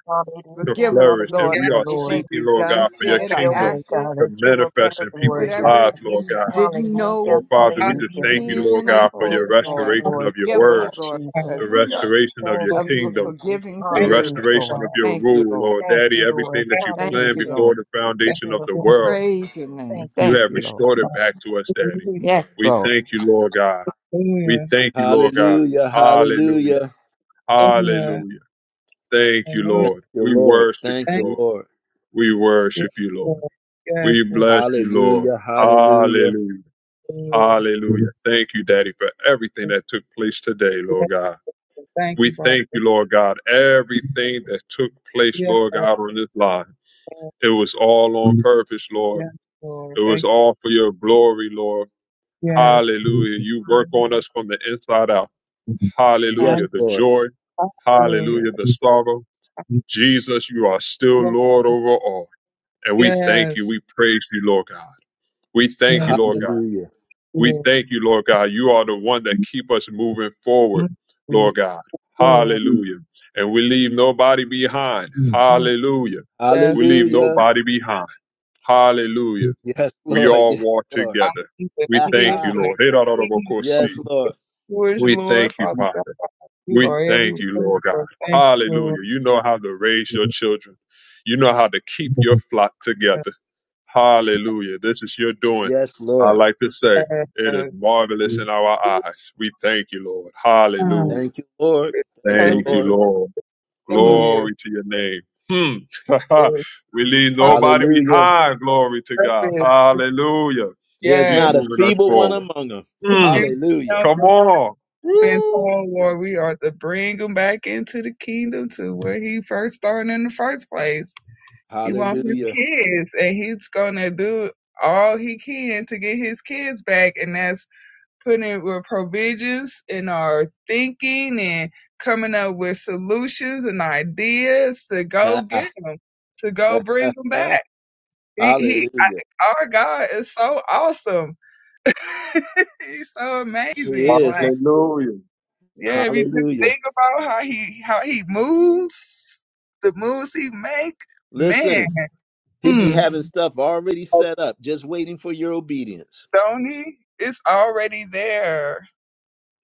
D: to
B: Forgive
C: Hallelujah,
B: us,
D: flourish, that
B: Lord,
D: we
C: hallelujah,
D: are
C: Lord.
B: anything
D: seeking,
B: we've
D: Lord
B: done,
C: Just
D: God, for your
C: have
B: said, or
C: your
D: kingdom
C: way,
B: acted,
C: God,
D: to
C: that you will get
B: and
D: manifest
C: the
D: in
C: glory,
D: people's
C: God.
B: whatever
D: lives, Lord
B: we
D: God.
K: not
B: didn't
K: are
C: Hallelujah,
D: Oh,
K: in
B: know,
D: Father,
K: trouble
D: we
K: and
D: just
K: you to
D: thank
C: hallelujah.
K: be
D: you,
B: seen
D: Lord
B: and
K: afraid to
D: God, for
B: unseen,
K: be
D: your
C: Oh, yes,
B: Lord.
K: without
D: restoration
C: Lord.
D: of your
B: Forgive
C: Thank
B: us,
C: you,
K: God.
D: words,
B: Lord, because
D: the
C: Jesus.
K: Hallelujah.
D: restoration of
C: Thank
D: your
J: Lord.
B: of
C: you,
B: your
D: kingdom
C: Jesus.
B: forgiving
D: the
J: Thank you.
C: Hallelujah,
B: spirit,
D: restoration
B: Lord.
D: of
C: God.
D: your
B: Thank you,
D: rule,
B: Lord.
D: Lord
C: Thank
D: Daddy,
C: you, Lord.
D: everything that you
B: Thank
D: planned
B: you,
C: Hallelujah.
D: before
B: Lord.
D: the foundation of the
C: Beautiful
J: Lord.
C: God.
D: world,
B: Praise your name.
C: Thank you,
D: you
B: Thank
D: have
B: you, Lord.
C: Jesus.
J: It's
D: restored
J: my
D: it back to us, Daddy.
J: Hallelujah.
B: Yes,
D: We
B: Lord.
D: thank you, Lord God. We
J: Hallelujah.
D: thank you, Lord God.
A: hallelujah,
D: Hallelujah.
A: hallelujah.
J: Hallelujah.
D: Hallelujah. Thank you,
J: Hallelujah.
A: Thank
D: Lord.
A: you,
D: We
A: Lord.
D: worship
A: Thank
D: you,
J: Thank
A: you,
D: Lord.
A: Lord.
D: We
J: you.
D: worship you, Lord.
J: Lord.
D: We
J: Yes, Lord.
D: bless you, Lord.
A: Hallelujah,
J: Yes,
A: hallelujah.
D: Hallelujah.
J: Lord.
D: Hallelujah. Thank you, Daddy, for everything that took place today,
J: Yes, Lord.
D: Lord God.
J: Thank
D: We
J: you, Father.
D: thank you, Lord God, everything that took place,
J: Yes,
D: Lord
J: Lord.
D: God, on this line. It was all on purpose, Lord.
J: Yes, Lord.
D: It was
J: Thank you.
D: all for your glory, Lord.
J: Yes.
D: Hallelujah. You work on
J: Hallelujah.
D: us from the inside out.
A: Yes,
D: Hallelujah. The
A: Lord.
D: joy.
J: Hallelujah.
D: Hallelujah. The sorrow. Jesus, you are still
J: Yes,
D: Lord
J: Lord.
D: over all. And we thank you.
J: yes,
D: We praise you, Lord God. We thank you,
J: yes,
D: Lord God.
A: Hallelujah.
D: We
J: Lord.
D: thank you, Lord God. You are the one that keep us moving
J: Mm,
D: forward,
J: mm,
D: Lord God.
J: Hallelujah.
D: Hallelujah. And we leave nobody behind.
J: Mm,
D: Hallelujah.
J: Yes,
D: We leave
A: Hallelujah.
D: nobody behind. Hallelujah.
A: Yes, (laughs)
D: We
A: Lord.
D: all
A: Yes,
D: walk
A: Lord.
J: I
D: together.
J: believe that
D: We thank
J: healed
D: you,
A: (laughs)
J: and
D: Lord.
J: accepted.
A: yes, Lord.
J: Yours,
D: We
J: Lord,
D: thank you,
J: Father God,
D: Father.
J: you
D: We
J: are every
D: thank you,
J: woman,
D: Lord God.
J: Lord. Thank you, Lord.
D: Hallelujah. You know how to raise
J: Yes.
D: your children. You know how to keep your flock together. Hallelujah. This is your doing.
A: Yes,
D: I
A: Lord.
D: like to say, it is marvelous
J: Mm,
D: in our eyes. We thank you, Lord. Hallelujah.
A: Thank you, Lord.
J: With
A: Thank you,
D: Thank you,
J: purpose,
A: Lord.
D: Lord.
A: Mm.
J: hallelujah.
D: Glory to your name. Hmm. (laughs)
J: With
D: we leave nobody
A: Hallelujah.
D: behind. Glory to God.
J: purpose,
D: Hallelujah.
A: There's
D: He's
J: yes.
A: not a
D: moving us
A: feeble one
D: forward.
A: among them.
D: Hmm.
A: Hallelujah.
J: Confusion,
D: Come on.
J: been
D: Woo.
J: told Lord, we are to bring him back into the kingdom to where he first started in the first place. He wants his
A: Hallelujah.
J: kids, and he's gonna do all he can to get his kids back, and that's putting it with provisions in our thinking and coming up with solutions and ideas to go
A: (laughs)
J: get them, to go bring them back. He, he
A: Hallelujah.
J: I, our God is so awesome. (laughs) He's so
A: He
J: amazing. Like.
A: is.
D: Hallelujah.
J: Yeah, if you just
A: Hallelujah.
J: think about how he how he moves, the moves he make, man,
A: Listen, he be
J: mm,
A: having stuff already set up, just waiting for your obedience.
J: Tony, it's already there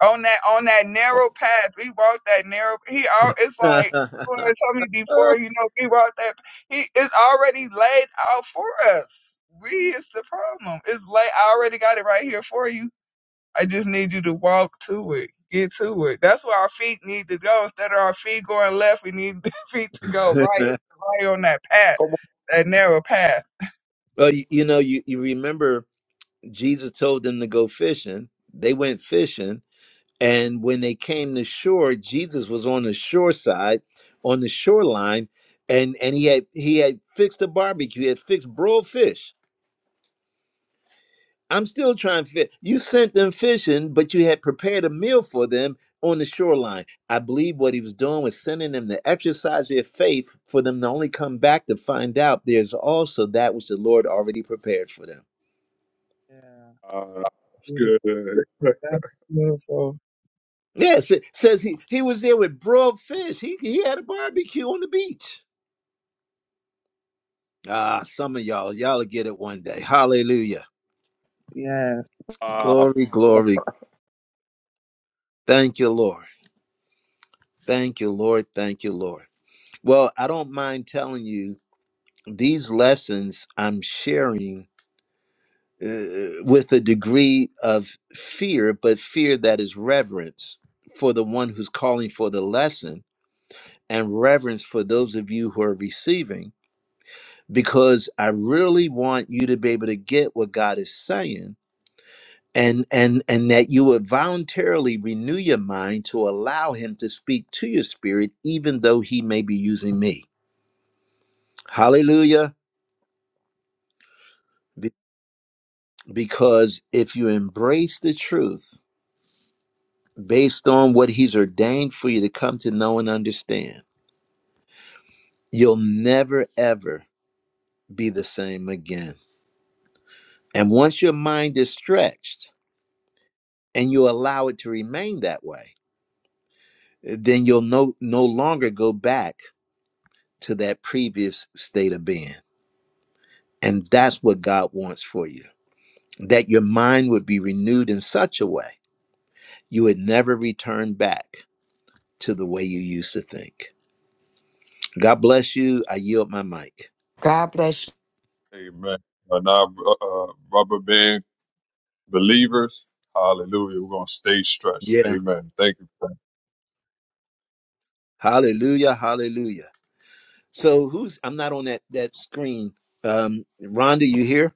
J: on that on that narrow path. We walked that narrow. He all it's like you had told me before. You
A: (laughs)
J: know, we walked that. He it's already laid out for us. We is the problem. It's like I already got it right here for you. I just need you to walk to it, get to it. That's where our feet need to go. Instead of our feet going left, we need (laughs) the feet to go right, right on that path,
D: Come on.
J: that narrow path.
A: Well, you, you know, you, you remember Jesus told them to go fishing. They went fishing. And when they came to shore, Jesus was on the shore side, on the shoreline, and, and he had he had fixed a barbecue, he had fixed broiled fish. I'm still trying to fit. You sent them fishing, but you had prepared a meal for them on the shoreline. I believe what he was doing was sending them to exercise their faith for them to only come back to find out there's also that which the Lord already prepared for them.
J: Yeah,
D: Ah, That's good.
J: beautiful.
D: (laughs)
J: That's beautiful.
A: Yes, it says he he was there with broiled fish. He he had a barbecue on the beach. Ah, some of y'all, y'all will get it one day. Hallelujah.
J: Yes,
D: Ah,
A: Glory, glory. Thank you, Lord. Thank you, Lord. Thank you, Lord. Well, I don't mind telling you these lessons I'm sharing uh, with a degree of fear, but fear that is reverence for the one who's calling for the lesson and reverence for those of you who are receiving because I really want you to be able to get what God is saying and and and that you would voluntarily renew your mind to allow him to speak to your spirit even though he may be using me. Hallelujah. Be- Because if you embrace the truth based on what he's ordained for you to come to know and understand, you'll never ever be the same again. And once your mind is stretched and you allow it to remain that way, then you'll no, no longer go back to that previous state of being. And that's what God wants for you that your mind would be renewed in such a way you would never return back to the way you used to think. God bless you. I yield my mic.
L: God bless you.
D: amen. And our uh, rubber band believers, hallelujah. We're going to stay stretched.
A: Yeah.
D: Amen. Thank you. Frank.
A: Hallelujah. Hallelujah. So who's I'm not on that that screen. Um Rhonda, you here?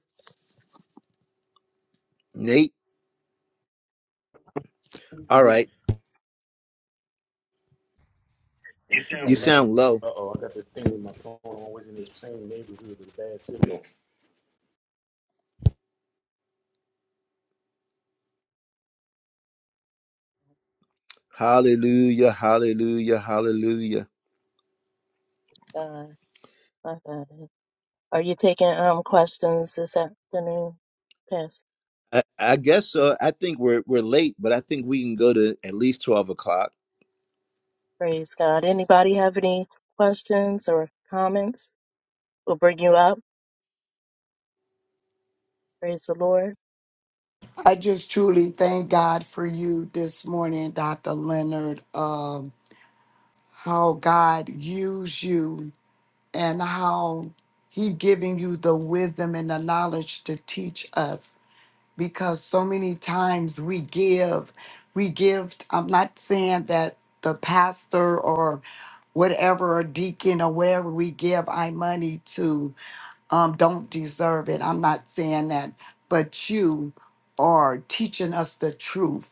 A: Nate? All right. You sound low. Hallelujah. Hallelujah. Hallelujah.
C: God. my God. Are you taking um questions this afternoon? Yes.
A: I, I guess so. I think we're we're late, but I think we can go to at least twelve o'clock.
C: Praise God. Anybody have any questions or comments? We'll bring you up. Praise the Lord.
L: I just truly thank God for you this morning, Dr. Leonard. Um, how God used you and how he giving you the wisdom and the knowledge to teach us because so many times we give we give i'm not saying that the pastor or whatever or deacon or whatever we give our money to um, don't deserve it. I'm not saying that, but you are teaching us the truth.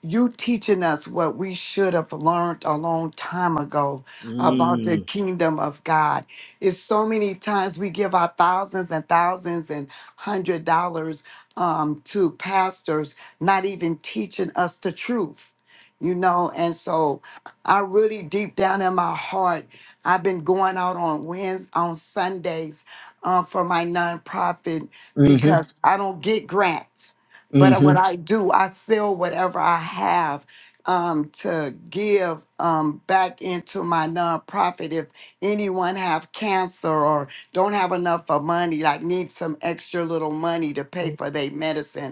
L: You teaching us what we should have learned a long time ago about the
A: Mm.
L: kingdom of God. It's so many times we give our thousands and thousands and hundred dollars um, to pastors, not even teaching us the truth, you know. And so, I really deep down in my heart, I've been going out on Wednesdays, on Sundays uh, for my nonprofit
A: Mm-hmm.
L: because I don't get grants. But
A: Mm-hmm.
L: what I do, I sell whatever I have um, to give um, back into my nonprofit. If anyone have cancer or don't have enough of money, like need some extra little money to pay for their medicine,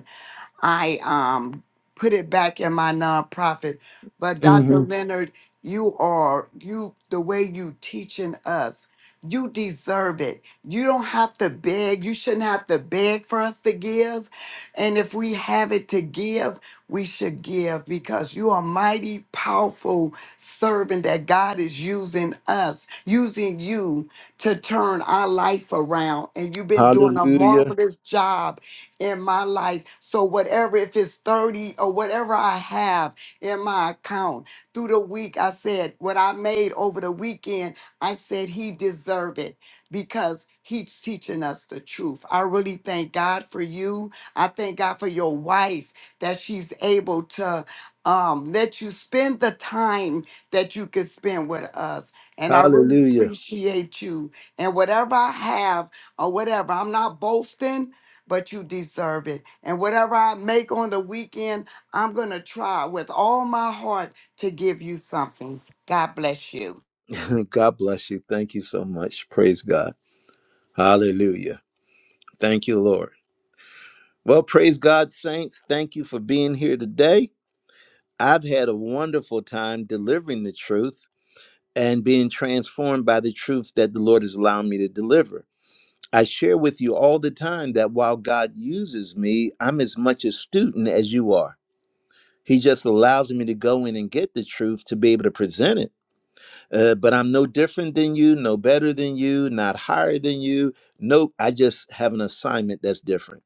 L: I um put it back in my nonprofit. But Dr.
A: Mm-hmm.
L: Leonard, you are you the way you teaching us. You deserve it. You don't have to beg. You shouldn't have to beg for us to give. And if we have it to give, we should give because you are mighty powerful servant that God is using us, using you to turn our life around. And you've been doing a
A: Hallelujah.
L: marvelous job in my life. So, whatever, if it's 30 or whatever I have in my account through the week, I said, what I made over the weekend, I said, He deserved it because He's teaching us the truth. I really thank God for you. I thank God for your wife that she's able to. Um, let you spend the time that you could spend with us. And I really
A: Hallelujah.
L: appreciate you. And whatever I have or whatever, I'm not boasting but you deserve it. And whatever I make on the weekend, I'm going to try with all my heart to give you something. God bless you.
A: (laughs) God bless you. Thank you so much. Praise God. Hallelujah. Thank you, Lord. Well, praise God, saints. Thank you for being here today. I've had a wonderful time delivering the truth and being transformed by the truth that the Lord has allowed me to deliver. I share with you all the time that while God uses me, I'm as much a student as you are. He just allows me to go in and get the truth to be able to present it. Uh, but I'm no different than you, no better than you, not higher than you. Nope, I just have an assignment that's different.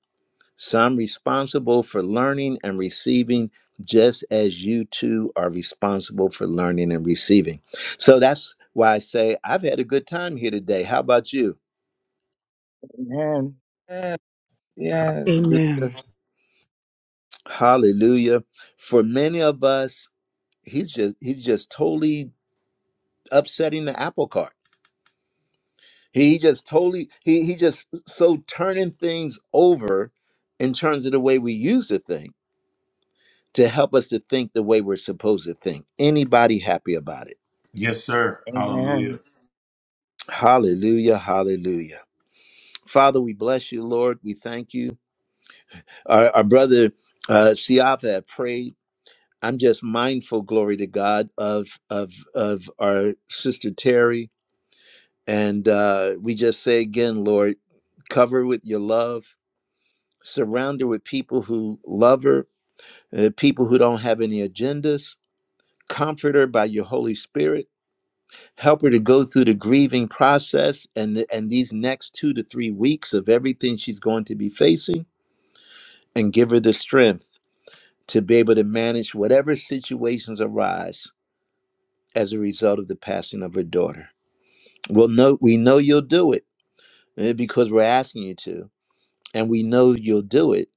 A: So I'm responsible for learning and receiving just as you two are responsible for learning and receiving. So that's why I say I've had a good time here today. How about you?
C: Amen.
J: yes, yes.
A: Hallelujah.
I: Amen.
A: Hallelujah. For many of us, he's just he's just totally upsetting the apple cart. He just totally he he just so turning things over in terms of the way we use the thing to help us to think the way we're supposed to think. Anybody happy about it?
H: Yes, sir. Hallelujah.
C: Amen.
A: Hallelujah, hallelujah. Father, we bless you, Lord. We thank you. Our, our brother uh, Siaf had prayed. I'm just mindful, glory to God, of of of our sister Terry And uh, we just say again, Lord, cover her with your love, surround her with people who love her, uh, people who don't have any agendas. Comfort her by your Holy Spirit. Help her to go through the grieving process and, the, and these next two to three weeks of everything she's going to be facing, and give her the strength to be able to manage whatever situations arise as a result of the passing of her daughter. We'll know, we know you'll do it uh, because we're asking you to. And we know you'll do it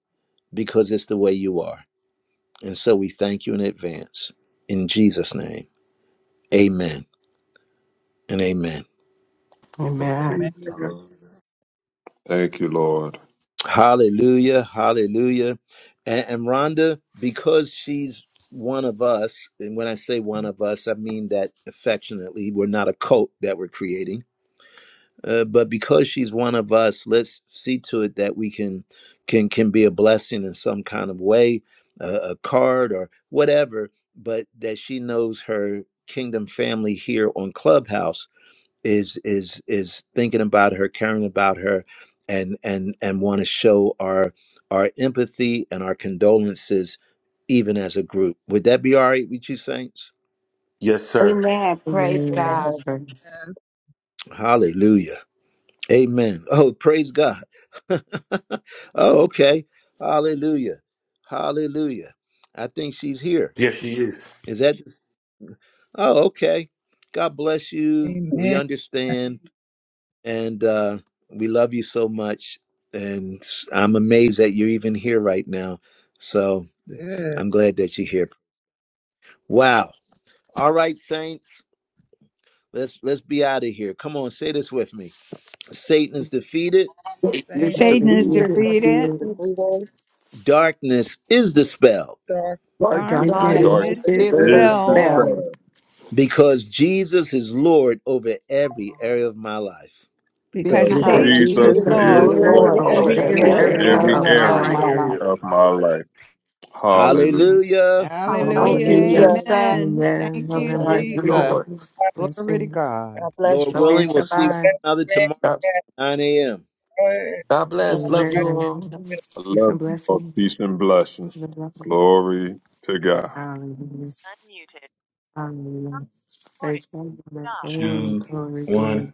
A: because it's the way you are. And so we thank you in advance. In Jesus' name, amen and amen.
H: Amen.
E: Amen.
J: Amen.
D: Amen.
H: Hallelujah.
D: Thank you, Lord.
A: Hallelujah, hallelujah. And, and Rhonda, because she's one of us, and when I say one of us, I mean that affectionately, we're not a cult that we're creating uh, but because she's one of us let's see to it that we can can can be a blessing in some kind of way uh, a card or whatever but that she knows her kingdom family here on clubhouse is is is thinking about her caring about her and and and want to show our our empathy and our condolences even as a group would that be all right with you saints
H: Yes, sir.
L: Amen. Praise
G: Amen,
L: God.
C: Amen.
G: sir.
J: Yes.
A: hallelujah Amen. (laughs) Oh, praise God. (laughs) oh, okay. Hallelujah. Hallelujah. I think she's here.
H: Yes, she is.
A: Is that? Oh, okay. God bless you. We
J: Amen.
A: understand. And uh, we love you so much. And s- I'm amazed that you're even here right now. So
J: Good.
A: I'm glad that you're here. Wow. All right, saints. Let's let's be out of here. Come on, say this with me. Satan is defeated.
E: Satan
J: Thank
E: is
L: Say
B: Satan is
L: it's
E: defeated.
L: the
B: defeated.
C: It's the
L: deep
C: three days
A: Darkness is dispelled
J: you, Doc.
E: Darkness
C: God
B: Darkness
D: And
E: is
D: dark
G: Darkness
C: has
B: is
L: darkness
G: is
L: is
C: to
L: the
D: is
C: this
E: dispelled.
D: the
B: dispelled
D: strength.
C: stuff.
L: cell
G: dispelled
A: because Jesus is Lord over every area of my life.
B: because
D: because
G: because
I: Because
L: because
C: And
B: Jesus
E: First, he
B: is
D: Jesus
G: Jesus
I: Jesus
G: is
E: was
C: Jesus
L: Jesus
I: is
E: the
C: is
B: Lord
L: is
D: is
I: Lord
G: Lord
C: Lord
B: over
E: Lord
I: over
L: Lord
D: Lord
G: over
E: over
I: every
L: over
B: every
C: over
G: every
E: every
I: area
D: over
C: every
L: every
B: area
I: of my
G: area
B: of
E: area
D: every
C: area
B: my
G: of
I: life.
L: area
E: of
G: my
C: of
E: my
L: of
B: life.
C: my
E: life.
D: area
L: my
C: life.
L: life.
G: life.
D: of my
H: Right.
D: life. Hallelujah.
A: Hallelujah.
L: Thank
I: Hallelujah.
L: you,
B: Hallelujah.
G: Hallelujah.
E: Hallelujah.
C: Hallelujah.
L: Jesus.
B: Amen.
G: Amen.
B: Thank
G: Love
B: you,
G: and
C: Amen.
G: light
E: Thank you,
G: to
B: Jesus.
E: Lord.
G: you.
B: Glory to
G: Blessings.
B: God.
C: God
I: Thank
C: bless
A: Lord
C: you
I: you.
G: Love you,
A: willing,
C: all.
A: we'll see one
G: July.
A: another tomorrow,
E: God
A: 9 a.m.
J: (laughs) Amen.
E: God bless.
C: Amen.
E: Love you
G: Amen.
E: all.
D: I
G: Peace
D: love
G: and
D: you all.
G: blessings.
D: Peace and blessings. Glory to God.
G: Hallelujah. Hallelujah. Praise God. Glory, glory, glory.